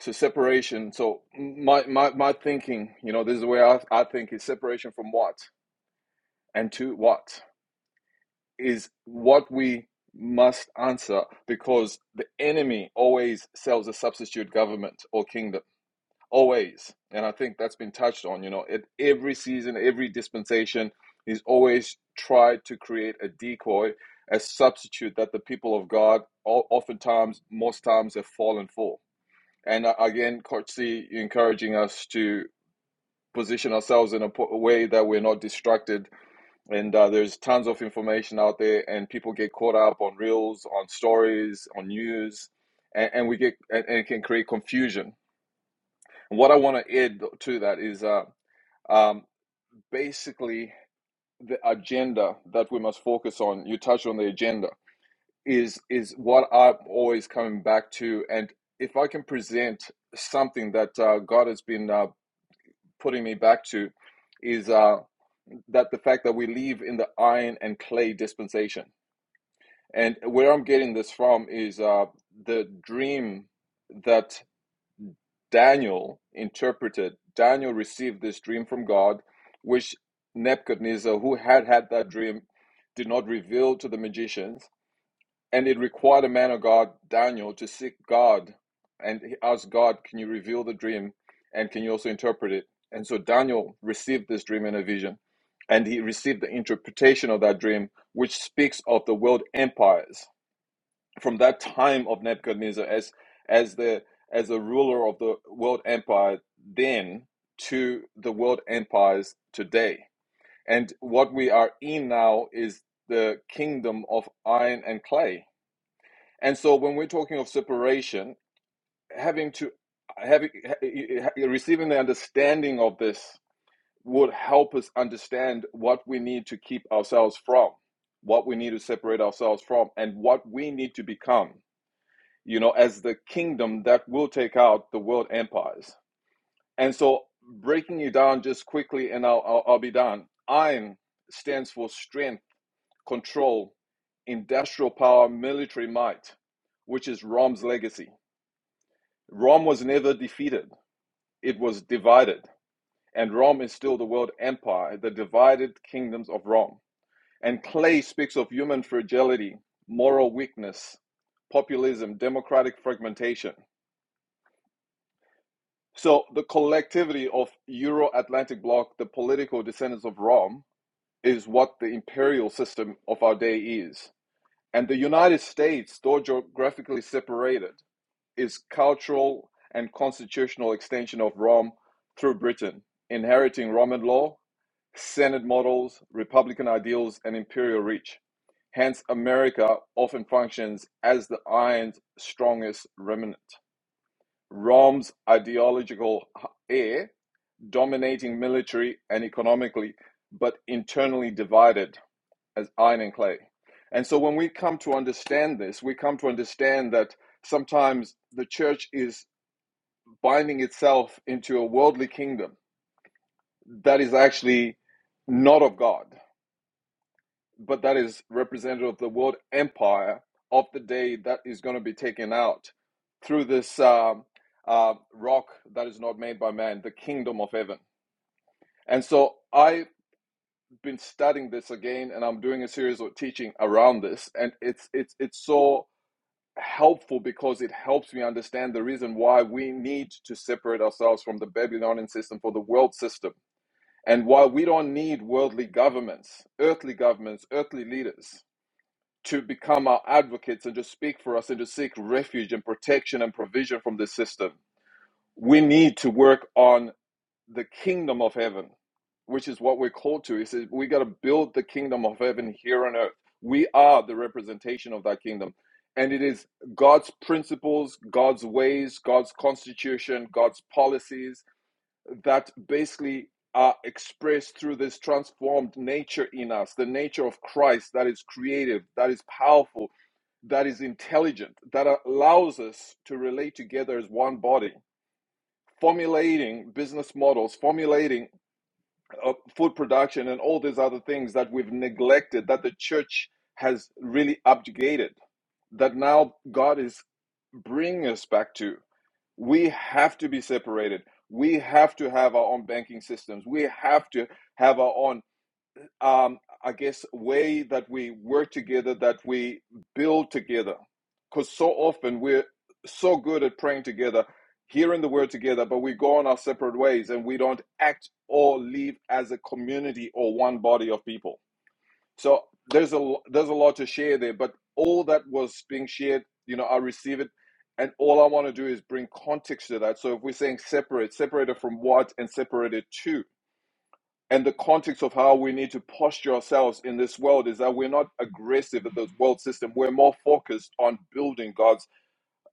[SPEAKER 11] So separation. So my my my thinking, you know, this is the way I, I think is separation from what and to what is what we must answer because the enemy always sells a substitute government or kingdom always and i think that's been touched on you know at every season every dispensation he's always tried to create a decoy a substitute that the people of god oftentimes most times have fallen for and uh, again coach c encouraging us to position ourselves in a way that we're not distracted and uh, there's tons of information out there and people get caught up on reels on stories on news and, and we get and, and it can create confusion And what I want to add to that is uh, um, basically, the agenda that we must focus on, you touched on the agenda, is is what I'm always coming back to. And if I can present something that uh, God has been uh, putting me back to, is uh, that the fact that we live in the iron and clay dispensation. And where I'm getting this from is uh, the dream that Daniel interpreted, Daniel received this dream from God, which Nebuchadnezzar, who had had that dream, did not reveal to the magicians. And it required a man of God, Daniel, to seek God and he asked God, Can you reveal the dream? And can you also interpret it? And so Daniel received this dream in a vision, and he received the interpretation of that dream, which speaks of the world empires from that time of Nebuchadnezzar as as the as a ruler of the world empire then to the world empires today. And what we are in now is the kingdom of iron and clay. And so when we're talking of separation, having to having receiving the understanding of this would help us understand what we need to keep ourselves from, what we need to separate ourselves from, and what we need to become you know, as the kingdom that will take out the world empires. And so, breaking it down just quickly, and I'll, I'll, I'll be done. Iron stands for strength, control, industrial power, military might, which is Rom's legacy. Rome was never defeated, it was divided. And Rome is still the world empire, the divided kingdoms of Rome. And clay speaks of human fragility, moral weakness, populism, democratic fragmentation. So the collectivity of Euro-Atlantic bloc, the political descendants of Rome, is what the imperial system of our day is. And the United States, though geographically separated, is cultural and constitutional extension of Rome through Britain, inheriting Roman law, Senate models, Republican ideals, and imperial reach. Hence, America often functions as the iron's strongest remnant. Rome's ideological heir dominating military and economically, but internally divided as iron and clay. And so when we come to understand this, we come to understand that sometimes the church is binding itself into a worldly kingdom that is actually not of God, but that is representative of the world empire of the day that is going to be taken out through this um uh, rock that is not made by man, the kingdom of heaven. And so I been studying this again and I'm doing a series of teaching around this and it's it's it's so helpful because it helps me understand the reason why we need to separate ourselves from the Babylonian system for the world system and why we don't need worldly governments, earthly governments, earthly leaders to become our advocates and to speak for us and to seek refuge and protection and provision from this system. We need to work on the kingdom of heaven, which is what we're called to. He says we got to build the kingdom of heaven here on earth. We are the representation of that kingdom. And it is God's principles, God's ways, God's constitution, God's policies that basically are expressed through this transformed nature in us, the nature of Christ that is creative, that is powerful, that is intelligent, that allows us to relate together as one body formulating business models, formulating uh, food production and all these other things that we've neglected that the church has really abjugated that now god is bringing us back to we have to be separated we have to have our own banking systems we have to have our own um, I guess, way that we work together, that we build together. Because so often we're so good at praying together, hearing the word together, but we go on our separate ways and we don't act or live as a community or one body of people. So there's a there's a lot to share there, but all that was being shared, you know, I receive it, and all I want to do is bring context to that. So if we're saying separate, separated from what, and separated to, and the context of how we need to posture ourselves in this world is that we're not aggressive at the world system. We're more focused on building God's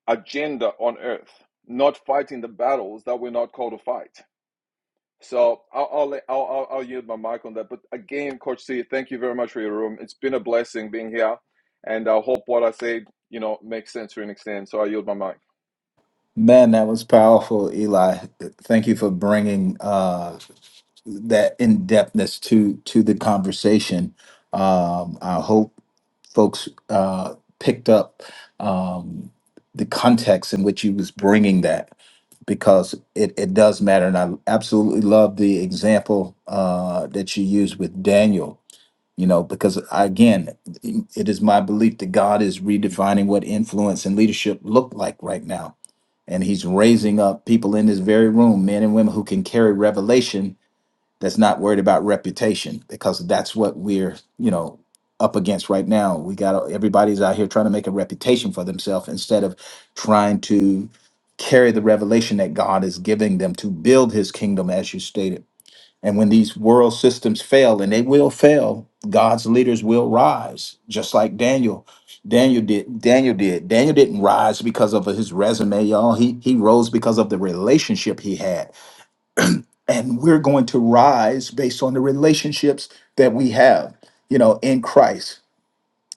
[SPEAKER 11] agenda on earth, not fighting the battles that we're not called to fight. So I'll, I'll, let- I'll, I'll I'll yield my mic on that. But again, Coach C, thank you very much for your room. It's been a blessing being here. And I hope what I said, you know, makes sense to an extent. So I yield my mic.
[SPEAKER 2] Man, that was powerful, Eli. Thank you for bringing uh, that in depthness to to the conversation. Um, I hope folks uh, picked up um, the context in which he was bringing that because it, it does matter. And I absolutely love the example uh, that you used with Daniel, you know, because again, it is my belief that God is redefining what influence and leadership look like right now and he's raising up people in this very room, men and women who can carry revelation that's not worried about reputation because that's what we're, you know, up against right now. We got everybody's out here trying to make a reputation for themselves instead of trying to carry the revelation that God is giving them to build his kingdom as you stated and when these world systems fail, and they will fail, God's leaders will rise, just like Daniel. Daniel did. Daniel did. Daniel didn't rise because of his resume, y'all. He he rose because of the relationship he had. And we're going to rise based on the relationships that we have, you know, in Christ.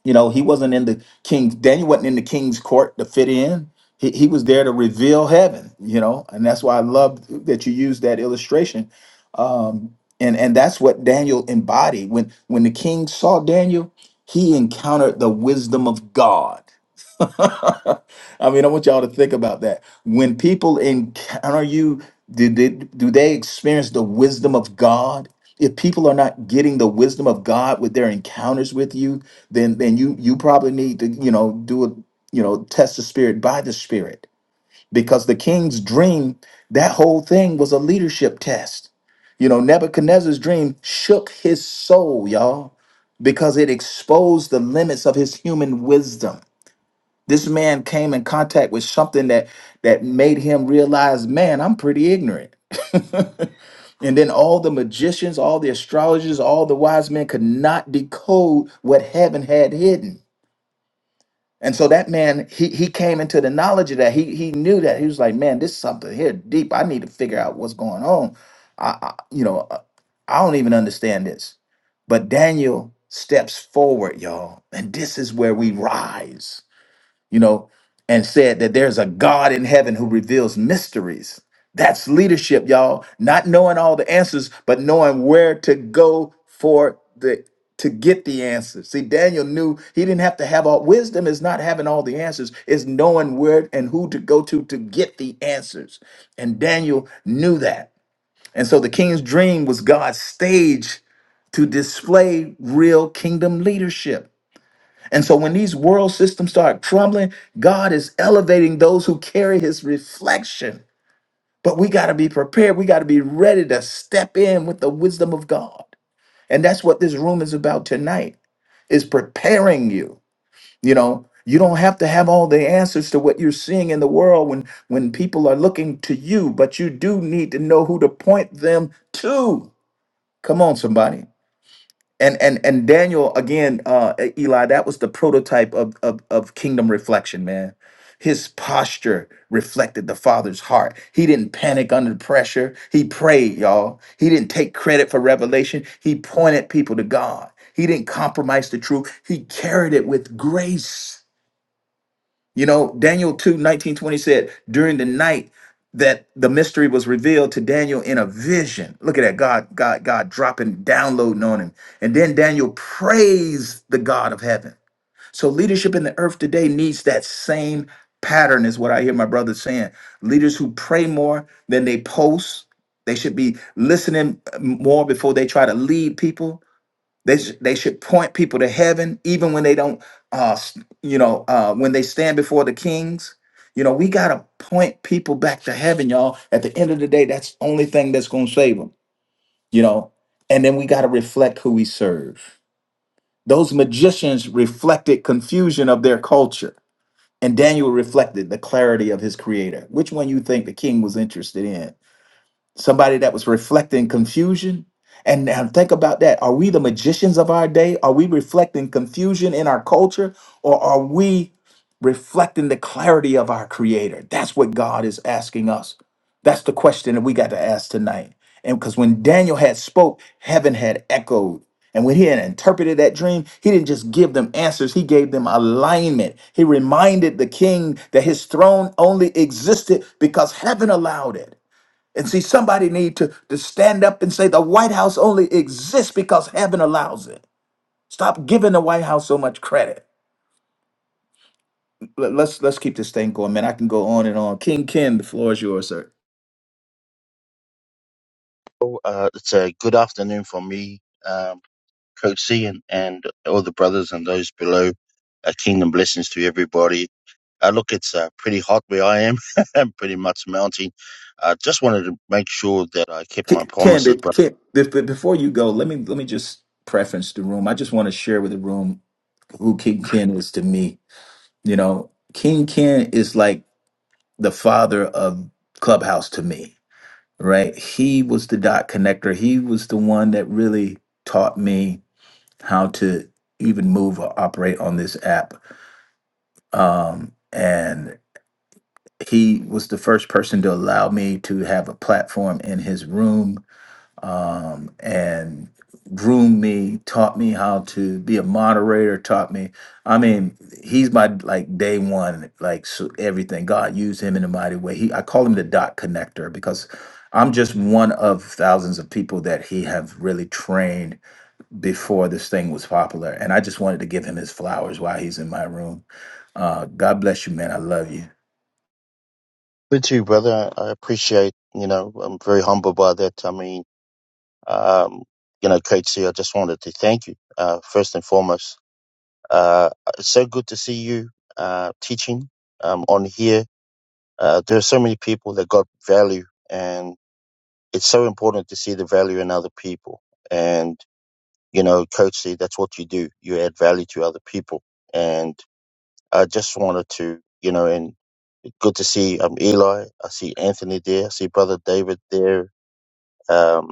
[SPEAKER 2] You know, he wasn't in the king's. Daniel wasn't in the king's court to fit in. He, he was there to reveal heaven. You know, and that's why I love that you use that illustration. Um, and and that's what Daniel embodied. When when the king saw Daniel, he encountered the wisdom of God. (laughs) I mean, I want y'all to think about that. When people encounter you, do they, do they experience the wisdom of God? If people are not getting the wisdom of God with their encounters with you, then then you you probably need to you know do a you know test the spirit by the spirit because the king's dream that whole thing was a leadership test. You know Nebuchadnezzar's dream shook his soul, y'all, because it exposed the limits of his human wisdom this man came in contact with something that that made him realize, man, I'm pretty ignorant. (laughs) And then all the magicians, all the astrologers, all the wise men could not decode what heaven had hidden. And so that man, he he came into the knowledge of that. He he knew that he was like, man, this is something here deep. I need to figure out what's going on. I, I you know, uh, I don't even understand this. But Daniel steps forward, y'all, and this is where we rise you know, and said that there's a God in heaven who reveals mysteries. That's leadership, y'all. Not knowing all the answers, but knowing where to go for the to get the answers. See, Daniel knew he didn't have to have all wisdom is not having all the answers, it's knowing where and who to go to to get the answers. And Daniel knew that. And so the king's dream was God's stage to display real kingdom leadership. And so when these world systems start crumbling, God is elevating those who carry his reflection. But we got to be prepared. We got to be ready to step in with the wisdom of God. And that's what this room is about tonight is preparing you. You know, you don't have to have all the answers to what you're seeing in the world when when people are looking to you, but you do need to know who to point them to. Come on somebody and and and Daniel again, uh, E- Eli, that was the prototype of, of of kingdom reflection, man. His posture reflected the father's heart. He didn't panic under pressure. He prayed, y'all. He didn't take credit for revelation. He pointed people to God. He didn't compromise the truth. He carried it with grace. You know, Daniel 2 19 20 said, during the night that the mystery was revealed to Daniel in a vision. Look at that. God, God, God dropping, downloading on him. And then Daniel praised the God of heaven. So leadership in the earth today needs that same pattern, is what I hear my brother saying. Leaders who pray more than they post. They should be listening uh, more before they try to lead people they, sh- they should point people to heaven, even when they don't, uh, s- you know, uh, when they stand before the kings. You know, we got to point people back to heaven, y'all. At the end of the day, that's the only thing that's going to save them, you know. And then we got to reflect who we serve. Those magicians reflected confusion of their culture, and Daniel reflected the clarity of his creator. Which one you think the king was interested in? somebody that was reflecting confusion. And now think about that. Are we the magicians of our day? Are we reflecting confusion in our culture? Or are we reflecting the clarity of our creator? That's what God is asking us. That's the question that we got to ask tonight. And because when Daniel had spoke, heaven had echoed. And when he had interpreted that dream, he didn't just give them answers, he gave them alignment. He reminded the king that his throne only existed because heaven allowed it. And see, somebody need to, to stand up and say the White House only exists because heaven allows it. Stop giving the White House so much credit. Let- Let's let's keep this thing going, man. I can go on and on. King Ken, the floor is yours, sir.
[SPEAKER 12] Well, Uh, it's a good afternoon for me, um, Coach C, and, and all the brothers and those below. Uh, kingdom blessings to everybody. Uh, look, it's uh, pretty hot where I am. (laughs) I'm pretty much melting. I uh, just wanted to make sure that I kept
[SPEAKER 2] Ki-
[SPEAKER 12] my
[SPEAKER 2] Ken,
[SPEAKER 12] promises,
[SPEAKER 2] be-
[SPEAKER 12] brother.
[SPEAKER 2] Ken be- be- before you go, let me let me just preference the room. I just want to share with the room who King Ken is to me. You know, King Ken is like the father of Clubhouse to me, right? He was the dot connector. He was the one that really taught me how to even move or operate on this app. Um, and he was the first person to allow me to have a platform in his room um, and groomed me, taught me how to be a moderator, taught me. I mean, he's my like day one, like so everything. God used him in a mighty way. He, I call him the dot connector because I'm just one of thousands of people that he have really trained before this thing was popular. And I just wanted to give him his flowers while he's in my room. Uh, God bless you, man. I love you.
[SPEAKER 12] Good to you, brother. I appreciate, you know, I'm very humbled by that. I mean, um, you know, Coach C, I just wanted to thank you, uh, first and foremost. Uh, it's so good to see you uh, teaching um, on here Uh, there are so many people that got value, and it's so important to see the value in other people. And you know, Coach C, that's what you do. You add value to other people. And I just wanted to, you know, and good to see um Eli. I see Anthony there. I see Brother David there. Um,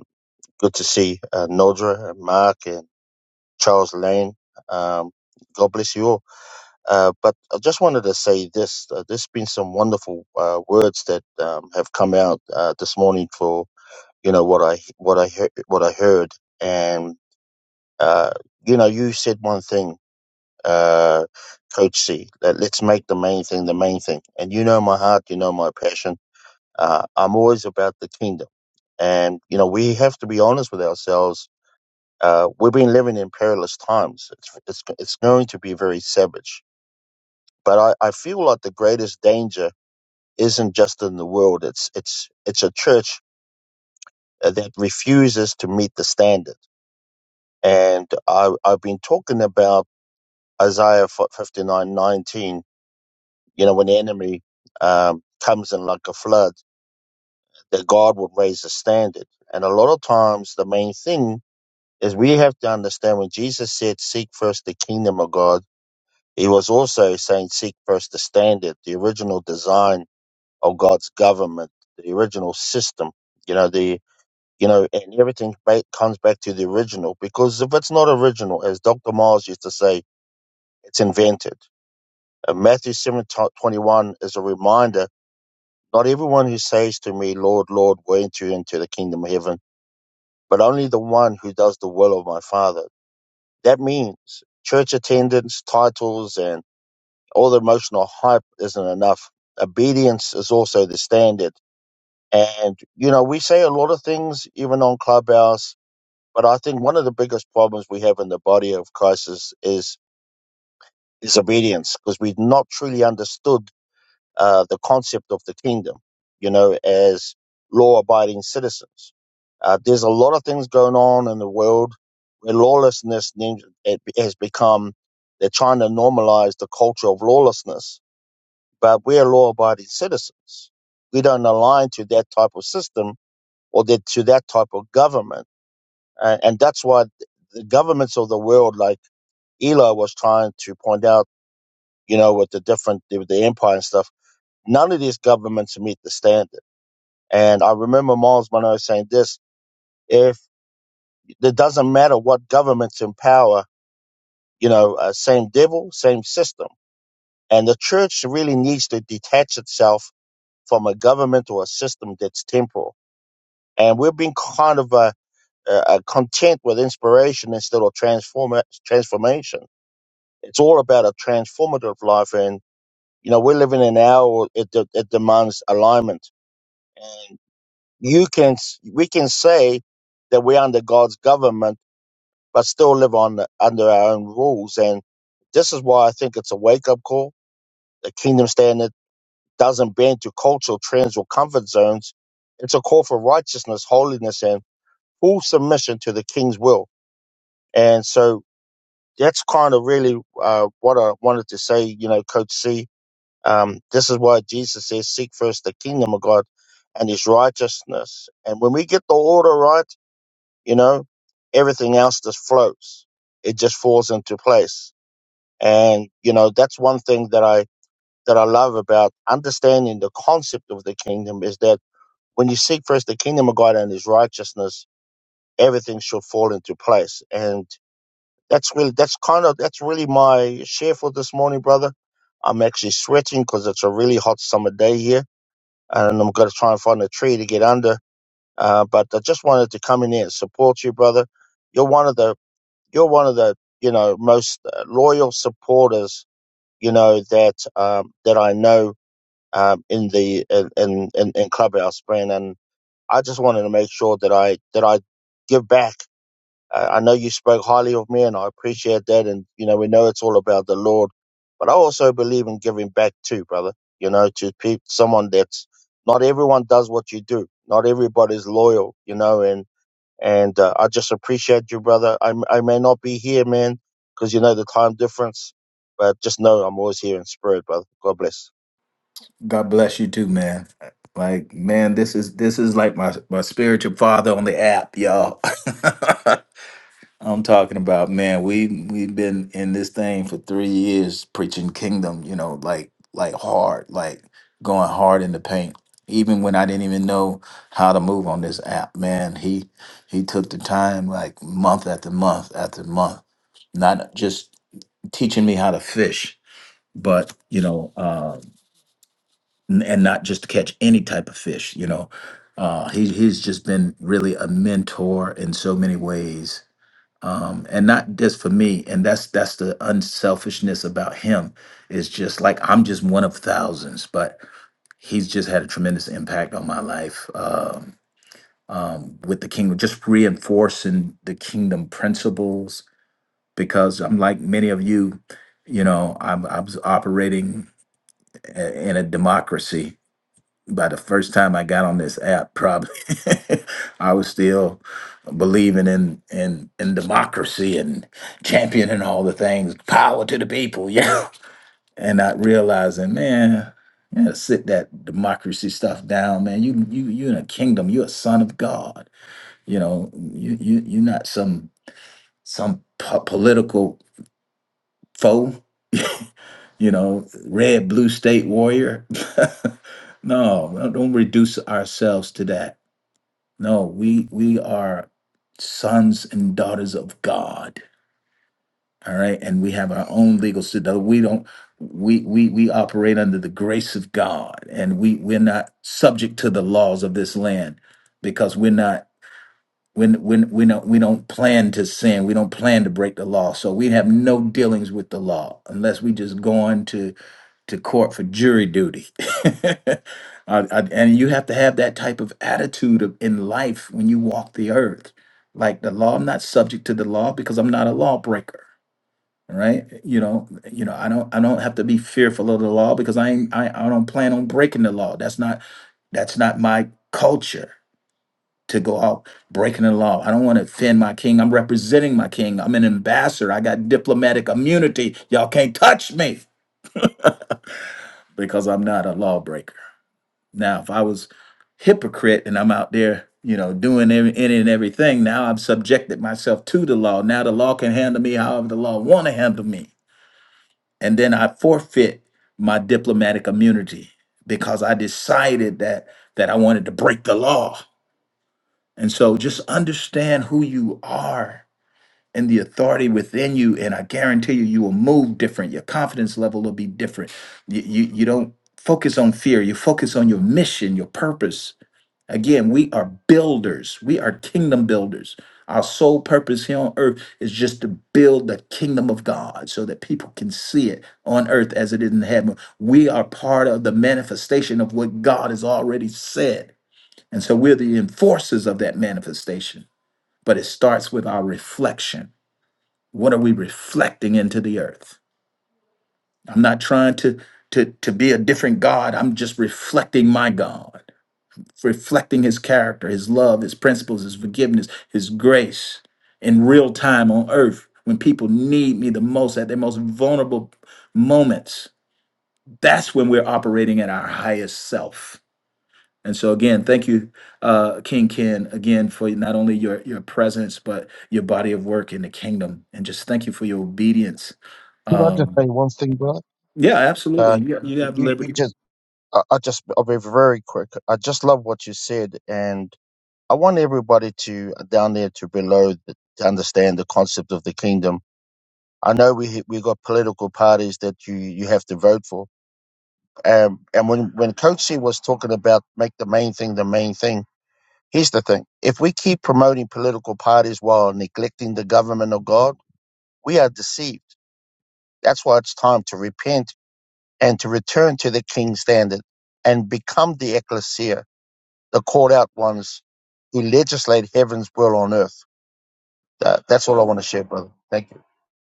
[SPEAKER 12] good to see uh, Nodra and Mark and Charles Lane. Um, God bless you all. Uh, but I just wanted to say this: uh, there's been some wonderful uh, words that um, have come out uh, this morning for you know what I what I heard, what I heard, and uh, you know you said one thing, uh, Coach C, that let's make the main thing the main thing, and you know my heart, you know my passion. Uh, I'm always about the kingdom, and you know we have to be honest with ourselves. Uh, we've been living in perilous times. It's, it's it's going to be very savage but I, I feel like the greatest danger isn't just in the world. It's it's it's a church uh, that refuses to meet the standard. And I, I've been talking about Isaiah fifty nine nineteen. You know, when the enemy um, comes in like a flood, that God will raise the standard. And a lot of times, the main thing is we have to understand when Jesus said, "Seek first the kingdom of God." He was also saying, "Seek first the standard, the original design." of God's government, the original system. You know the you know, and everything ba- comes back to the original because if it's not original, as Dr. Miles used to say, it's invented. And Matthew seven twenty one is a reminder: not everyone who says to me, "Lord, Lord," will enter into the kingdom of heaven, but only the one who does the will of my Father. That means church attendance, titles, and all the emotional hype isn't enough. Obedience is also the standard And, you know, we say a lot of things even on Clubhouse, but I think one of the biggest problems we have in the body of Christ is, is disobedience because we've not truly understood uh, the concept of the kingdom, you know, as law abiding citizens. Uh, there's a lot of things going on in the world where lawlessness nin- it has become, they're trying to normalize the culture of lawlessness, but we're law abiding citizens. We don't align to that type of system or that to that type of government. And, and that's why the governments of the world, like Eli was trying to point out, you know, with the different, with the empire and stuff, none of these governments meet the standard. And I remember Miles Monroe saying this, if it doesn't matter what government's in power, you know, uh, same devil, same system. And the church really needs to detach itself from a government or a system that's temporal. And we've been kind of uh, uh, are content with inspiration instead of transform transformation. It's all about a transformative life, and you know we're living in an hour it, de- it demands alignment. And you can s- we can say that we're under God's government, but still live on the- under our own rules. And this is why I think it's a wake up call. The kingdom standard doesn't bend to cultural trends or comfort zones. It's a call for righteousness, holiness, and full submission to the King's will. And so that's kind of really uh, what I wanted to say, you know, Coach C. Um, this is why Jesus says, seek first the kingdom of God and his righteousness. And when we get the order right, you know, everything else just floats. It just falls into place. And, you know, that's one thing that I, that I love about understanding the concept of the kingdom is that when you seek first the kingdom of God and his righteousness, everything shall fall into place. And that's really that's kind of that's really my share for this morning, brother. I'm actually sweating because it's a really hot summer day here, and I'm going to try and find a tree to get under. Uh, but I just wanted to come in here and support you, brother. You're one of the you're one of the you know most uh, loyal supporters you know that um, that I know um, in the in in, in Clubhouse, man. And I just wanted to make sure that I that I give back I I know you spoke highly of me, and I appreciate that. And you know, we know it's all about the Lord, but I also believe in giving back too, brother. You know, to people, someone that's not everyone does what you do. Not everybody's loyal, you know. And and uh, I just appreciate you, brother. I I may not be here, man, because you know the time difference, but just know I'm always here in spirit, brother. God bless.
[SPEAKER 2] God bless you too, man. Like, man, this is this is like my my spiritual father on the app, y'all. (laughs) I'm talking about, man, we we've been in this thing for three years preaching kingdom, you know, like like hard, like going hard in the paint. Even when I didn't even know how to move on this app, man, he he took the time like month after month after month, not just teaching me how to fish, but you know, uh, n- and not just to catch any type of fish, you know. Uh, he he's just been really a mentor in so many ways um, and not just for me. And that's that's the unselfishness about him is just like I'm just one of thousands, but he's just had a tremendous impact on my life um, um, with the kingdom, just reinforcing the kingdom principles. Because I'm like many of you, you know, I'm I was operating i- in a democracy by the first time I got on this app, probably (laughs) I was still believing in in in democracy and championing all the things, power to the people, (laughs) yeah. And not realizing, man, you gotta sit that democracy stuff down, man. You you you in a kingdom. You're a son of God. You know, you you you're not some some po- political foe. (laughs) you know, red blue state warrior. (laughs) no, don't don't reduce ourselves to that No, we we are sons and daughters of God. All right. And we have our own legal system. We don't we we we operate under the grace of God and we we're not subject to the laws of this land because we're not when when we don't we don't plan to sin. We don't plan to break the law. So we have no dealings with the law unless we just going to to court for jury duty. (laughs) Uh, uh, and you have to have that type of attitude of, in life when you walk the earth. Like the law, I'm not subject to the law because I'm not a lawbreaker, right? You know, you know, I don't, I don't have to be fearful of the law because I ain't, I, I don't plan on breaking the law. That's not, that's not my culture to go out breaking the law. I don't want to offend my king. I'm representing my king. I'm an ambassador. I got diplomatic immunity. Y'all can't touch me because I'm not a lawbreaker. Now, if I was hypocrite and I'm out there, you know, doing every- any and everything, now I've subjected myself to the law. Now the law can handle me however the law want to handle me, and then I forfeit my diplomatic immunity because I decided that that I wanted to break the law. And so, just understand who you are and the authority within you, and I guarantee you, you will move different. Your confidence level will be different. You you, you don't focus on fear. You focus on your mission, your purpose Again, we are builders. We are kingdom builders. Our sole purpose here on earth is just to build the kingdom of God so that people can see it on earth as it is in heaven. We are part of the manifestation of what God has already said. And so we're the enforcers of that manifestation. But it starts with our reflection. What are we reflecting into the earth? I'm not trying to, to, to be a different God, I'm just reflecting my God reflecting his character, his love, his principles, his forgiveness, his grace in real time on earth when people need me the most at their most vulnerable moments. That's when we're operating at our highest self. And so again, thank you, uh, King Ken, again for not only your your presence but your body of work in the kingdom, and just thank you for your obedience.
[SPEAKER 12] Could I just say
[SPEAKER 2] Um,
[SPEAKER 12] one thing, brother?
[SPEAKER 2] yeah, absolutely.
[SPEAKER 12] Uh,
[SPEAKER 2] You, you
[SPEAKER 12] You,
[SPEAKER 2] have
[SPEAKER 12] you
[SPEAKER 2] liberty.
[SPEAKER 12] just, I, I just, I'll be very quick. I just love what you said, and I want everybody to down there to below to understand the concept of the kingdom. I know we we got political parties that you you have to vote for. Um, and when when Coach C was talking about make the main thing the main thing, here's the thing: if we keep promoting political parties while neglecting the government of God, we are deceived. That's why it's time to repent and to return to the King's standard and become the ecclesia, the called out ones who legislate heaven's will on earth That, that's all I want to share, brother. Thank you.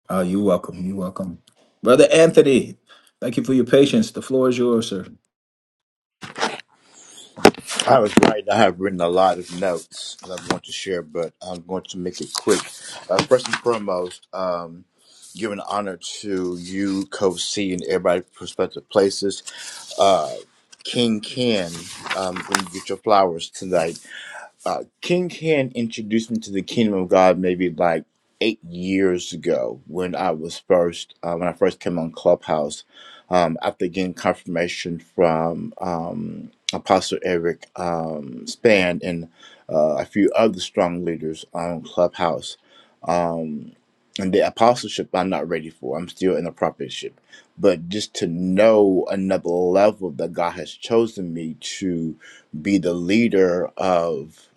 [SPEAKER 2] Oh, you're welcome. You're welcome. Brother Anthony, thank you for your patience. The floor is yours, sir.
[SPEAKER 9] I was writing. I have written a lot of notes that I want to share, but I'm going to make it quick. Uh, first and foremost, um, giving honor to you, Coach C, and everybody, from prospective places. uh, King Ken um, when you get your flowers tonight uh, King Can introduced me to the kingdom of God maybe like eight years ago when I was first uh, when I first came on Clubhouse um, after getting confirmation from um, Apostle Eric um, Span and uh, a few other strong leaders on Clubhouse. Um, and the apostleship I'm not ready for. I'm still in the prophetship. But just to know another level that God has chosen me to be the leader of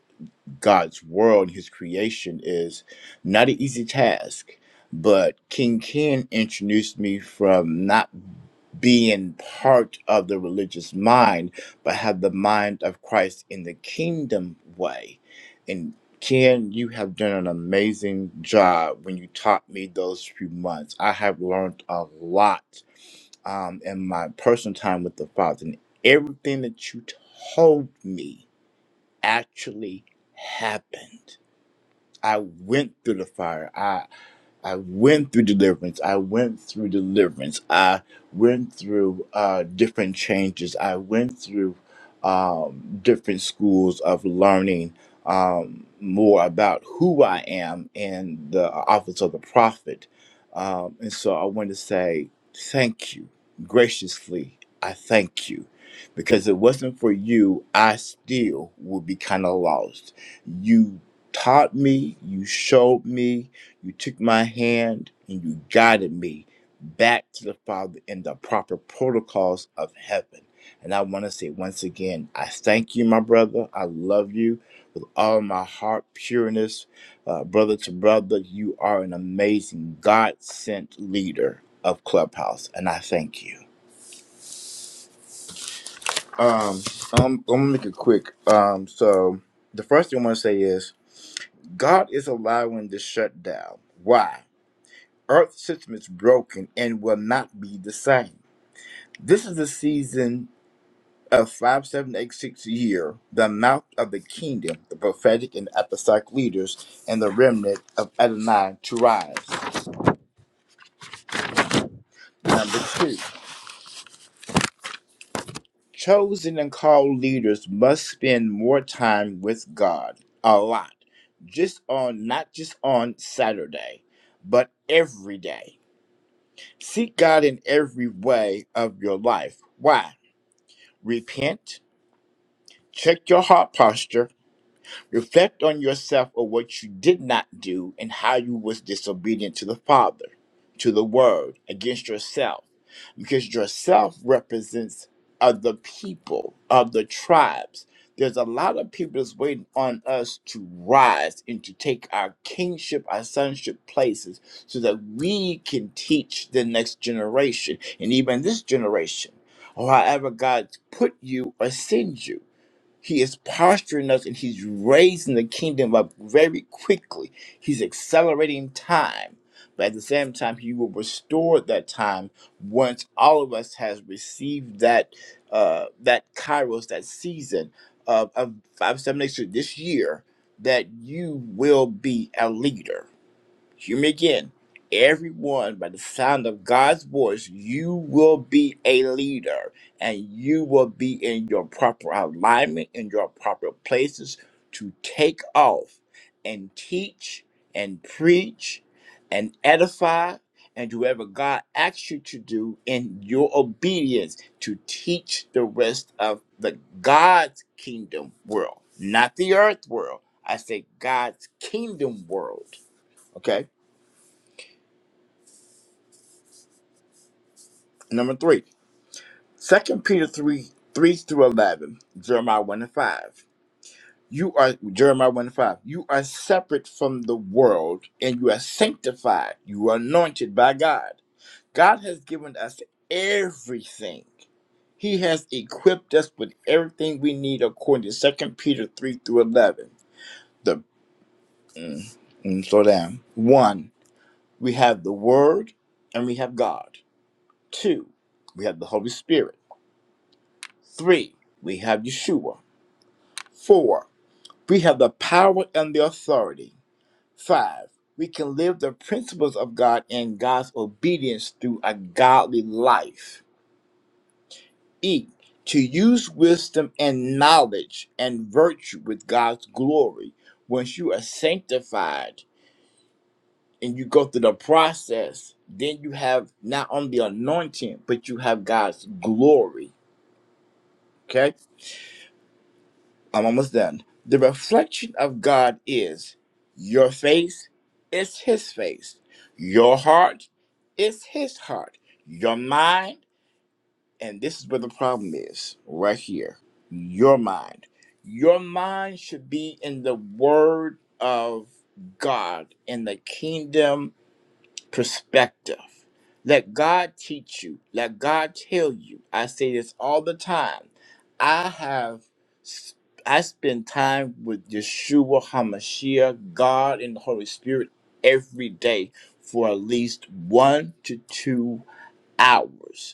[SPEAKER 9] God's world and his creation is not an easy task. But King Ken introduced me from not being part of the religious mind, but have the mind of Christ in the kingdom way. And Ken, you have done an amazing job when you taught me those few months. I have learned a lot um, in my personal time with the Father, and everything that you told me actually happened I went through the fire. I I went through deliverance. I went through deliverance. I went through uh, different changes. I went through um, different schools of learning um, more about who I am and the office of the prophet. Um, and so I want to say thank you graciously. I thank you because if it wasn't for you, I still would be kind of lost. You taught me, you showed me, you took my hand, and you guided me back to the Father in the proper protocols of heaven. And I want to say once again, I thank you, my brother. I love you. with All my heart, pureness, uh, brother to brother, you are an amazing God sent leader of Clubhouse. And I thank you. Um, I'm, I'm going to make it quick. Um, so the first thing I want to say is God is allowing this shutdown. Why? Earth system is broken and will not be the same. This is the season of 5786 year, the mouth of the kingdom, the prophetic and apostolic leaders, and the remnant of Adonai to rise. Number two, chosen and called leaders must spend more time with God, a lot, just on not just on Saturday, but every day. Seek God in every way of your life. Why? Repent Check your heart posture. Reflect on yourself of what you did not do and how you was disobedient to the Father, to the Word, against yourself. Because yourself represents other people, of the tribes. There's a lot of people that's waiting on us to rise and to take our kingship, our sonship places so that we can teach the next generation and even this generation or however God put you or sends you. He is posturing us and he's raising the kingdom up very quickly. He's accelerating time. But at the same time, he will restore that time once all of us has received that uh, that kairos, that season of, of 5, 7, eight, so this year, that you will be a leader Hear me again. Everyone, by the sound of God's voice, you will be a leader and you will be in your proper alignment, in your proper places to take off and teach and preach and edify and do whatever God asks you to do in your obedience to teach the rest of the God's kingdom world, not the earth world. I say God's kingdom world. Okay Number three, Second Peter 3 3 through 11, Jeremiah 1 and 5. You are, Jeremiah 1 and 5, you are separate from the world and you are sanctified. You are anointed by God. God has given us everything. He has equipped us with everything we need according to Second Peter 3 through 11. The, mm, mm, slow down. One, we have the Word and we have God. Two, we have the Holy Spirit. Three, we have Yeshua. Four, we have the power and the authority. Five, we can live the principles of God and God's obedience through a godly life. E, to use wisdom and knowledge and virtue with God's glory. Once you are sanctified and you go through the process, then you have not only anointing, but you have God's glory. Okay? I'm almost done. The reflection of God is your face is His face, your heart is His heart, your mind, and this is where the problem is right here your mind. Your mind should be in the Word of God, in the kingdom perspective. Let God teach you. Let God tell you. I say this all the time. I have s- I spend time with Yeshua Hamashiach, God and the Holy Spirit every day for at least one to two hours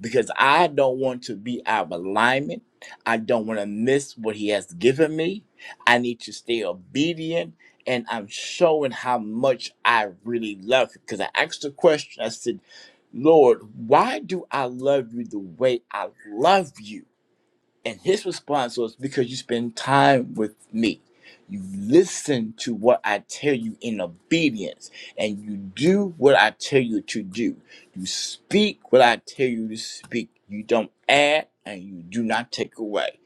[SPEAKER 9] because I don't want to be out of alignment. I don't want to miss what He has given me. I need to stay obedient. And I'm showing how much I really love Him. Because I asked the question, I said, Lord, why do I love you the way I love you? And his response was, Because you spend time with me. You listen to what I tell you in obedience, and you do what I tell you to do. You speak what I tell you to speak. You don't add and you do not take away.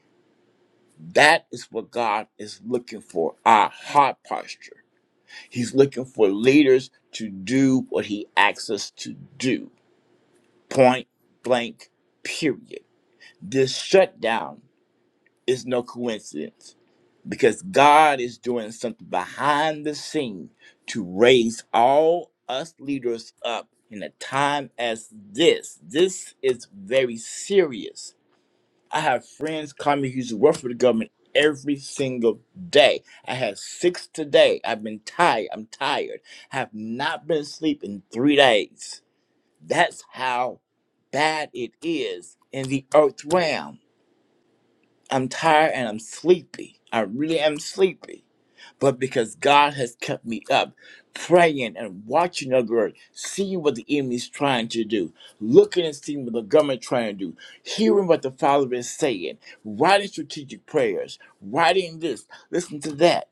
[SPEAKER 9] That is what God is looking for our heart posture. He's looking for leaders to do what He asks us to do. Point blank, period. This shutdown it's no coincidence because God is doing something behind the scene to raise all us leaders up in a time as this. This is very serious. I have friends call me who's work for the government every single day. I had six today. I've been tired. I'm tired. I have not been asleep in three days. That's how bad it is in the earth realm I'm tired and I'm sleepy. I really am sleepy. But because God has kept me up, praying and watching the word, seeing what the enemy's trying to do, looking and seeing what the government trying to do, hearing what the Father is saying, writing strategic prayers, writing this, listen to that.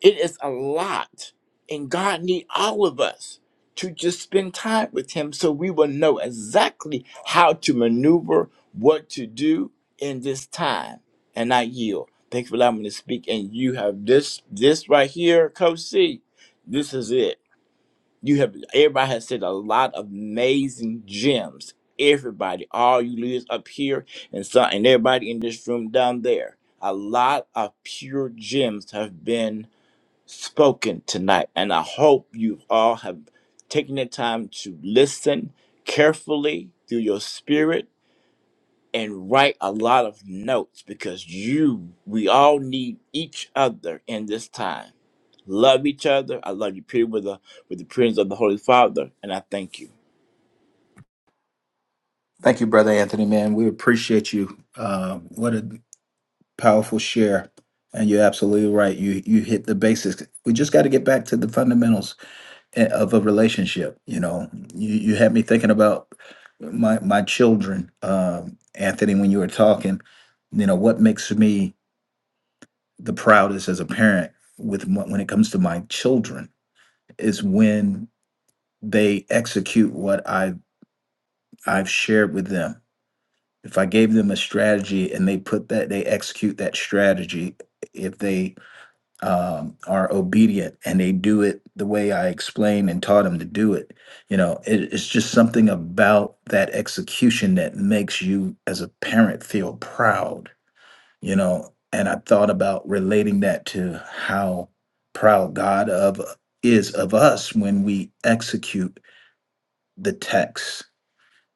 [SPEAKER 9] It is a lot. And God need all of us to just spend time with him so we will know exactly how to maneuver, what to do in this time. And I yield. Thanks for allowing me to speak. And you have this this right here, Coach C. This is it. You have everybody has said a lot of amazing gems. Everybody, all you leaders up here and some and everybody in this room down there. A lot of pure gems have been spoken tonight. And I hope you all have taken the time to listen carefully through your spirit and write a lot of notes because you, we all need each other in this time. Love each other. I love you, Peter, with the with the prayers of the Holy Father, and I thank you.
[SPEAKER 2] Thank you, Brother Anthony, man. We appreciate you. Uh, what a powerful share. And you're absolutely right. You you hit the basics. We just got to get back to the fundamentals a- of a relationship. You know, you, you had me thinking about my my children, um, Anthony, when you were talking. You know, what makes me the proudest as a parent with my- when it comes to my children is when they execute what I I've shared with them. If I gave them a strategy and they put that they execute that strategy, if they um, are obedient and they do it the way I explained and taught them to do it, you know, it, it's just something about that execution that makes you as a parent feel proud, you know. And I thought about relating that to how proud God of is of us when we execute the text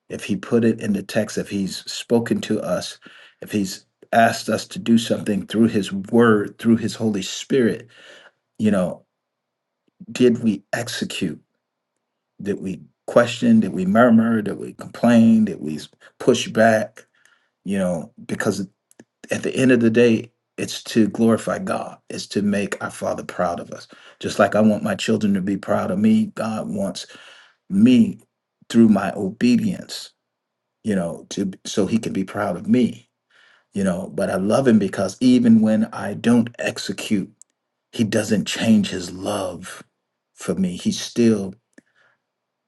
[SPEAKER 2] if he put it in the text, if he's spoken to us, if he's asked us to do something through his word, through his Holy Spirit, you know, did we execute? Did we question? Did we murmur? Did we complain? Did we push back? You know, because at the end of the day, it's to glorify God, it's to make our Father proud of us. Just like I want my children to be proud of me, God wants me through my obedience, you know, to so he can be proud of me you know but i love him because even when i don't execute he doesn't change his love for me he's still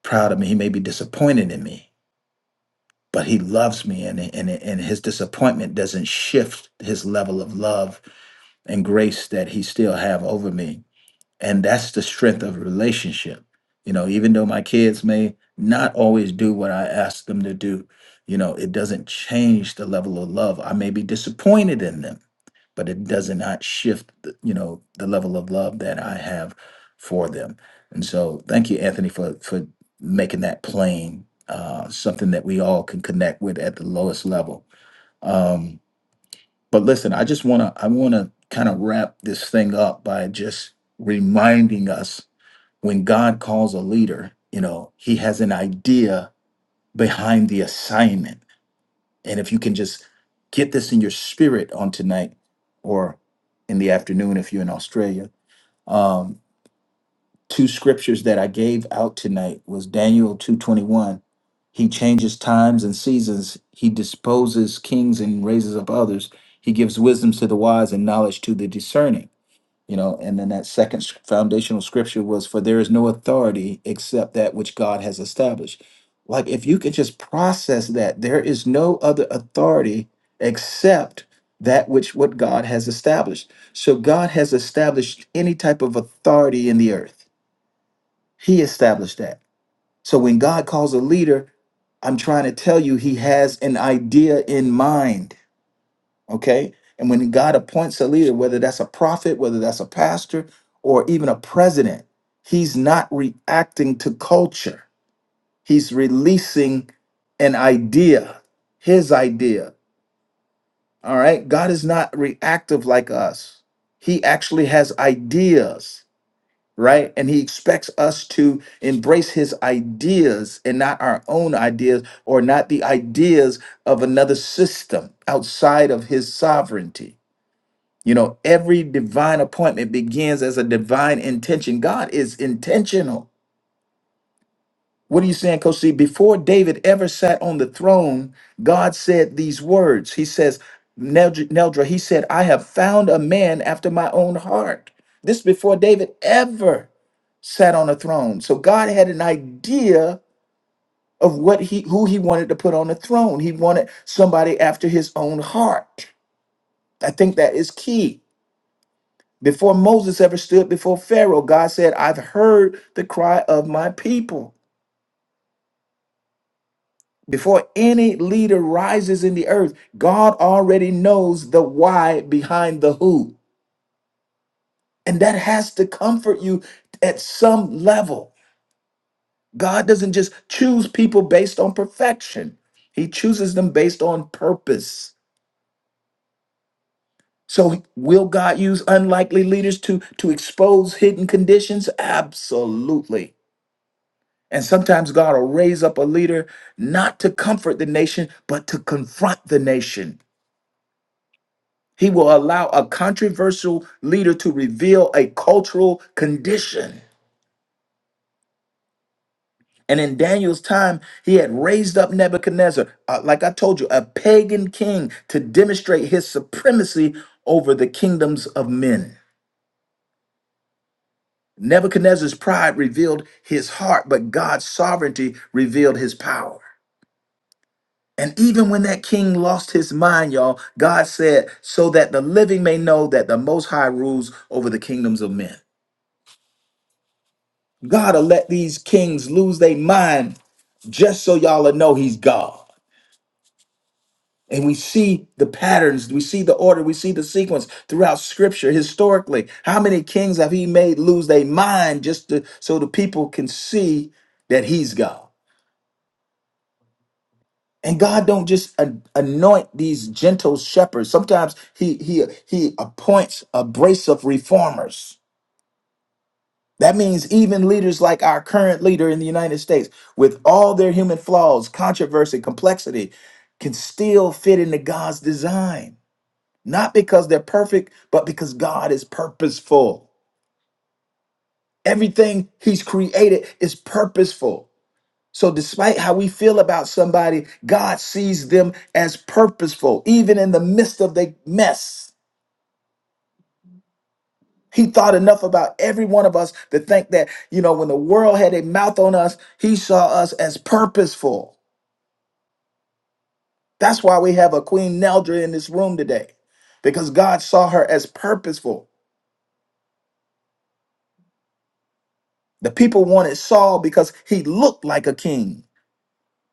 [SPEAKER 2] proud of me he may be disappointed in me but he loves me and, and, and his disappointment doesn't shift his level of love and grace that he still have over me and that's the strength of a relationship you know even though my kids may not always do what i ask them to do you know it doesn't change the level of love i may be disappointed in them but it does not shift the- you know the level of love that i have for them and so thank you anthony for for making that plain uh something that we all can connect with at the lowest level um but listen i just want to i want to kind of wrap this thing up by just reminding us when god calls a leader you know he has an idea behind the assignment and if you can just get this in your spirit on tonight or in the afternoon if you're in Australia, um, two scriptures that I gave out tonight was Daniel 221. He changes times and seasons. He disposes kings and raises up others. He gives wisdom to the wise and knowledge to the discerning you know, and then that second s- foundational scripture was, For there is no authority except that which God has established. Like, if you could just process that, there is no other authority except that which what God has established. So, God has established any type of authority in the earth, He established that. So, when God calls a leader, I'm trying to tell you, He has an idea in mind Okay. And when God appoints a leader, whether that's a prophet, whether that's a pastor, or even a president, he's not reacting to culture. He's releasing an idea, his idea. All right. God is not reactive like us. He actually has ideas, right? And he expects us to embrace his ideas and not our own ideas or not the ideas of another system outside of his sovereignty. You know, every divine appointment begins as a divine intention. God is intentional. What are you saying, Coach C? Before David ever sat on the throne, God said these words. He says, Neldra, Neldra, he said, I have found a man after my own heart. This before David ever sat on a throne. So God had an idea of what he who he wanted to put on the throne. He wanted somebody after his own heart. I think that is key. Before Moses ever stood before Pharaoh, God said, I've heard the cry of my people. Before any leader rises in the earth, God already knows the why behind the who. And that has to comfort you at some level. God doesn't just choose people based on perfection, He chooses them based on purpose. So, will God use unlikely leaders to, to expose hidden conditions? Absolutely. And sometimes God will raise up a leader not to comfort the nation, but to confront the nation. He will allow a controversial leader to reveal a cultural condition. And in Daniel's time, he had raised up Nebuchadnezzar, uh, like I told you, a pagan king to demonstrate his supremacy over the kingdoms of men. Nebuchadnezzar's pride revealed his heart, but God's sovereignty revealed his power. And even when that king lost his mind, y'all, God said, so that the living may know that the Most High rules over the kingdoms of men. God will let these kings lose their mind just so y'all will know he's God. And we see the patterns, we see the order, we see the sequence throughout scripture historically. How many kings have he made lose their mind just to, so the people can see that he's God? And God don't just a- anoint these gentle shepherds. Sometimes he he he appoints a brace of reformers. That means even leaders like our current leader in the United States with all their human flaws, controversy, complexity can still fit into God's design. Not because they're perfect, but because God is purposeful. Everything he's created is purposeful. So, despite how we feel about somebody, God sees them as purposeful, even in the midst of their mess. He thought enough about every one of us to think that, you know, when the world had a mouth on us, he saw us as purposeful. That's why we have a Queen Neldra in this room today, because God saw her as purposeful. The people wanted Saul because he looked like a king,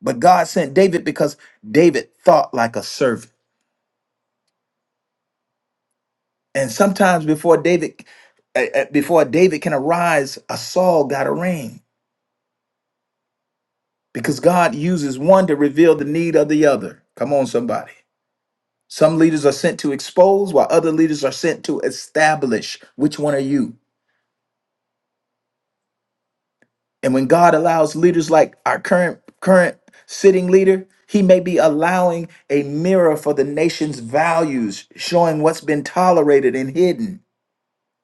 [SPEAKER 2] but God sent David because David thought like a servant. And sometimes before David, uh, uh, before David can arise, a Saul got a reign because God uses one to reveal the need of the other. Come on, somebody. Some leaders are sent to expose, while other leaders are sent to establish. Which one are you? And when God allows leaders like our current current sitting leader, he may be allowing a mirror for the nation's values, showing what's been tolerated and hidden.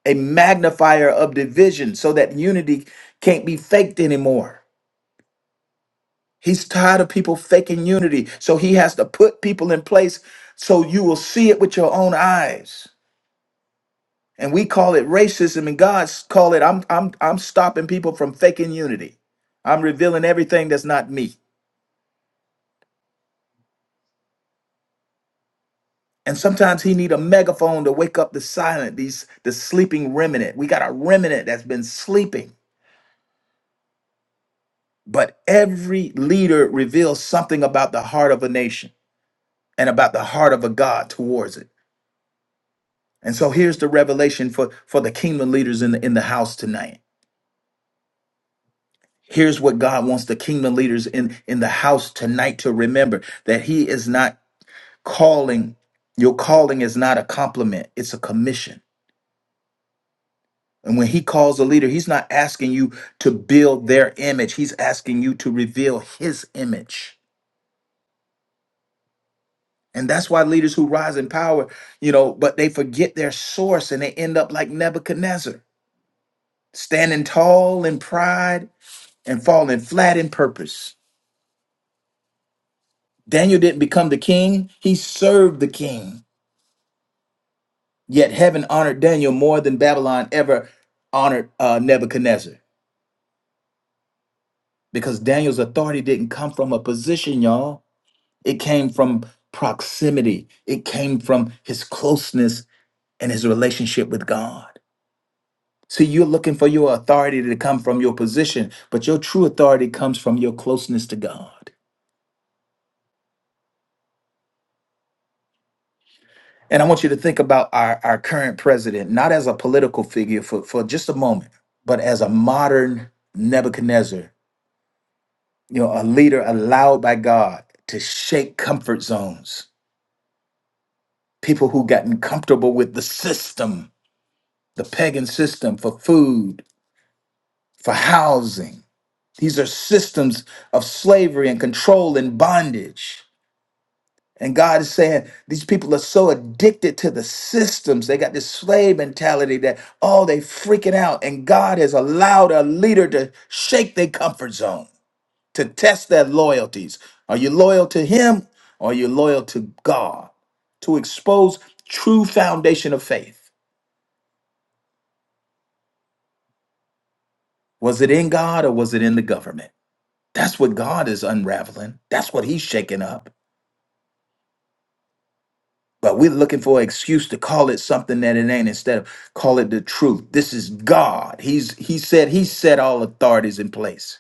[SPEAKER 2] a magnifier of division so that unity can't be faked anymore. He's tired of people faking unity. So he has to put people in place so you will see it with your own eyes. And we call it racism and God's call it I'm I'm I'm stopping people from faking unity. I'm revealing everything that's not me. And sometimes he need a megaphone to wake up the silent, these the sleeping remnant. We got a remnant that's been sleeping. But every leader reveals something about the heart of a nation. and about the heart of a God towards it. And so here's the revelation for, for the kingdom leaders in the, in the house tonight. Here's what God wants the kingdom leaders in, in the house tonight to remember that He is not calling, your calling is not a compliment, it's a commission. And when He calls a leader, He's not asking you to build their image, He's asking you to reveal His image. And that's why leaders who rise in power, you know, but they forget their source and they end up like Nebuchadnezzar standing tall in pride and falling flat in purpose. Daniel didn't become the king, he served the king. Yet heaven honored Daniel more than Babylon ever honored uh, Nebuchadnezzar because Daniel's authority didn't come from a position, y'all. It came from proximity, it came from his closeness and his relationship with God. See, you're looking for your authority to come from your position, but your true authority comes from your closeness to God. And I want you to think about our, our current president, not as a political figure for, for just a moment, but as a modern Nebuchadnezzar, you know, a leader allowed by God to shake comfort zones, people who gotten comfortable with the system, the pagan system for food, for housing. These are systems of slavery and control and bondage. And God is saying these people are so addicted to the systems. They got this slave mentality that, oh, they freaking out. And God has allowed a leader to shake their comfort zone, to test their loyalties. Are you loyal to him or are you loyal to God? To expose true foundation of faith. Was it in God or was it in the government? That's what God is unraveling. That's what he's shaking up. But we're looking for an excuse to call it something that it ain't instead of call it the truth. This is God. He's he said he set all authorities in place.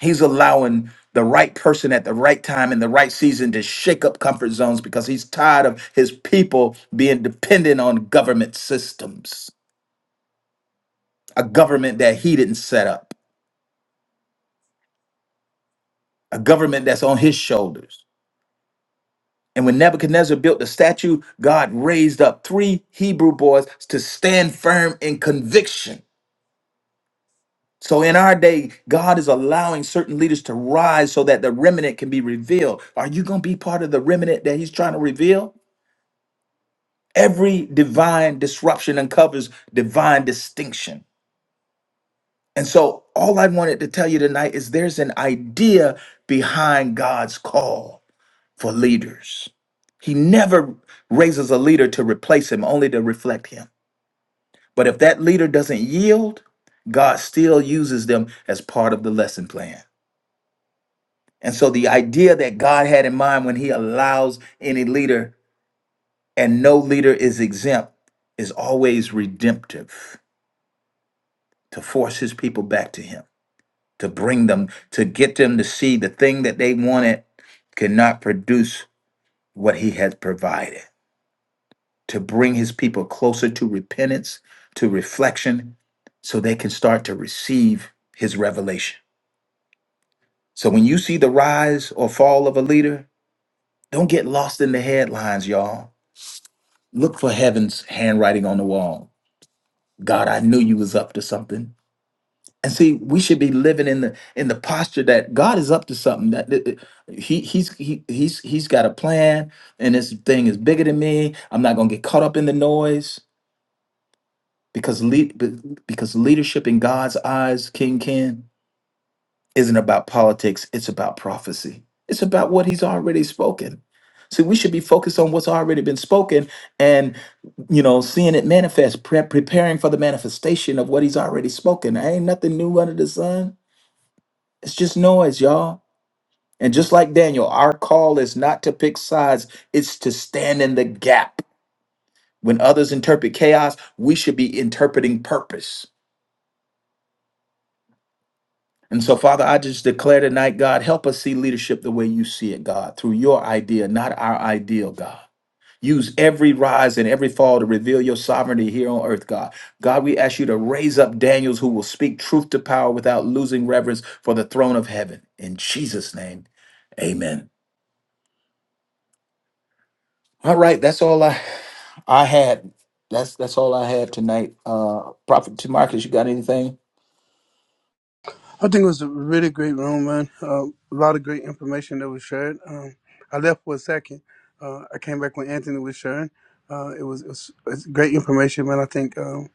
[SPEAKER 2] He's allowing the right person at the right time in the right season to shake up comfort zones because he's tired of his people being dependent on government systems. A government that he didn't set up. A government that's on his shoulders. And when Nebuchadnezzar built the statue, God raised up three Hebrew boys to stand firm in conviction So in our day, God is allowing certain leaders to rise so that the remnant can be revealed. Are you going to be part of the remnant that he's trying to reveal? Every divine disruption uncovers divine distinction. And so all I wanted to tell you tonight is there's an idea behind God's call for leaders. He never raises a leader to replace him, only to reflect him. But if that leader doesn't yield, God still uses them as part of the lesson plan. And so the idea that God had in mind when he allows any leader and no leader is exempt is always redemptive to force his people back to him, to bring them, to get them to see the thing that they wanted could not produce what he had provided, to bring his people closer to repentance, to reflection, so they can start to receive his revelation. So when you see the rise or fall of a leader, don't get lost in the headlines, y'all Look for heaven's handwriting on the wall. God, I knew you was up to something. And see, we should be living in the in the posture that God is up to something. That that- that He he's he, he's he's got a plan, and this thing is bigger than me. I'm not gonna get caught up in the noise because lead be- because leadership in God's eyes, King Ken, isn't about politics. It's about prophecy. It's about what He's already spoken. See, we should be focused on what's already been spoken you know, seeing it manifest, pre- preparing for the manifestation of what he's already spoken. There ain't nothing new under the sun. It's just noise, y'all. And just like Daniel, our call is not to pick sides, it's to stand in the gap. When others interpret chaos, we should be interpreting purpose. And so, Father, I just declare tonight, God, help us see leadership the way you see it, God, through your idea, not our ideal, God. Use every rise and every fall to reveal your sovereignty here on earth, God. God, we ask you to raise up Daniels who will speak truth to power without losing reverence for the throne of heaven. In Jesus' name, amen. All right, that's all I I had. That's that's all I had tonight. Uh Prophet T. Marcus, you got anything?
[SPEAKER 10] I think it was a really great room, man. Uh, a lot of great information that was shared. Um, I left for a second. Uh, I came back when Anthony was sharing. Uh, it was it's it's great information, man. I think um,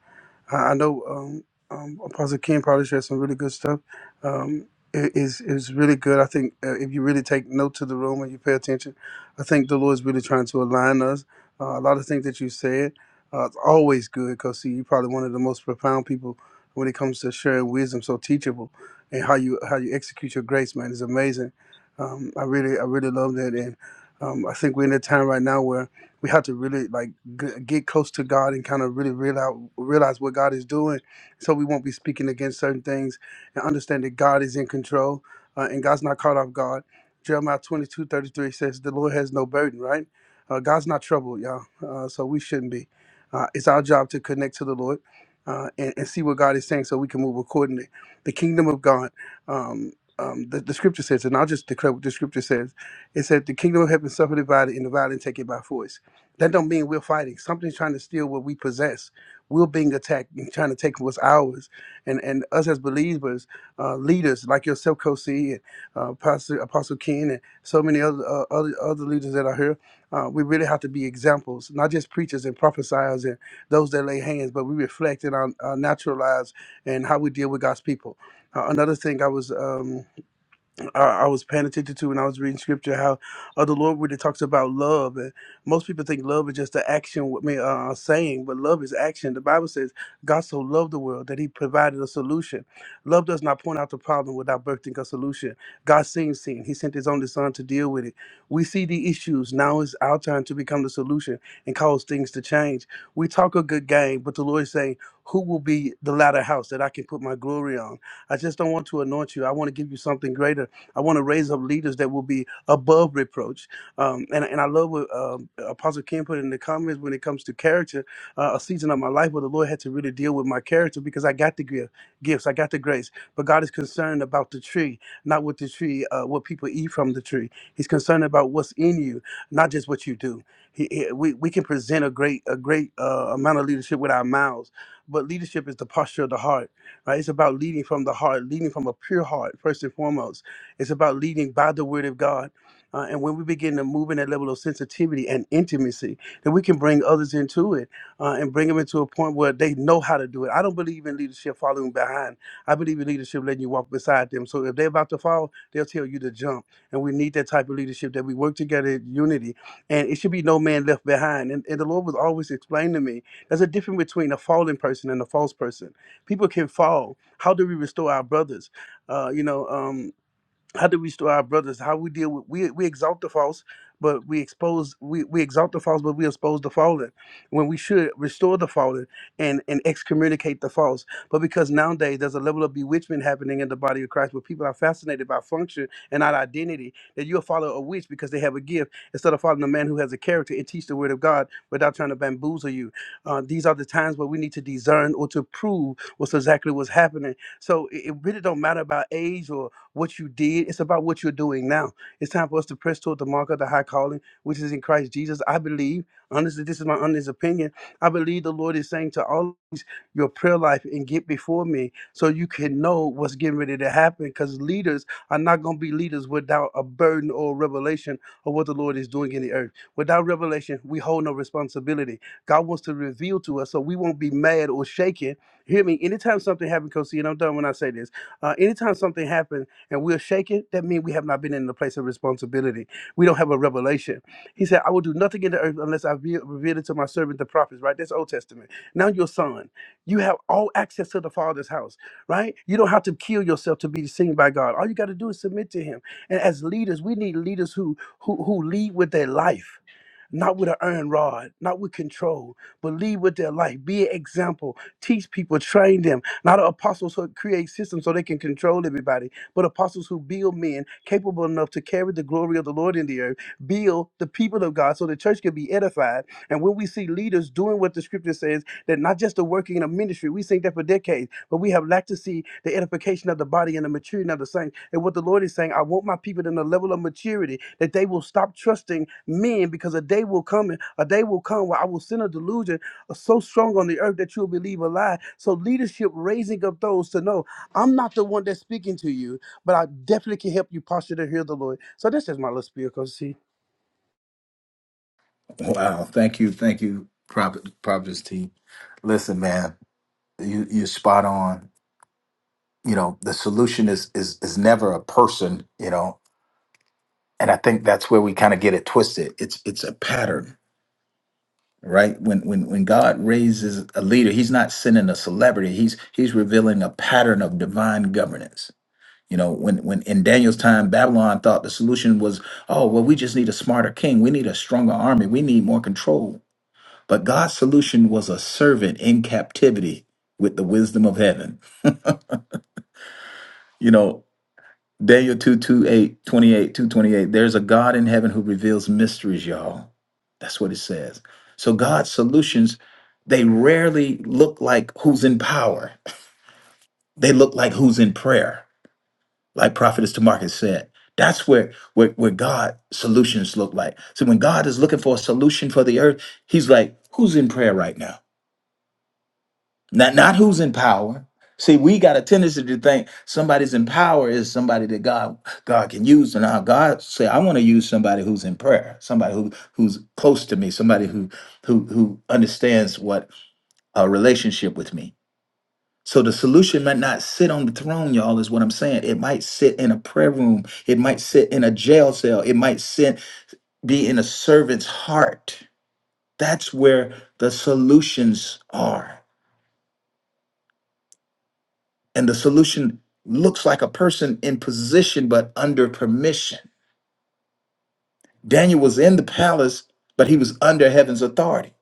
[SPEAKER 10] I, I know um, um, Apostle Ken probably shared some really good stuff. Um, it is is really good. I think uh, if you really take note to the room and you pay attention, I think the Lord is really trying to align us. Uh, a lot of things that you said, uh, it's always good because see, you're probably one of the most profound people when it comes to sharing wisdom, so teachable and how you how you execute your grace, man, is amazing. Um, I really I really love that, and um, I think we're in a time right now where we have to really like g- get close to God and kind of really realize realize what God is doing, so we won't be speaking against certain things and understand that God is in control uh, and God's not caught off guard. Jeremiah 22 33 says, The Lord has no burden, right? Uh, God's not troubled, y'all. Uh, so we shouldn't be. Uh, it's our job to connect to the Lord uh, and, and see what God is saying so we can move accordingly the kingdom of God. Um, um, the, the scripture says, and I'll just declare what the scripture says. It said, "The kingdom of heaven suffered divided, and the violent take it by force." That don't mean we're fighting. Something's trying to steal what we possess. We're being attacked and trying to take what's ours. And and us as believers, uh, leaders like yourself, Kosi, and uh, Apostle, Apostle Ken, and so many other uh, other other leaders that are here, uh, we really have to be examples, not just preachers and prophesiers and those that lay hands, but we reflect in our, our natural lives and how we deal with God's people. Uh, another thing I was um, I, I was paying attention to when I was reading scripture how uh, the Lord really talks about love, and most people think love is just the action, with me uh, saying, but love is action. The Bible says God so loved the world that He provided a solution. Love does not point out the problem without birthing a solution. God seen sin; He sent His only Son to deal with it. We see the issues. Now it's our time to become the solution and cause things to change. We talk a good game, but the Lord is saying, "Who will be the latter house that I can put my glory on?" I just don't want to anoint you. I want to give you something greater I want to raise up leaders that will be above reproach. Um, and, and I love what um Apostle Ken put in the comments when it comes to character. Uh, a season of my life where the Lord had to really deal with my character because I got the gift, gifts, I got the grace. But God is concerned about the tree, not what the tree, uh, what people eat from the tree. He's concerned about what's in you, not just what you do. He, he- we, we can present a great a great uh, amount of leadership with our mouths, but leadership is the posture of the heart right? It's about leading from the heart, leading from a pure heart, first and foremost. It's about leading by the word of God. Uh, and when we begin to move in that level of sensitivity and intimacy, then we can bring others into it uh, and bring them into a point where they know how to do it. I don't believe in leadership following behind. I believe in leadership letting you walk beside them. So if they're about to fall, they'll tell you to jump. And we need that type of leadership that we work together in unity. And it should be no man left behind. And, and the Lord was always explaining to me there's a difference between a fallen person and a false person. People can fall. How do we restore our brothers? Uh, you know, um, how do we restore our brothers how we deal with we, we exalt the false but we expose we, we exalt the false but we expose the fallen when we should restore the fallen and and excommunicate the false but because nowadays there's a level of bewitchment happening in the body of christ where people are fascinated by function and not identity that you'll follow a witch because they have a gift instead of following a man who has a character and teach the word of god without trying to bamboozle you uh, these are the times where we need to discern or to prove what's exactly what's happening so it, it really don't matter about age or what you did. It's about what you're doing now. It's time for us to press toward the mark of the high calling, which is in Christ Jesus. I believe, honestly, this is my honest opinion. I believe the Lord is saying to all of these, your prayer life and get before me so you can know what's getting ready to happen because leaders are not going to be leaders without a burden or a revelation of what the Lord is doing in the earth. Without revelation, we hold no responsibility. God wants to reveal to us so we won't be mad or shaken. Hear me. Anytime something happens, Kosi, and I'm done when I say this. Uh, anytime something happens, and we're shaken, that means we have not been in the place of responsibility. We don't have a revelation. He said, I will do nothing in the earth unless I re- reveal it to my servant, the prophets, right? That's Old Testament. Now your son. You have all access to the Father's house, right? You don't have to kill yourself to be seen by God. All you got to do is submit to him. And as leaders, we need leaders who who who lead with their life not with an iron rod, not with control, but lead with their life. Be an example. Teach people, train them. Not apostles who create systems so they can control everybody, but apostles who build men capable enough to carry the glory of the Lord in the earth, build the people of God so the church can be edified. And when we see leaders doing what the scripture says, that not just the working in a ministry, we sing that for decades, but we have lacked to see the edification of the body and the maturing of the saints. And what the Lord is saying, I want my people in a level of maturity that they will stop trusting men because a day will come, and a day will come where I will send a delusion so strong on the earth that you'll believe a lie. So leadership raising up those to know I'm not the one that's speaking to you, but I definitely can help you posture to hear the Lord. So that's just my little spiel, Coach C.
[SPEAKER 2] Wow. Thank you. Thank you, Prophet Prophet's T. Listen, man, you you're spot on. You know, the solution is is is never a person, you know and I think that's where we kind of get it twisted. It's it's a pattern, right? When when when God raises a leader, He's not sending a celebrity. He's He's revealing a pattern of divine governance. You know, when when in Daniel's time, Babylon thought the solution was, oh well, we just need a smarter king. We need a stronger army. We need more control. But God's solution was a servant in captivity with the wisdom of heaven. You know, Daniel 2, 228. There's a God in heaven who reveals mysteries, y'all. That's what it says. So God's solutions, they rarely look like who's in power. They look like who's in prayer, like Prophetess Tamarcus said. That's where, where, where God solutions look like. So when God is looking for a solution for the earth, he's like, who's in prayer right now? Not not who's in power. See, we got a tendency to think somebody's in power is somebody that God God can use. And now God say, I want to use somebody who's in prayer, somebody who who's close to me, somebody who who who understands what a relationship with me. So the solution might not sit on the throne, y'all, is what I'm saying. It might sit in a prayer room. It might sit in a jail cell. It might sit be in a servant's heart. That's where the solutions are. and the solution looks like a person in position but under permission. Daniel was in the palace, but he was under heaven's authority.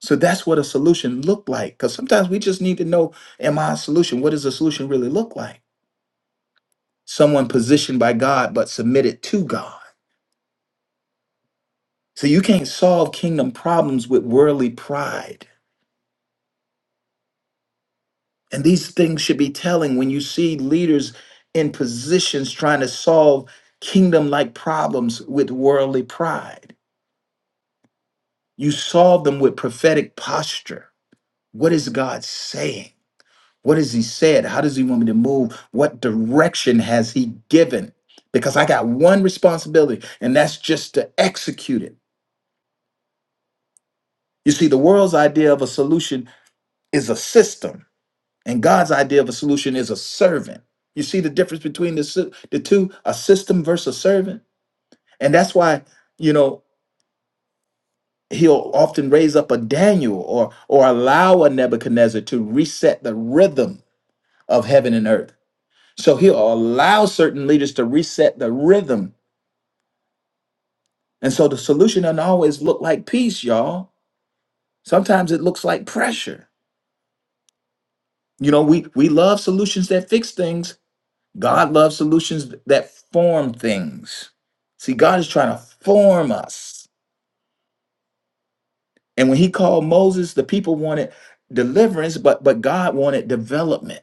[SPEAKER 2] So that's what a solution looked like. Because sometimes we just need to know Am I a solution? What does a solution really look like? Someone positioned by God but submitted to God. So you can't solve kingdom problems with worldly pride. And these things should be telling when you see leaders in positions trying to solve kingdom like problems with worldly pride. You solve them with prophetic posture. What is God saying? What has He said? How does He want me to move? What direction has He given? Because I got one responsibility, and that's just to execute it. You see, the world's idea of a solution is a system, and God's idea of a solution is a servant. You see the difference between the, sy- the two, a system versus a servant? And that's why, you know, he'll often raise up a Daniel or or allow a Nebuchadnezzar to reset the rhythm of heaven and earth. So he'll allow certain leaders to reset the rhythm. And so the solution doesn't always look like peace, y'all. Sometimes it looks like pressure. You know, we we love solutions that fix things. God loves solutions that form things. See, God is trying to form us. And when he called Moses, the people wanted deliverance, but but God wanted development.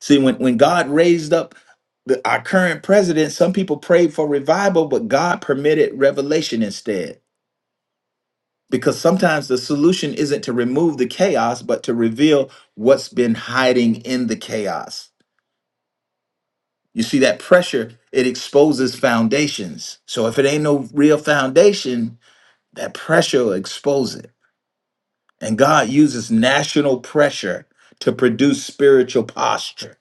[SPEAKER 2] See, when, when God raised up the, our current president, some people prayed for revival, but God permitted revelation instead. Because sometimes the solution isn't to remove the chaos, but to reveal what's been hiding in the chaos. You see, that pressure, it exposes foundations. So if it ain't no real foundation, that pressure will expose it. And God uses national pressure to produce spiritual posture.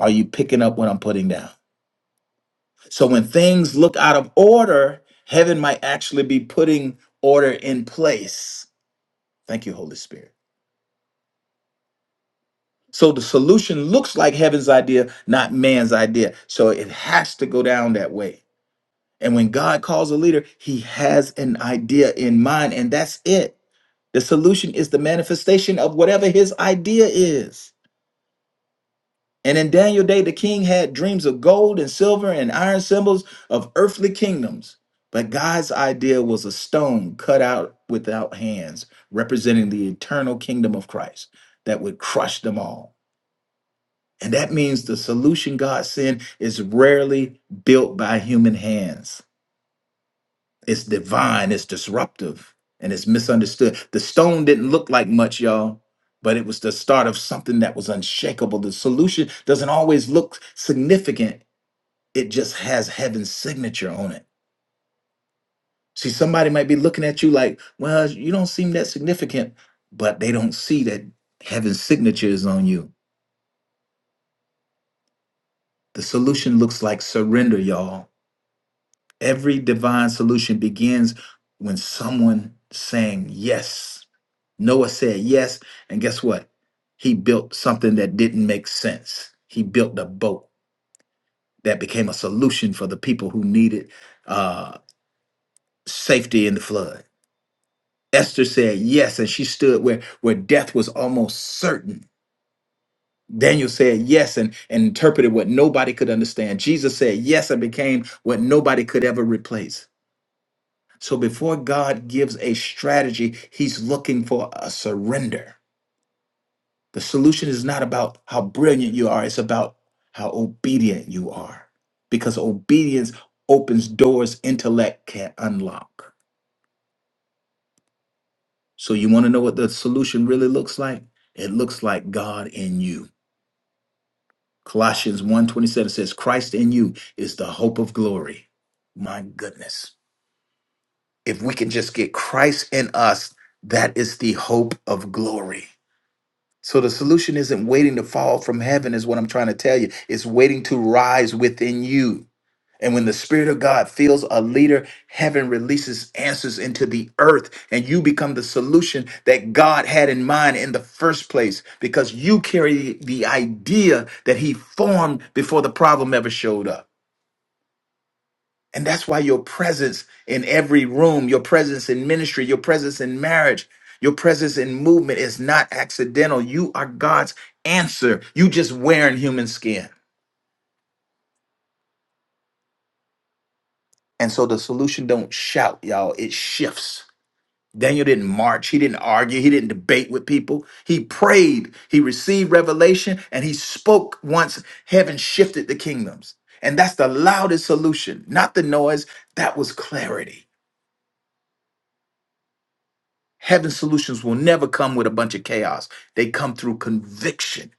[SPEAKER 2] Are you picking up what I'm putting down? So when things look out of order, heaven might actually be putting order in place. Thank you, Holy Spirit. So the solution looks like heaven's idea, not man's idea. So it has to go down that way. And when God calls a leader, he has an idea in mind, and that's it. The solution is the manifestation of whatever his idea is. And in Daniel day, the king had dreams of gold and silver and iron symbols of earthly kingdoms. But God's idea was a stone cut out without hands, representing the eternal kingdom of Christ that would crush them all. And that means the solution God sent is rarely built by human hands. It's divine, it's disruptive, and it's misunderstood. The stone didn't look like much, y'all but it was the start of something that was unshakable. The solution doesn't always look significant, it just has heaven's signature on it. See, somebody might be looking at you like, well, you don't seem that significant, but they don't see that heaven's signature is on you. The solution looks like surrender, y'all. Every divine solution begins when someone saying yes. Noah said yes, and guess what? He built something that didn't make sense. He built a boat that became a solution for the people who needed uh, safety in the flood. Esther said yes, and she stood where, where death was almost certain. Daniel said yes and, and interpreted what nobody could understand. Jesus said yes and became what nobody could ever replace. So before God gives a strategy, he's looking for a surrender. The solution is not about how brilliant you are, it's about how obedient you are. Because obedience opens doors intellect can't unlock. So you want to know what the solution really looks like? It looks like God in you. Colossians one twenty seven says Christ in you is the hope of glory. My goodness. If we can just get Christ in us, that is the hope of glory. So the solution isn't waiting to fall from heaven is what I'm trying to tell you. It's waiting to rise within you. And when the Spirit of God fills a leader, heaven releases answers into the earth, and you become the solution that God had in mind in the first place because you carry the idea that He formed before the problem ever showed up. And that's why your presence in every room, your presence in ministry, your presence in marriage, your presence in movement is not accidental. You are God's answer. You just wearing human skin. And so the solution don't shout, y'all. It shifts. Daniel didn't march. He didn't argue. He didn't debate with people. He prayed. He received revelation and he spoke once heaven shifted the kingdoms. And that's the loudest solution, not the noise. That was clarity. Heaven's solutions will never come with a bunch of chaos, they come through conviction.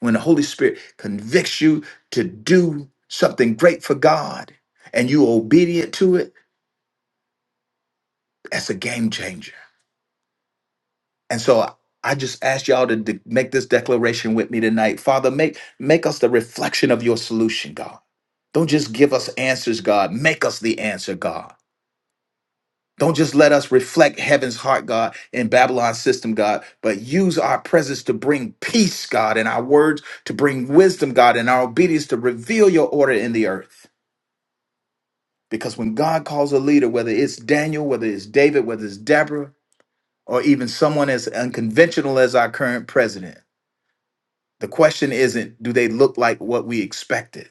[SPEAKER 2] When the Holy Spirit convicts you to do something great for God and you're obedient to it, that's a game changer. And so I just ask y'all to de- make this declaration with me tonight. Father, make make us the reflection of your solution, God. Don't just give us answers, God. Make us the answer, God. Don't just let us reflect heaven's heart, God, in Babylon's system, God, but use our presence to bring peace, God, and our words to bring wisdom, God, and our obedience to reveal your order in the earth. Because when God calls a leader, whether it's Daniel, whether it's David, whether it's Deborah, or even someone as unconventional as our current president, The question isn't do they look like what we expected?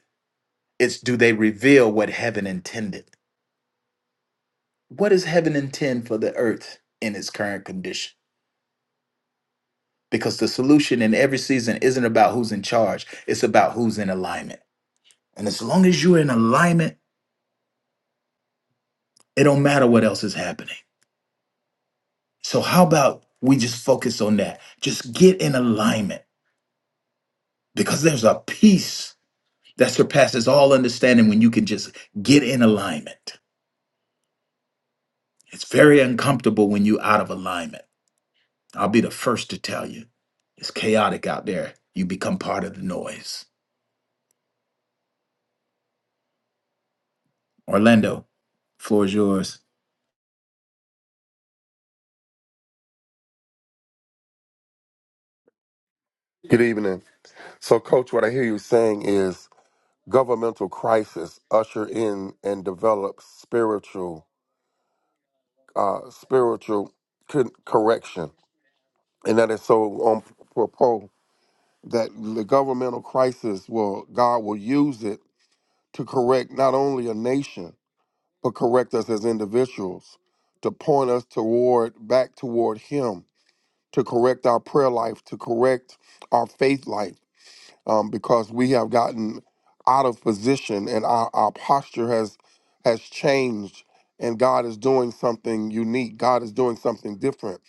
[SPEAKER 2] It's do they reveal what heaven intended? What does heaven intend for the earth in its current condition? Because the solution in every season isn't about who's in charge, it's about who's in alignment. And as long as you're in alignment, it don't matter what else is happening. So how about we just focus on that? Just get in alignment because there's a peace that surpasses all understanding when you can just get in alignment. It's very uncomfortable when you're out of alignment I'll be the first to tell you. It's chaotic out there. You become part of the noise. Orlando, floor is yours.
[SPEAKER 13] Good evening. So, Coach, what I hear you saying is governmental crisis usher in and develop spiritual uh, spiritual con- correction, and that is so on propos that the governmental crisis will God will use it to correct not only a nation but correct us as individuals to point us toward back toward Him to correct our prayer life to correct our faith life um, because we have gotten out of position and our, our posture has has changed and God is doing something unique. God is doing something different.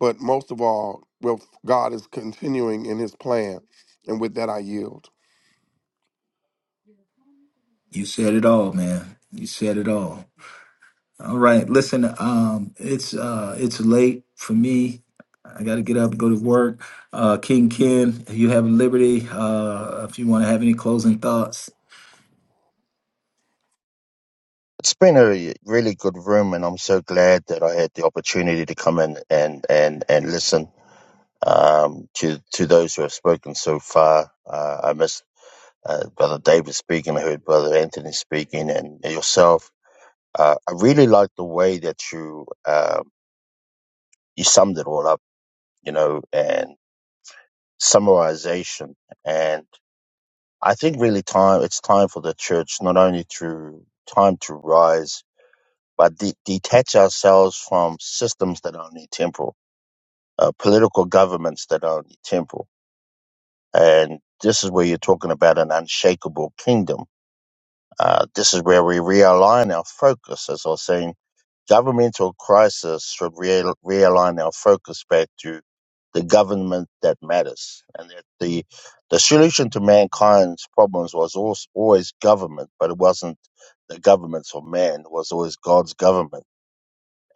[SPEAKER 13] But most of all, well, God is continuing in his plan. And with that, I yield.
[SPEAKER 2] You said it all, man. You said it all. All right. Listen, um, it's uh it's late for me. I gotta get up and go to work. Uh King Ken, if you have liberty, uh if you wanna have any closing thoughts.
[SPEAKER 12] It's been a really good room, and I'm so glad that I had the opportunity to come in and and and listen um, to to those who have spoken so far. Uh, I missed uh, Brother David speaking. I heard Brother Anthony speaking, and yourself. Uh, I really like the way that you uh, you summed it all up, you know, and summarization. And I think really time it's time for the church not only to time to rise but de- detach ourselves from systems that are only temporal, uh, political governments that are only temporal. And this is where you're talking about an unshakable kingdom. Uh, this is where we realign our focus, as I was saying. Governmental crisis should real realign our focus back to the government that matters, and that the the solution to mankind's problems was always, always government, but it wasn't the governments of man. It was always God's government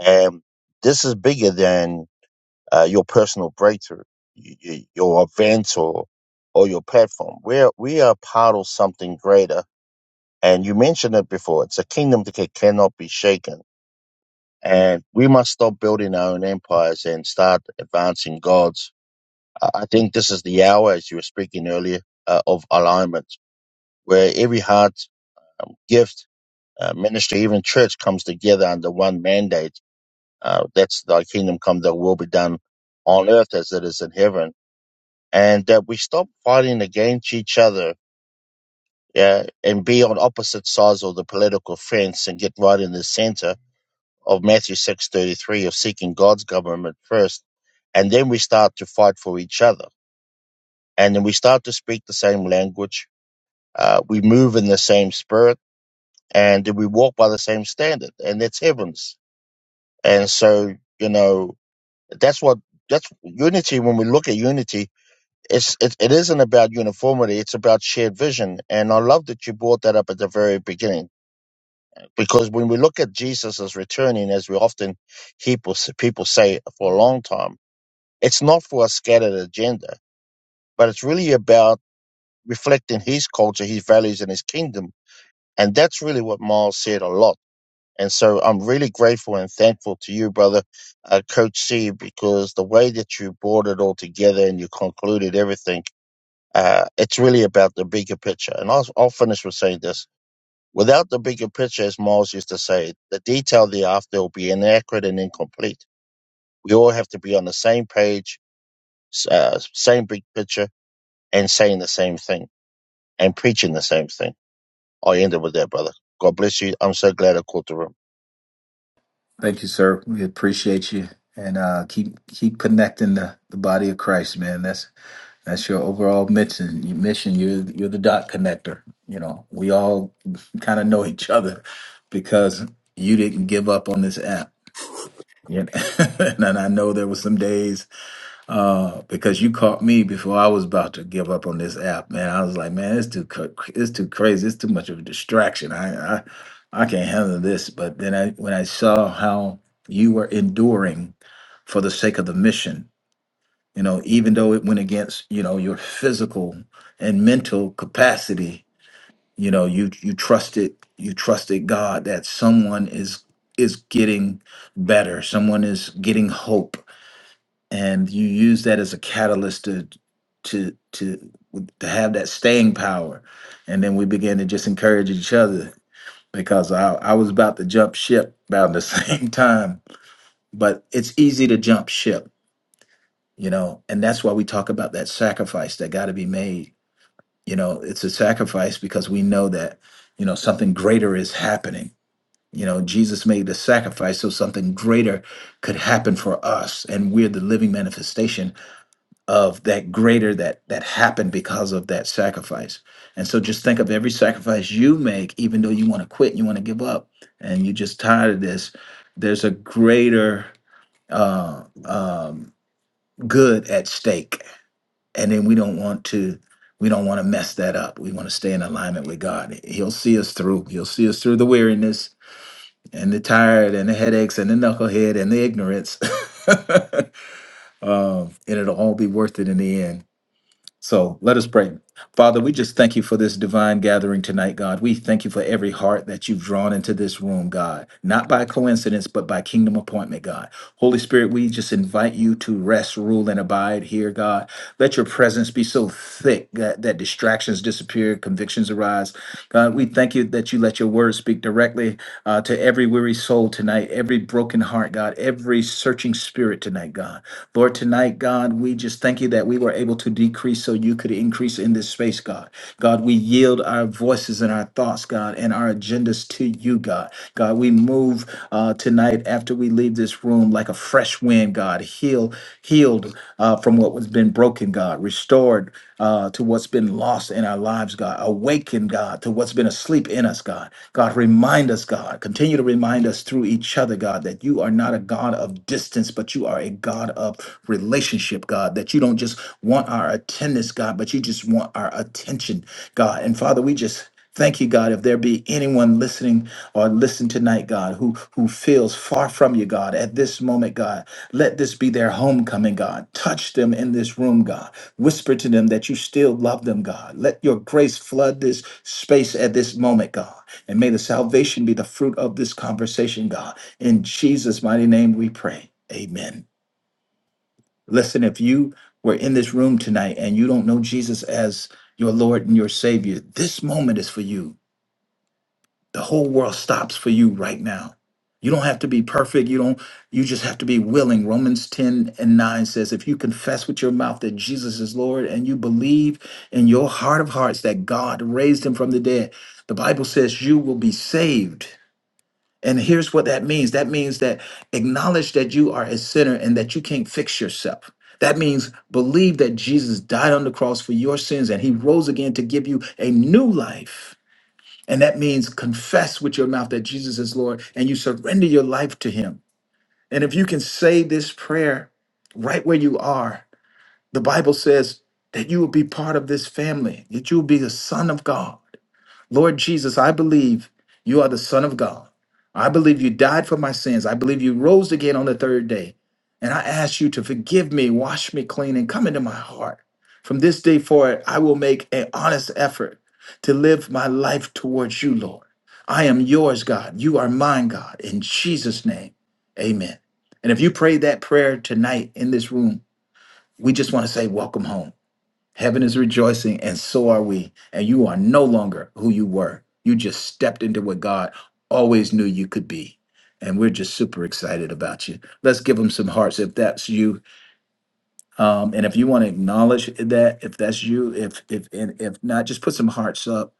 [SPEAKER 12] And this is bigger than uh, your personal breakthrough, y- y- your event, or or your platform. We're we are part of something greater. And you mentioned it before. It's a kingdom that ca- cannot be shaken. And we must stop building our own empires and start advancing God's. I I think this is the hour, as you were speaking earlier, uh, of alignment, where every heart, um, gift, uh, ministry, even church comes together under one mandate Uh, that's thy kingdom come, thy will be done on earth as it is in heaven. And that we stop fighting against each other, yeah, and be on opposite sides of the political fence and get right in the center of Matthew 6.33 of seeking God's government first. And then we start to fight for each other. And then we start to speak the same language. Uh, we move in the same spirit and then we walk by the same standard and that's heavens. And so, you know, That's what that's unity. When we look at unity, it's it, it isn't about uniformity. It's about shared vision. And I love that you brought that up at the very beginning because when we look at Jesus as returning, as we often hear people say for a long time, it's not for a scattered agenda, but it's really about reflecting His culture, His values, and His kingdom. And that's really what Miles said a lot And so I'm really grateful and thankful to you, brother, uh, Coach C, because the way that you brought it all together and you concluded everything, uh, it's really about the bigger picture. And I'll, I'll finish with saying this. Without the bigger picture, as Miles used to say, the detail thereafter will be inaccurate and incomplete. We all have to be on the same page, s- uh, same big picture, and saying the same thing and preaching the same thing. I'll end it with that, brother. God bless you. I'm so glad I caught the room.
[SPEAKER 2] Thank you, sir. We appreciate you. And uh keep keep connecting the, the body of Christ, man. That's That's your overall mission. mission. You're you're the dot connector. You know, we all kind of know each other because you didn't give up on this app. You know? (laughs) and I know there were some days uh, because you caught me before I was about to give up on this app. Man, I was like, man, it's too cra- it's too crazy. It's too much of a distraction. I I, I can't handle this. But then I when I saw how you were enduring for the sake of the mission you know even though it went against you know your physical and mental capacity you know you you trusted you trusted god that someone is is getting better someone is getting hope and you use that as a catalyst to to to to have that staying power and then we began to just encourage each other because i i was about to jump ship about the (laughs) same time but it's easy to jump ship you know and that's why we talk about that sacrifice that got to be made you know it's a sacrifice because we know that you know something greater is happening you know jesus made the sacrifice so something greater could happen for us and we're the living manifestation of that greater that that happened because of that sacrifice and so just think of every sacrifice you make even though you want to quit and you want to give up and you're just tired of this there's a greater uh, um, good at stake and then we don't want to we don't want to mess that up we want to stay in alignment with god he'll see us through he'll see us through the weariness and the tired and the headaches and the knucklehead and the ignorance (laughs) um, and it'll all be worth it in the end so let us pray. Father, we just thank you for this divine gathering tonight, God. We thank you for every heart that you've drawn into this room, God, not by coincidence, but by kingdom appointment, God. Holy Spirit, we just invite you to rest, rule, and abide here, God. Let your presence be so thick that, that distractions disappear, convictions arise. God, we thank you that you let your word speak directly uh, to every weary soul tonight, every broken heart, God, every searching spirit tonight, God. Lord, tonight, God, we just thank you that we were able to decrease so you could increase in this space, God. God, we yield our voices and our thoughts, God, and our agendas to you, God. God, we move uh, tonight after we leave this room like a fresh wind, God, heal, healed uh, from what was been broken, God, restored uh, to what's been lost in our lives, God. Awaken, God, to what's been asleep in us, God. God, remind us, God. Continue to remind us through each other, God, that you are not a God of distance, but you are a God of relationship, God. That you don't just want our attendance, God, but you just want our attention, God. And Father, we just Thank you, God. If there be anyone listening or listen tonight, God, who who feels far from you, God, at this moment, God, let this be their homecoming, God. Touch them in this room, God. Whisper to them that you still love them, God. Let your grace flood this space at this moment, God. And may the salvation be the fruit of this conversation, God. In Jesus' mighty name we pray. Amen. Listen, if you were in this room tonight and you don't know Jesus as your Lord and your Savior, this moment is for you. The whole world stops for you right now. You don't have to be perfect. You don't you just have to be willing. Romans 10 and 9 says if you confess with your mouth that Jesus is Lord and you believe in your heart of hearts that God raised him from the dead, the Bible says you will be saved. And here's what that means. That means that acknowledge that you are a sinner and that you can't fix yourself. That means believe that Jesus died on the cross for your sins and he rose again to give you a new life. And that means confess with your mouth that Jesus is Lord and you surrender your life to Him. And if you can say this prayer right where you are, the Bible says that you will be part of this family, that you will be a son of God. Lord Jesus, I believe you are the Son of God. I believe you died for my sins. I believe you rose again on the third day. And I ask you to forgive me, wash me clean, and come into my heart. From this day forward, I will make an honest effort to live my life towards you, Lord. I am yours, God. You are mine, God. In Jesus' name, amen. And if you prayed that prayer tonight in this room, we just want to say, welcome home. Heaven is rejoicing, and so are we. And you are no longer who you were. You just stepped into what God always knew you could be. And we're just super excited about you. Let's give them some hearts if that's you um, and if you want to acknowledge that, if that's you, if if and if not, just put some hearts up,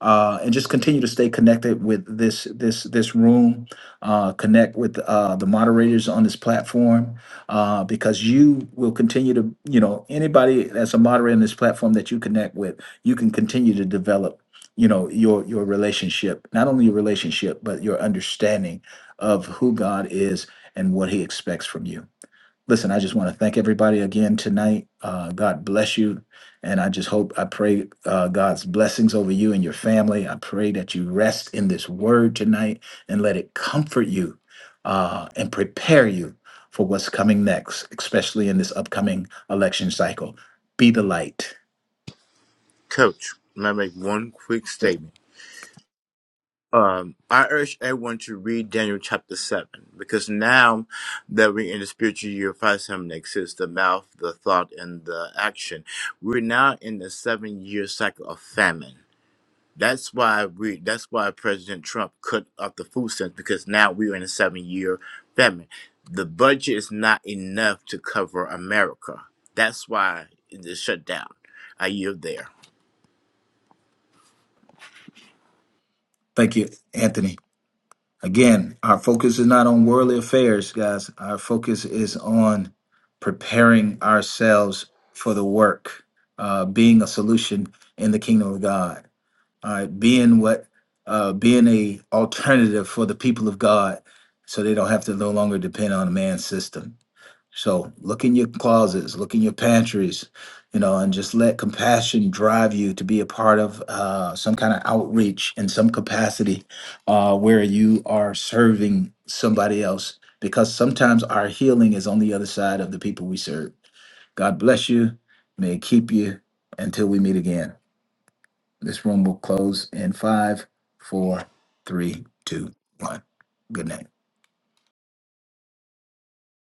[SPEAKER 2] uh, and just continue to stay connected with this this this room. Uh, connect with uh, the moderators on this platform, uh, because you will continue to you know anybody that's a moderator on this platform that you connect with, you can continue to develop you know your your relationship, not only your relationship but your understanding of who God is and what He expects from you listen, I just want to thank everybody again tonight. Uh, God bless you. And I just hope, I pray uh, God's blessings over you and your family. I pray that you rest in this word tonight and let it comfort you uh, and prepare you for what's coming next, especially in this upcoming election cycle. Be the light.
[SPEAKER 9] Coach, may I make one quick statement? um, I urge everyone to read Daniel chapter 7 because now that we're in the spiritual year 5786, the mouth, the thought, and the action, we're now in the seven year cycle of famine. That's why we, that's why President Trump cut up the food stamps because now we're in a seven year famine. The budget is not enough to cover America. That's why it's shut down. I yield there.
[SPEAKER 2] Thank you, Anthony. Again, our focus is not on worldly affairs, guys. Our focus is on preparing ourselves for the work, uh, being a solution in the kingdom of God. All right, being what, uh, being a alternative for the people of God, so they don't have to no longer depend on a man's system. So look in your closets, look in your pantries, you know, and just let compassion drive you to be a part of uh, some kind of outreach in some capacity uh, where you are serving somebody else. Because sometimes our healing is on the other side of the people we serve. God bless you. May it keep you until we meet again. This room will close in five, four, three, two, one. Good night.